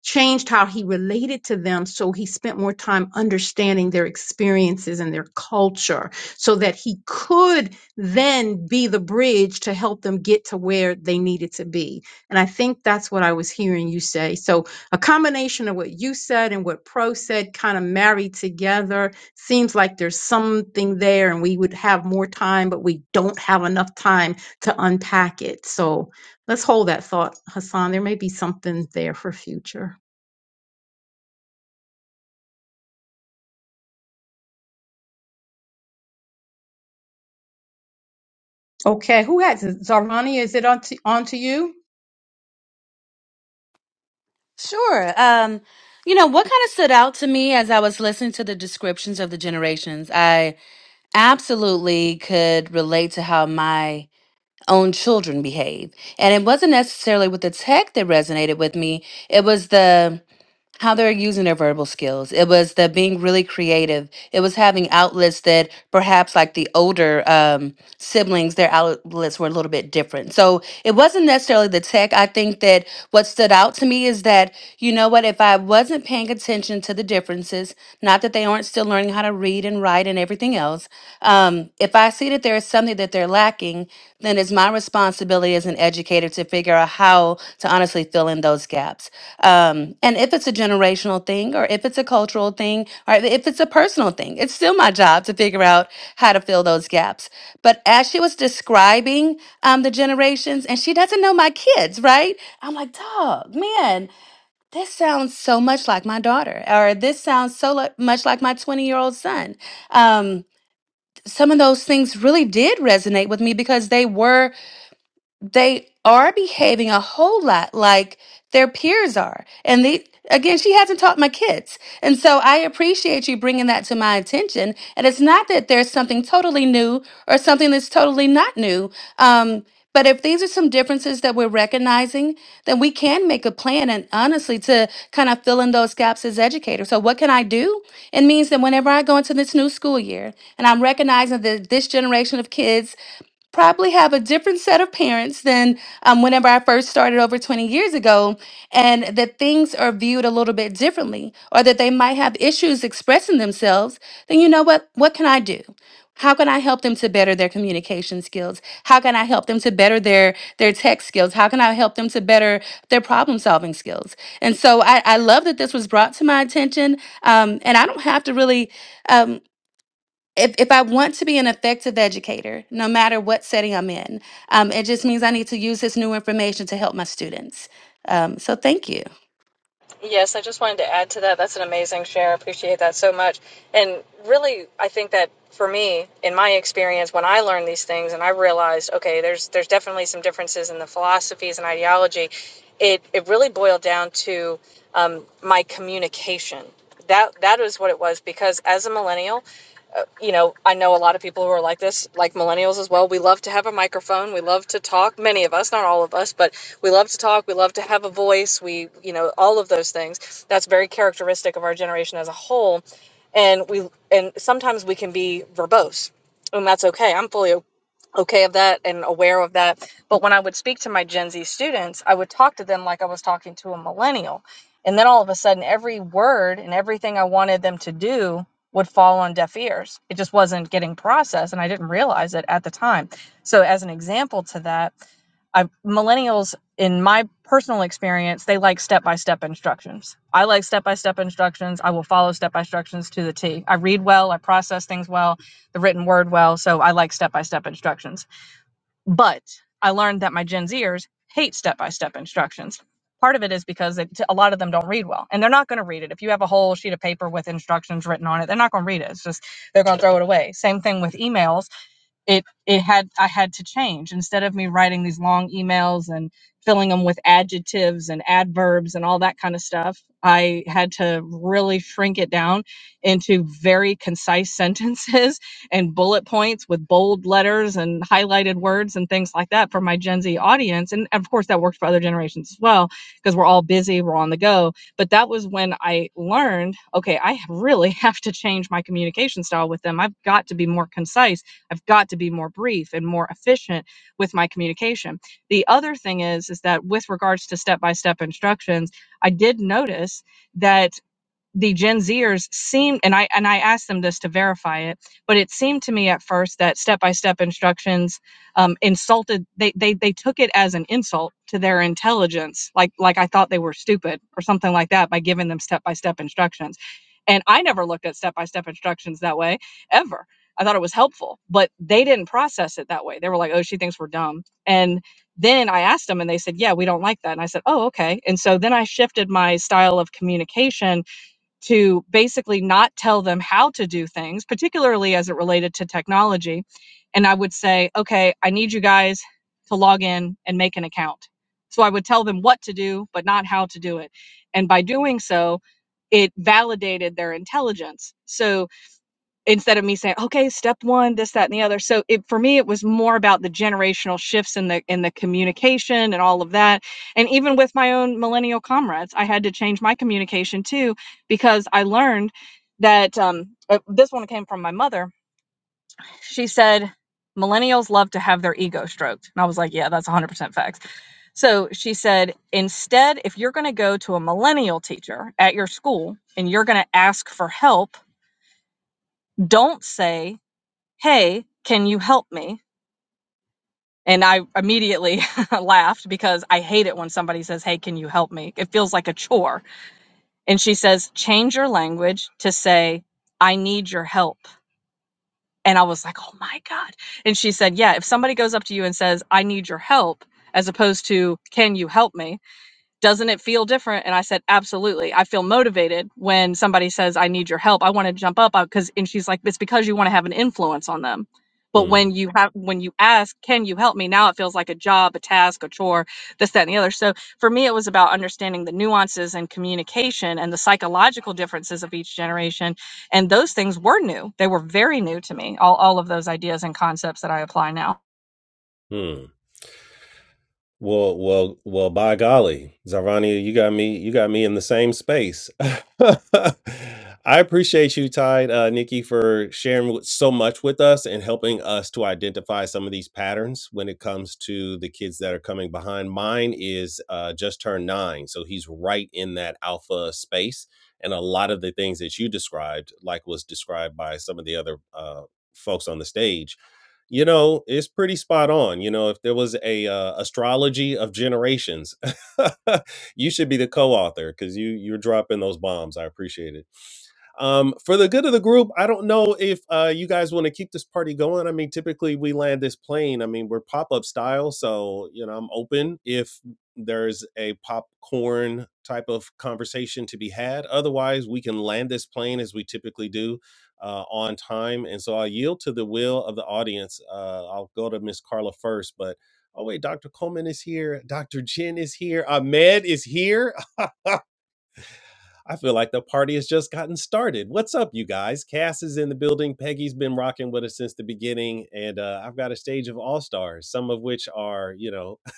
changed how he related to them so he spent more time understanding their experiences and their culture so that he could then be the bridge to help them get to where they needed to be and i think that's what i was hearing you say so a combination of what you said and what pro said kind of married together seems like there's something there and we would have more time but we don't have enough time to unpack it so let's hold that thought hassan there may be something there for future Okay, who has it? Zarvani, is it on to, on to you?
Sure. Um, you know, what kind of stood out to me as I was listening to the descriptions of the generations, I absolutely could relate to how my own children behave. And it wasn't necessarily with the tech that resonated with me. It was the how they're using their verbal skills. It was the being really creative. It was having outlets that perhaps like the older um, siblings, their outlets were a little bit different. So it wasn't necessarily the tech. I think that what stood out to me is that, you know what, if I wasn't paying attention to the differences, not that that they aren't still learning how to read and write and everything else. Um, if I see that there is something that they're lacking, then it's my responsibility as an educator to figure out how to honestly fill in those gaps. Um, and if it's a generational thing, or if it's a cultural thing, or if it's a personal thing, it's still my job to figure out how to fill those gaps. But as she was describing um, the generations, and she doesn't know my kids, right? I'm like, dog, man, this sounds so much like my daughter, or this sounds so li- much like my 20 year old son. Um, some of those things really did resonate with me because they were they are behaving a whole lot like their peers are. And they, again, she hasn't taught my kids. And so I appreciate you bringing that to my attention. And it's not that there's something totally new or something that's totally not new. Um, but if these are some differences that we're recognizing, then we can make a plan and honestly to kind of fill in those gaps as educators. So, what can I do? It means that whenever I go into this new school year and I'm recognizing that this generation of kids probably have a different set of parents than um, whenever I first started over 20 years ago, and that things are viewed a little bit differently, or that they might have issues expressing themselves, then you know what? What can I do? How can I help them to better their communication skills? How can I help them to better their their tech skills? How can I help them to better their problem solving skills? And so I, I love that this was brought to my attention. Um, and I don't have to really. um if, if I want to be an effective educator, no matter what setting I'm in, um, it just means I need to use this new information to help my students. Um, so thank you.
Yes, I just wanted to add to that. That's an amazing share. I appreciate that so much. And really, I think that for me, in my experience, when I learned these things and I realized, okay, there's there's definitely some differences in the philosophies and ideology, it, it really boiled down to um, my communication. That that is what it was because as a millennial, uh, you know, I know a lot of people who are like this, like millennials as well. We love to have a microphone. We love to talk. Many of us, not all of us, but we love to talk. We love to have a voice. We, you know, all of those things. That's very characteristic of our generation as a whole. And we, and sometimes we can be verbose, and that's okay. I'm fully okay of that and aware of that. But when I would speak to my Gen Z students, I would talk to them like I was talking to a millennial. And then all of a sudden, every word and everything I wanted them to do would fall on deaf ears. It just wasn't getting processed. And I didn't realize it at the time. So, as an example to that, I, millennials, in my personal experience, they like step by step instructions. I like step by step instructions. I will follow step by instructions to the T. I read well, I process things well, the written word well, so I like step by step instructions. But I learned that my Gen Zers hate step by step instructions. Part of it is because it, a lot of them don't read well, and they're not going to read it. If you have a whole sheet of paper with instructions written on it, they're not going to read it. It's just they're going to throw it away. Same thing with emails it it had I had to change instead of me writing these long emails and filling them with adjectives and adverbs and all that kind of stuff. I had to really shrink it down into very concise sentences and bullet points with bold letters and highlighted words and things like that for my Gen Z audience. And of course, that worked for other generations as well because we're all busy, we're on the go. But that was when I learned okay, I really have to change my communication style with them. I've got to be more concise I've got to be more brief and more efficient with my communication. The other thing is is that with regards to step-by-step instructions, I did notice that the Gen Zers seemed, and I and I asked them this to verify it, but it seemed to me at first that step by step instructions um, insulted. They they they took it as an insult to their intelligence, like like I thought they were stupid or something like that by giving them step by step instructions. And I never looked at step by step instructions that way ever. I thought it was helpful, but they didn't process it that way. They were like, "Oh, she thinks we're dumb," and then I asked them and they said, Yeah, we don't like that. And I said, Oh, okay. And so then I shifted my style of communication to basically not tell them how to do things, particularly as it related to technology. And I would say, okay, I need you guys to log in and make an account. So I would tell them what to do, but not how to do it. And by doing so, it validated their intelligence. So instead of me saying okay step one this that and the other so it for me it was more about the generational shifts in the in the communication and all of that and even with my own millennial comrades i had to change my communication too because i learned that um, uh, this one came from my mother she said millennials love to have their ego stroked and i was like yeah that's 100% facts so she said instead if you're going to go to a millennial teacher at your school and you're going to ask for help don't say hey, can you help me? And I immediately laughed because I hate it when somebody says, hey, can you help me? It feels like a chore. And she says, change your language to say, I need your help. And I was like, oh my God. And she said, yeah, if somebody goes up to you and says, I need your help, as opposed to, can you help me? doesn't it feel different? And I said, absolutely. I feel motivated when somebody says, I need your help. I want to jump up because, and she's like, it's because you want to have an influence on them. But
Hmm.
when you have, when you ask, can you help me? Now it feels like a job, a task, a chore, this, that, and the other. So for me, it was about understanding the nuances and communication and the psychological differences of each generation. And those things were new. They were very new to me, all, all of those ideas and concepts that I apply now.
Hmm. Well, well, well, by golly, Zarvania, you got me, you got me in the same space. I appreciate you, Tide, uh, Nikki, for sharing with- so much with us and helping us to identify some of these patterns when it comes to the kids that are coming behind. Mine is uh, just turned nine, so he's right in that alpha space. And a lot of the things that you described, like was described by some of the other uh, folks on the stage, you know it's pretty spot on you know if there was a uh, astrology of generations you should be the co-author because you you're dropping those bombs i appreciate it um, for the good of the group, I don't know if uh, you guys want to keep this party going. I mean, typically we land this plane. I mean, we're pop up style, so you know, I'm open if there's a popcorn type of conversation to be had. Otherwise, we can land this plane as we typically do uh, on time. And so I yield to the will of the audience. Uh, I'll go to Miss Carla first, but oh wait, Dr. Coleman is here. Dr. Jen is here. Ahmed is here. I feel like the party has just gotten started. What's up, you guys? Cass is in the building. Peggy's been rocking with us since the beginning. And uh, I've got a stage of all stars, some of which are, you know,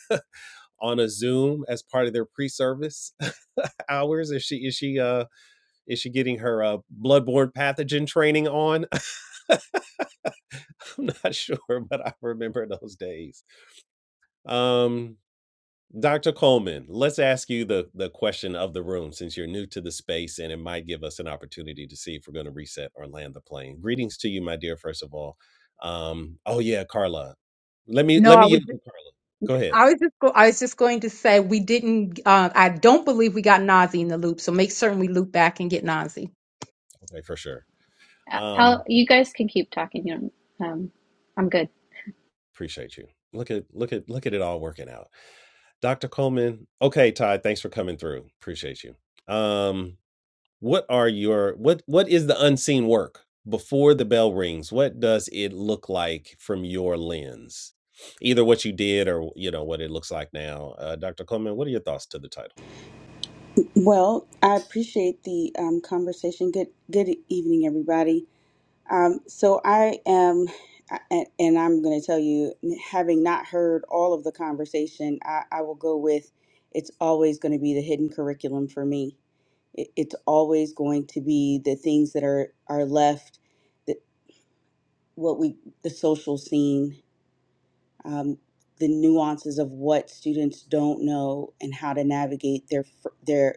on a Zoom as part of their pre service hours. Is she, is she, uh, is she getting her uh, bloodborne pathogen training on? I'm not sure, but I remember those days. Um, Dr. Coleman, let's ask you the, the question of the room since you're new to the space and it might give us an opportunity to see if we're going to reset or land the plane. Greetings to you, my dear, first of all. Um, oh yeah, Carla. Let me
No,
let me
I was
yield to Carla. Go ahead.
I was just go, I was just going to say we didn't uh, I don't believe we got Nazi in the loop, so make certain we loop back and get Nazi.
Okay, for sure.
Uh, How
Um,
you guys can keep talking. You know, um, I'm good.
appreciate you. Look at look at look at it all working out. Dr. Coleman. Okay, Todd, thanks for coming through. Appreciate you. Um, what are your what what is the unseen work before the bell rings what does it look like from your lens either what you did or you know what it looks like now uh, dr coleman what are your thoughts to the title
Well, I appreciate the um, conversation. Good, good evening, everybody. Um, so I am, a- and I'm going to tell you, having not heard all of the conversation, I, I will go with, it's always going to be the hidden curriculum for me. It, it's always going to be the things that are are left, that what we, the social scene, um, the nuances of what students don't know and how to navigate their fr- their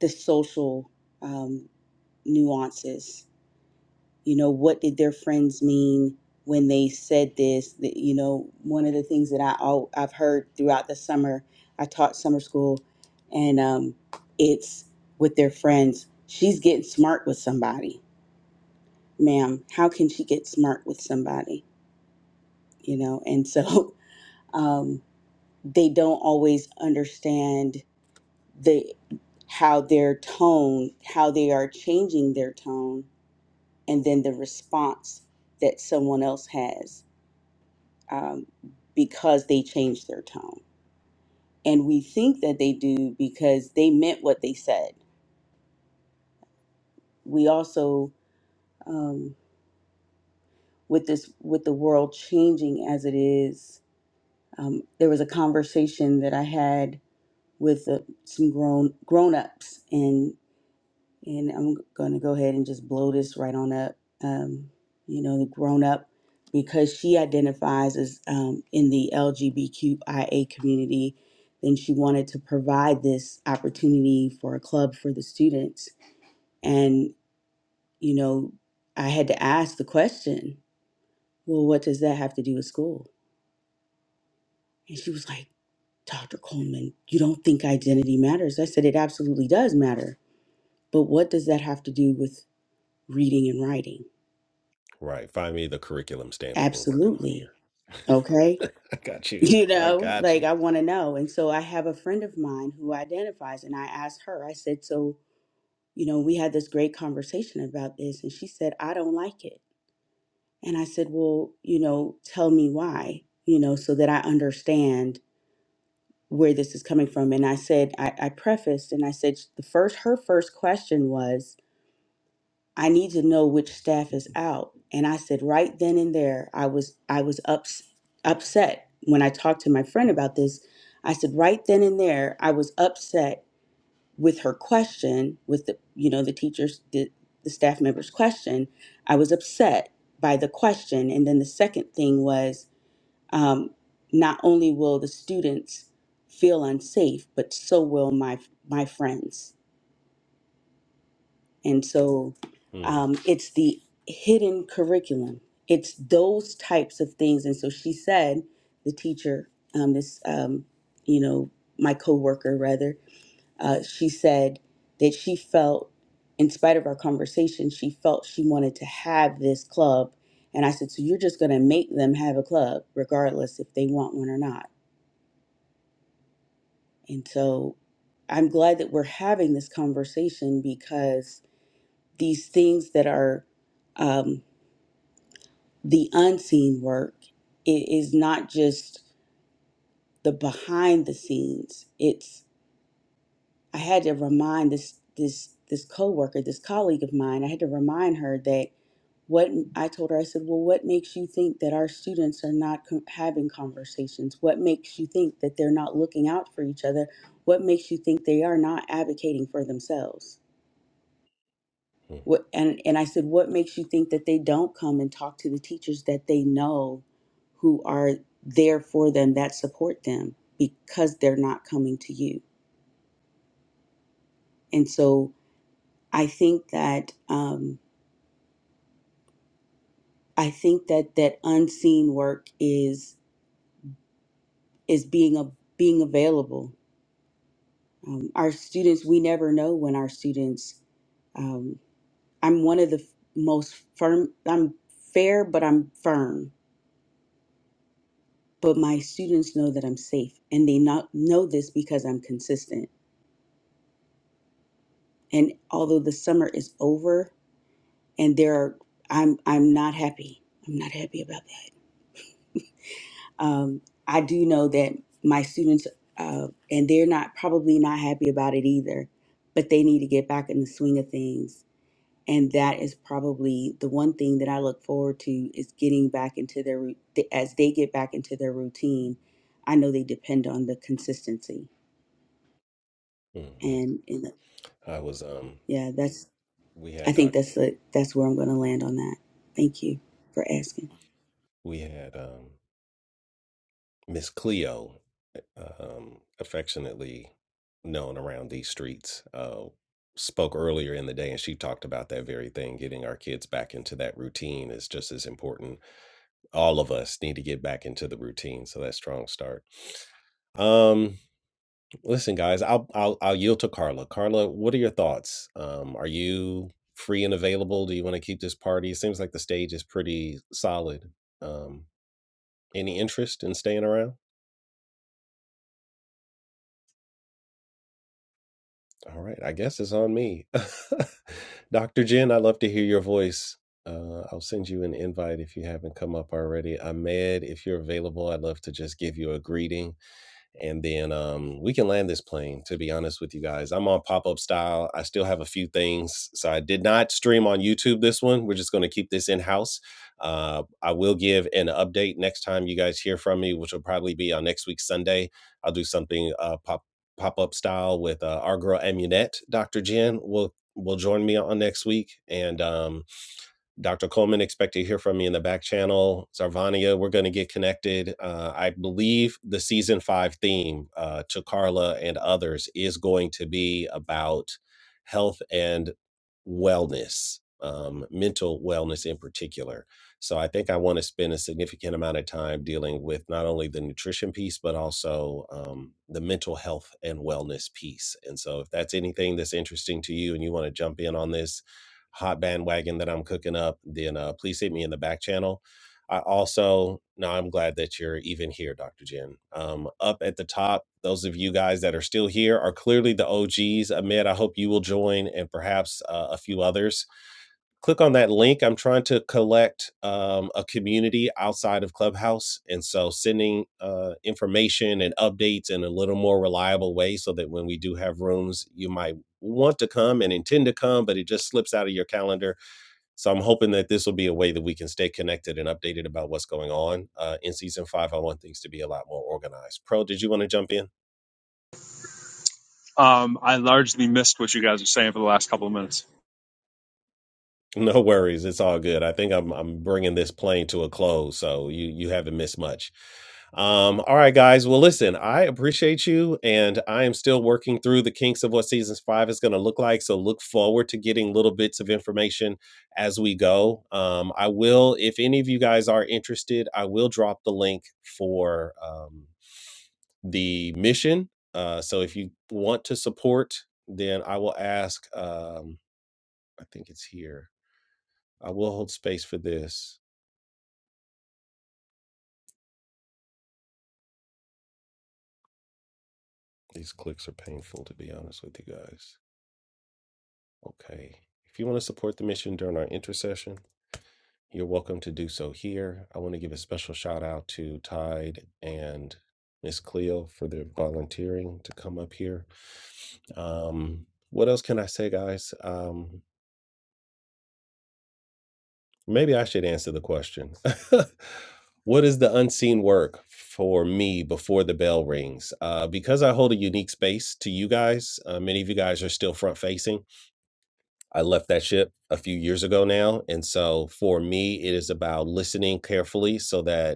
the social. Um, nuances. You know, what did their friends mean when they said this? That, you know, one of the things that I al- I've heard throughout the summer, I taught summer school, and um, it's with their friends. She's getting smart with somebody, ma'am. How can she get smart with somebody? You know, and so um, they don't always understand the how their tone, how they are changing their tone and then the response that someone else has um, because they changed their tone. And we think that they do because they meant what they said. We also, um, with this, with the world changing as it is, um, there was a conversation that I had with uh, some grown grown ups, and And I'm going to go ahead and just blow this right on up. Um, you know, the grown up, because she identifies as um, in the LGBTQIA community, then she wanted to provide this opportunity for a club for the students. And, you know, I had to ask the question, well, what does that have to do with school? And she was like, Dr. Coleman, you don't think identity matters? I said, it absolutely does matter. But what does that have to do with reading and writing?
right find me the curriculum standard we're working on
Absolutely
here
Okay.
i got you
You
i
know,
got
like
you
I want to know. And so I have a friend of mine who identifies, and I asked her, I said, So, you know, we had this great conversation about this. And she said, I don't like it. And I said, Well, you know, tell me why, you know, so that I understand where this is coming from. And I said, I, I prefaced and I said, The first, her first question was, I need to know which staff is out. And I said right then and there, I was I was ups, upset when I talked to my friend about this. I said right then and there, I was upset with her question, with the you know the teacher's the, the staff member's question. I was upset by the question, and then the second thing was um, not only will the students feel unsafe, but so will my my friends and so
Hmm,
um, it's the hidden curriculum, it's those types of things. And so she said, the teacher, um, this, um, you know, my coworker rather, uh, she said that she felt, in spite of our conversation, she felt she wanted to have this club. And I said, so you're just going to make them have a club, regardless if they want one or not. And so I'm glad that we're having this conversation because these things that are um, the unseen work. It is not just the behind the scenes. It's I had to remind this this this coworker, this colleague of mine. I had to remind her that what I told her. I said, "Well, what makes you think that our students are not co- having conversations? What makes you think that they're not looking out for each other? What makes you think they are not advocating for themselves?"
hmm,
What, and, and I said, what makes you think that they don't come and talk to the teachers that they know who are there for them, that support them, because they're not coming to you? And so I think that um, I think that that unseen work is is being a, being available. Um, our students, we never know when our students. Um, I'm one of the f- most firm. I'm fair, but I'm firm but my students know that I'm safe and they not know this because I'm consistent. And although the summer is over and there are I'm I'm not happy. I'm not happy about that. Um, I do know that my students uh, and they're not probably not happy about it either, but they need to get back in the swing of things. And that is probably the one thing that I look forward to is getting back into their rou- as they get back into their routine. I know they depend on the consistency
hmm, hmm.
and, and
i was um
Yeah, that's
we
I
had
think
doc
that's the that's where I'm going to land on that. Thank you for asking.
we had um miss cleo um, affectionately known around these streets, uh, spoke earlier in the day, and she talked about that very thing. Getting our kids back into that routine is just as important. All of us need to get back into the routine, so that's strong start. Um, listen, guys, I'll I'll I'll yield to Carla. Carla, what are your thoughts? Um, are you free and available? Do you want to keep this party? It seems like the stage is pretty solid. Um, any interest in staying around? All right, I guess it's on me. Dr. Jen, I'd love to hear your voice. Uh, I'll send you an invite if you haven't come up already. Ahmed, if you're available, I'd love to just give you a greeting and then um, we can land this plane. To be honest with you guys, I'm on pop up style. I still have a few things, so I did not stream on YouTube this one. We're just going to keep this in house. Uh, I will give an update next time you guys hear from me, which will probably be on next week's Sunday. I'll do something uh, pop pop up style with uh, our girl Amunette, Dr. Jen will will join me on next week, and um, Dr. Coleman, expect to hear from me in the back channel. Zarvania, we're going to get connected. Uh, I believe the season five theme uh, to Carla and others is going to be about health and wellness, um, mental wellness in particular. So I think I want to spend a significant amount of time dealing with not only the nutrition piece, but also um, the mental health and wellness piece. And so if that's anything that's interesting to you and you want to jump in on this, hot bandwagon that I'm cooking up, then uh, please hit me in the back channel. I also, no, I'm glad that you're even here, Dr. Jen. Um, up at the top, those of you guys that are still here are clearly the OGs. Ahmed, I hope you will join and perhaps uh, a few others click on that link. I'm trying to collect um, a community outside of Clubhouse. And so sending uh, information and updates in a little more reliable way so that when we do have rooms, you might want to come and intend to come, but it just slips out of your calendar. So I'm hoping that this will be a way that we can stay connected and updated about what's going on. Uh, in season five, I want things to be a lot more organized. Pro, did you want to jump in?
Um, I largely missed what you guys were saying for the last couple of minutes.
No worries, it's all good. I think I'm I'm bringing this plane to a close, so you you haven't missed much. Um, all right, guys. Well, listen, I appreciate you, and I am still working through the kinks of what seasons five is going to look like. So look forward to getting little bits of information as we go. Um, I will, if any of you guys are interested, I will drop the link for um, the mission. Uh, so if you want to support, then I will ask. Um, I think it's here I will hold space for this. These clicks are painful, to be honest with you guys. Okay. If you want to support the mission during our intercession, you're welcome to do so here. I want to give a special shout out to Tide and Miss Cleo for their volunteering to come up here. Um, what else can I say, guys? Um, Maybe I should answer the question. what is the unseen work for me before the bell rings? Uh, because I hold a unique space to you guys, uh, many of you guys are still front facing. I left that ship a few years ago now. And so for me, it is about listening carefully so that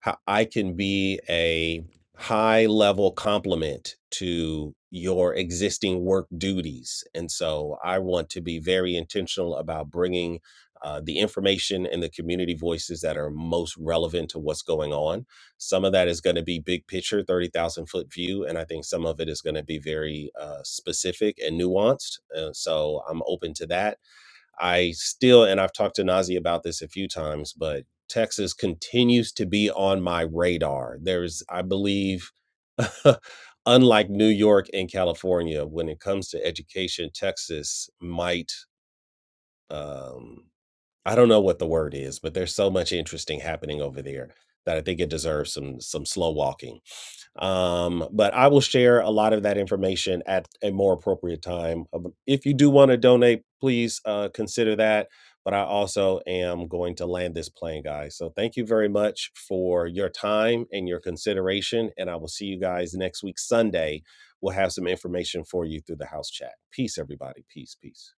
how I can be a high level complement to your existing work duties. And so I want to be very intentional about bringing uh, the information and the community voices that are most relevant to what's going on. Some of that is going to be big picture, 30,000 foot view. And I think some of it is going to be very uh, specific and nuanced. Uh, so I'm open to that I still, and I've talked to Nazi about this a few times, but Texas continues to be on my radar. There's, I believe, unlike New York and California, when it comes to education, Texas might, um, I don't know what the word is, but there's so much interesting happening over there that I think it deserves some some slow walking um, but I will share a lot of that information at a more appropriate time. Um, If you do want to donate, please uh, consider that. But I also am going to land this plane, guys. So thank you very much for your time and your consideration. And I will see you guys next week, Sunday. We'll have some information for you through the house chat. Peace, everybody. Peace, peace.